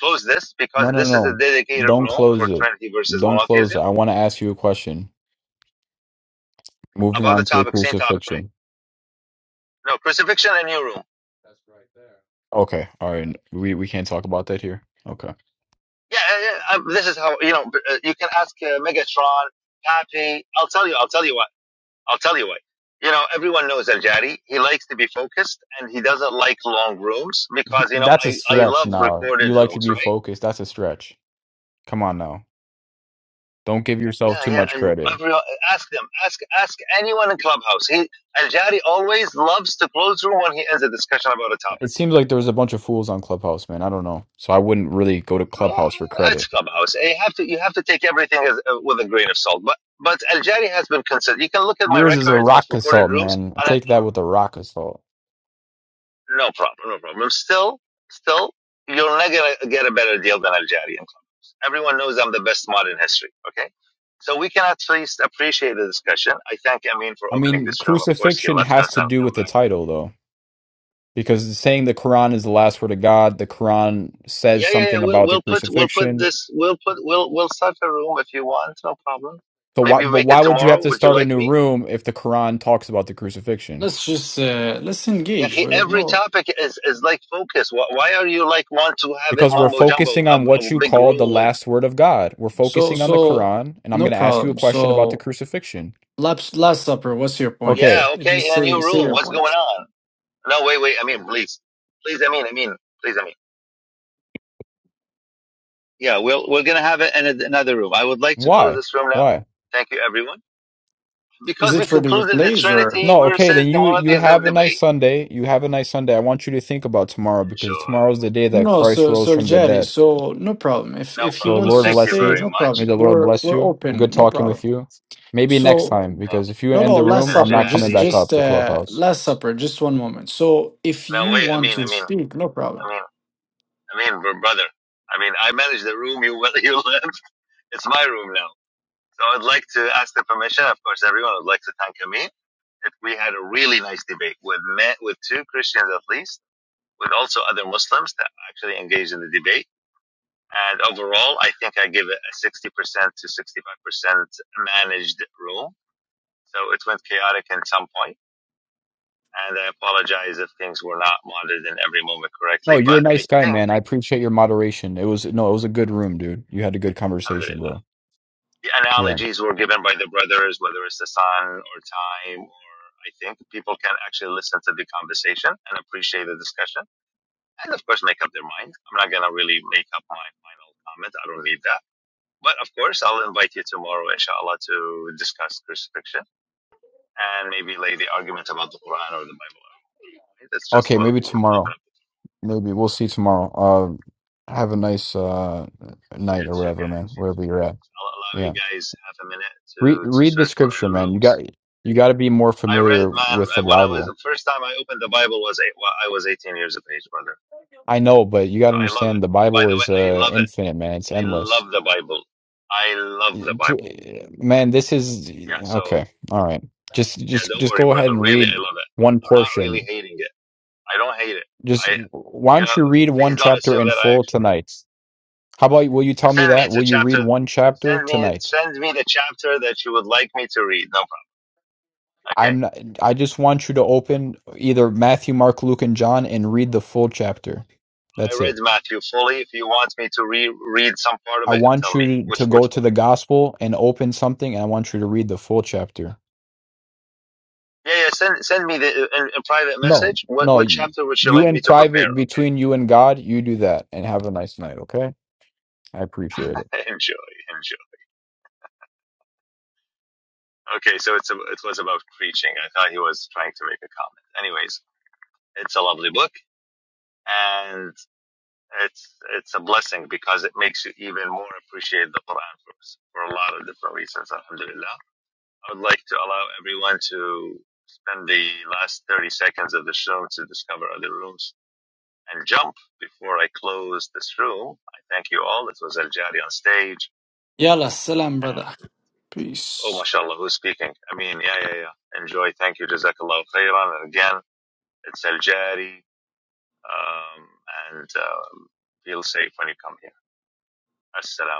Speaker 2: close this
Speaker 12: No,
Speaker 2: because
Speaker 12: no,
Speaker 2: this is a
Speaker 12: no.
Speaker 2: dedicated
Speaker 12: Don't
Speaker 2: room
Speaker 12: close
Speaker 2: for
Speaker 12: it.
Speaker 2: Trinity versus
Speaker 12: Don't close it.
Speaker 2: monotheism
Speaker 12: I want to ask you a question. Moving
Speaker 2: about the
Speaker 12: on to the
Speaker 2: topic, same topic, right?
Speaker 12: crucifixion.
Speaker 2: No, crucifixion and new room.
Speaker 12: Okay. All right. We we can't talk about that here. Okay.
Speaker 2: Yeah, yeah, yeah, um, this is how you know. uh, You can ask uh, Megatron, Pappy. I'll tell you. I'll tell you what. I'll tell you what. You know, everyone knows Al Jari. He likes to be focused and he doesn't like long rooms because you know
Speaker 12: That's a
Speaker 2: I I
Speaker 12: stretch
Speaker 2: love
Speaker 12: now. You
Speaker 2: recorded
Speaker 12: like to
Speaker 2: rooms,
Speaker 12: be
Speaker 2: right?
Speaker 12: focused. That's a stretch. Come on now. Don't give yourself
Speaker 2: Yeah,
Speaker 12: too
Speaker 2: yeah,
Speaker 12: much
Speaker 2: and
Speaker 12: credit.
Speaker 2: every, ask them, ask ask anyone in Clubhouse. He Al Jari always loves to close room when he ends a discussion about a
Speaker 12: It
Speaker 2: topic.
Speaker 12: seems like there was a bunch of fools on Clubhouse, man. I don't know. So I wouldn't really go to
Speaker 2: I mean, I
Speaker 12: Clubhouse for
Speaker 2: mean it's
Speaker 12: credit.
Speaker 2: Clubhouse. You have to you have to take everything as, uh, with a grain of salt. But but Al Jari has been considered. You can look at my
Speaker 12: Yours is a
Speaker 2: record of
Speaker 12: rock
Speaker 2: recorded
Speaker 12: assault,
Speaker 2: rooms,
Speaker 12: man.
Speaker 2: and I,
Speaker 12: Take that
Speaker 2: I'm
Speaker 12: with a rock assault.
Speaker 2: no problem, no problem. I'm Still, still, you're not gonna get a better deal than Al Jari in Clubhouse. Everyone knows I'm the best mod in history. Okay. So we can at least appreciate the discussion. I thank Amin for
Speaker 12: I
Speaker 2: opening
Speaker 12: mean,
Speaker 2: this room. Of course, he
Speaker 12: crucifixion
Speaker 2: left
Speaker 12: has
Speaker 2: us.
Speaker 12: to
Speaker 2: I'll come
Speaker 12: do
Speaker 2: back.
Speaker 12: with the title, though. because saying the Quran is the last word of God, the Quran says
Speaker 2: Yeah, yeah, yeah.
Speaker 12: something
Speaker 2: We'll
Speaker 12: about the
Speaker 2: we'll put we'll put
Speaker 12: crucifixion.
Speaker 2: this we'll put we'll we'll set a room if you want, no problem.
Speaker 12: So why
Speaker 2: Maybe we
Speaker 12: but
Speaker 2: make it
Speaker 12: why would you have
Speaker 2: tomorrow.
Speaker 12: to
Speaker 2: Would you
Speaker 12: start a
Speaker 2: like
Speaker 12: new
Speaker 2: me?
Speaker 12: room if the Quran talks about the crucifixion?
Speaker 1: Let's just uh, let's
Speaker 2: Yeah,
Speaker 1: engage
Speaker 2: he-
Speaker 1: with
Speaker 2: every
Speaker 1: no.
Speaker 2: topic is is like focus. Why, why are you like want to have it
Speaker 12: Because we're
Speaker 2: mumbo jumbo
Speaker 12: focusing
Speaker 2: a,
Speaker 12: on
Speaker 2: a
Speaker 12: what you
Speaker 2: big
Speaker 12: call the
Speaker 2: room with?
Speaker 12: last word of God. We're
Speaker 1: So
Speaker 12: focusing on the
Speaker 1: so
Speaker 12: Quran, and I'm
Speaker 1: no
Speaker 12: going to ask you a
Speaker 1: problem.
Speaker 12: question about the
Speaker 1: So
Speaker 12: crucifixion.
Speaker 1: last last supper. What's your
Speaker 12: Okay.
Speaker 1: point?
Speaker 2: Yeah, okay,
Speaker 1: Just
Speaker 2: in a
Speaker 1: say
Speaker 2: new
Speaker 1: say
Speaker 2: room.
Speaker 1: your
Speaker 2: What's
Speaker 1: point.
Speaker 2: going on? No, wait, wait. I mean, please, please. I mean, I mean, please. I mean. Yeah, we'll we're gonna have it in a, another room. I would like to close
Speaker 12: Why?
Speaker 2: this room now.
Speaker 12: Why?
Speaker 2: Thank you, everyone,
Speaker 1: Is
Speaker 2: because
Speaker 1: it
Speaker 2: we
Speaker 1: for the
Speaker 2: concluded the
Speaker 1: replays or
Speaker 2: Trinity
Speaker 12: No, okay, then
Speaker 2: versus the
Speaker 12: you you
Speaker 2: monotheism
Speaker 12: have a nice
Speaker 2: debate.
Speaker 12: Sunday. You have a nice Sunday. I want you to think about tomorrow because
Speaker 2: Enjoy.
Speaker 12: tomorrow's the day that
Speaker 1: no?
Speaker 12: Christ
Speaker 1: So
Speaker 12: rose
Speaker 1: so
Speaker 12: from the
Speaker 1: Jerry.
Speaker 12: dead.
Speaker 1: So no problem. If
Speaker 2: No
Speaker 1: if he
Speaker 12: So
Speaker 2: problem.
Speaker 1: wants
Speaker 12: Lord
Speaker 1: to
Speaker 2: Thank you
Speaker 12: bless
Speaker 1: stay,
Speaker 2: very
Speaker 12: you.
Speaker 1: no
Speaker 12: May
Speaker 1: problem.
Speaker 2: much.
Speaker 12: the Lord
Speaker 1: We're
Speaker 12: bless
Speaker 1: we're
Speaker 12: you. Good
Speaker 1: open. No
Speaker 12: talking with
Speaker 1: problem.
Speaker 12: you. Maybe next
Speaker 1: So.
Speaker 12: time,
Speaker 2: Thank
Speaker 12: because if
Speaker 2: you.
Speaker 12: you
Speaker 1: No,
Speaker 12: end
Speaker 1: no,
Speaker 12: the
Speaker 2: It's
Speaker 1: Last
Speaker 12: room,
Speaker 2: El
Speaker 12: I'm
Speaker 1: Supper.
Speaker 12: not coming
Speaker 1: Just,
Speaker 12: back
Speaker 2: Jari.
Speaker 12: up
Speaker 1: just
Speaker 12: to
Speaker 1: uh,
Speaker 12: Clubhouse.
Speaker 1: Last Supper. Just one moment. So, if
Speaker 2: No,
Speaker 1: you
Speaker 2: wait. I
Speaker 1: want
Speaker 2: mean,
Speaker 1: to
Speaker 2: I mean,
Speaker 1: speak, no problem.
Speaker 2: I mean, I mean, br- brother. I mean, I manage the room you you left. It's my room now. So I'd like to ask the permission. Of course, everyone would like to thank me. If we had a really nice debate with met with two Christians at least, with also other Muslims that actually engaged in the debate. And overall, I think I give it a 60% to 65% managed room. So it went chaotic in some point and I apologize if things were not monitored in every moment
Speaker 12: No,
Speaker 2: correctly,
Speaker 12: you're
Speaker 2: but
Speaker 12: a
Speaker 2: I
Speaker 12: nice guy,
Speaker 2: think,
Speaker 12: man. I appreciate your moderation. It was no, it was a good room, dude. You had a good conversation,
Speaker 2: alhamdulillah,
Speaker 12: bro.
Speaker 2: the
Speaker 12: Yeah.
Speaker 2: analogies were given by the brothers, whether it's the sun or time, or I think people can actually listen to the conversation and appreciate the discussion, and of course, make up their mind. I'm not going to really make up my final comment, I don't need that. But of course, I'll invite you tomorrow, inshallah, to discuss crucifixion and maybe lay the argument about the Quran or the Bible. That's just
Speaker 12: Okay,
Speaker 2: what
Speaker 12: maybe
Speaker 2: we'll open
Speaker 12: tomorrow.
Speaker 2: up
Speaker 12: Maybe we'll see tomorrow. Um, have a nice uh
Speaker 2: here
Speaker 12: night or
Speaker 2: to
Speaker 12: whatever, man.
Speaker 2: guys.
Speaker 12: Wherever you're at.
Speaker 2: I'll allow you
Speaker 12: Yeah.
Speaker 2: guys half a minute
Speaker 12: Read
Speaker 2: to to
Speaker 12: read the
Speaker 2: search for
Speaker 12: scripture,
Speaker 2: other
Speaker 12: man. You got
Speaker 2: rooms.
Speaker 12: you got to be more
Speaker 2: I read,
Speaker 12: familiar
Speaker 2: man,
Speaker 12: with the
Speaker 2: when I was
Speaker 12: Bible.
Speaker 2: the first time I opened the Bible was eight, well, I was 18 years of age, brother.
Speaker 12: I know, but you got
Speaker 2: So
Speaker 12: to
Speaker 2: I love it.
Speaker 12: understand the
Speaker 2: By
Speaker 12: Bible
Speaker 2: the way,
Speaker 12: is
Speaker 2: I
Speaker 12: uh
Speaker 2: love it.
Speaker 12: infinite, man. It's
Speaker 2: I
Speaker 12: endless.
Speaker 2: love the Bible. I love
Speaker 12: Yeah,
Speaker 2: the
Speaker 12: pl-
Speaker 2: Bible.
Speaker 12: Man, this is
Speaker 2: Yeah. So
Speaker 12: okay. All right. Just
Speaker 2: yeah,
Speaker 12: just
Speaker 2: don't
Speaker 12: just
Speaker 2: worry,
Speaker 12: go ahead
Speaker 2: brother.
Speaker 12: and
Speaker 2: Really, I
Speaker 12: read
Speaker 2: love it.
Speaker 12: one
Speaker 2: I'm not really
Speaker 12: portion.
Speaker 2: hating it. I don't hate it.
Speaker 12: Just
Speaker 2: I
Speaker 12: why
Speaker 2: you know,
Speaker 12: don't you read
Speaker 2: please
Speaker 12: one
Speaker 2: don't
Speaker 12: chapter
Speaker 2: assume
Speaker 12: in
Speaker 2: that I
Speaker 12: full
Speaker 2: actually
Speaker 12: tonight? How about will you tell me
Speaker 2: send me
Speaker 12: that? Will
Speaker 2: to
Speaker 12: you read
Speaker 2: chapter.
Speaker 12: one chapter
Speaker 2: Send me
Speaker 12: tonight?
Speaker 2: send me the chapter that you would like me to read. No problem. Okay.
Speaker 12: I'm not, I just want you to open either Matthew, Mark, Luke, and John and read the full chapter.
Speaker 2: I
Speaker 12: That's
Speaker 2: read
Speaker 12: it.
Speaker 2: Matthew fully. If you want me to re-read some part of
Speaker 12: I
Speaker 2: it,
Speaker 12: want
Speaker 2: tell me
Speaker 12: you to,
Speaker 2: which
Speaker 12: to go
Speaker 2: which
Speaker 12: to
Speaker 2: part.
Speaker 12: the gospel and open something and I want you to read the full chapter.
Speaker 2: Yeah, yeah. Send send me the in, in private
Speaker 12: No,
Speaker 2: message. What
Speaker 12: no,
Speaker 2: what
Speaker 12: you,
Speaker 2: chapter would you
Speaker 12: you
Speaker 2: like
Speaker 12: in
Speaker 2: me to prepare?
Speaker 12: private between you and God, you do that and have a nice night, okay? I appreciate it.
Speaker 2: Okay. enjoy, enjoy. Okay, so it's a, it was about preaching. I thought he was trying to make a comment. Anyways, it's a lovely book, and it's it's a blessing because it makes you even more appreciate the Quran for us for a lot of different reasons. Alhamdulillah. I would like to allow everyone to spend the last 30 seconds of the show to discover other rooms and jump before I close this room. I thank you all. It was Al Jari on stage.
Speaker 1: Yalla, salam,
Speaker 2: And
Speaker 1: brother. Peace.
Speaker 2: oh, mashallah, who's speaking? I mean, yeah, yeah, yeah. Enjoy. Thank you. Jazakallah khairan. And again, it's Al Jari. Um, and um, feel safe when you come here. Assalamu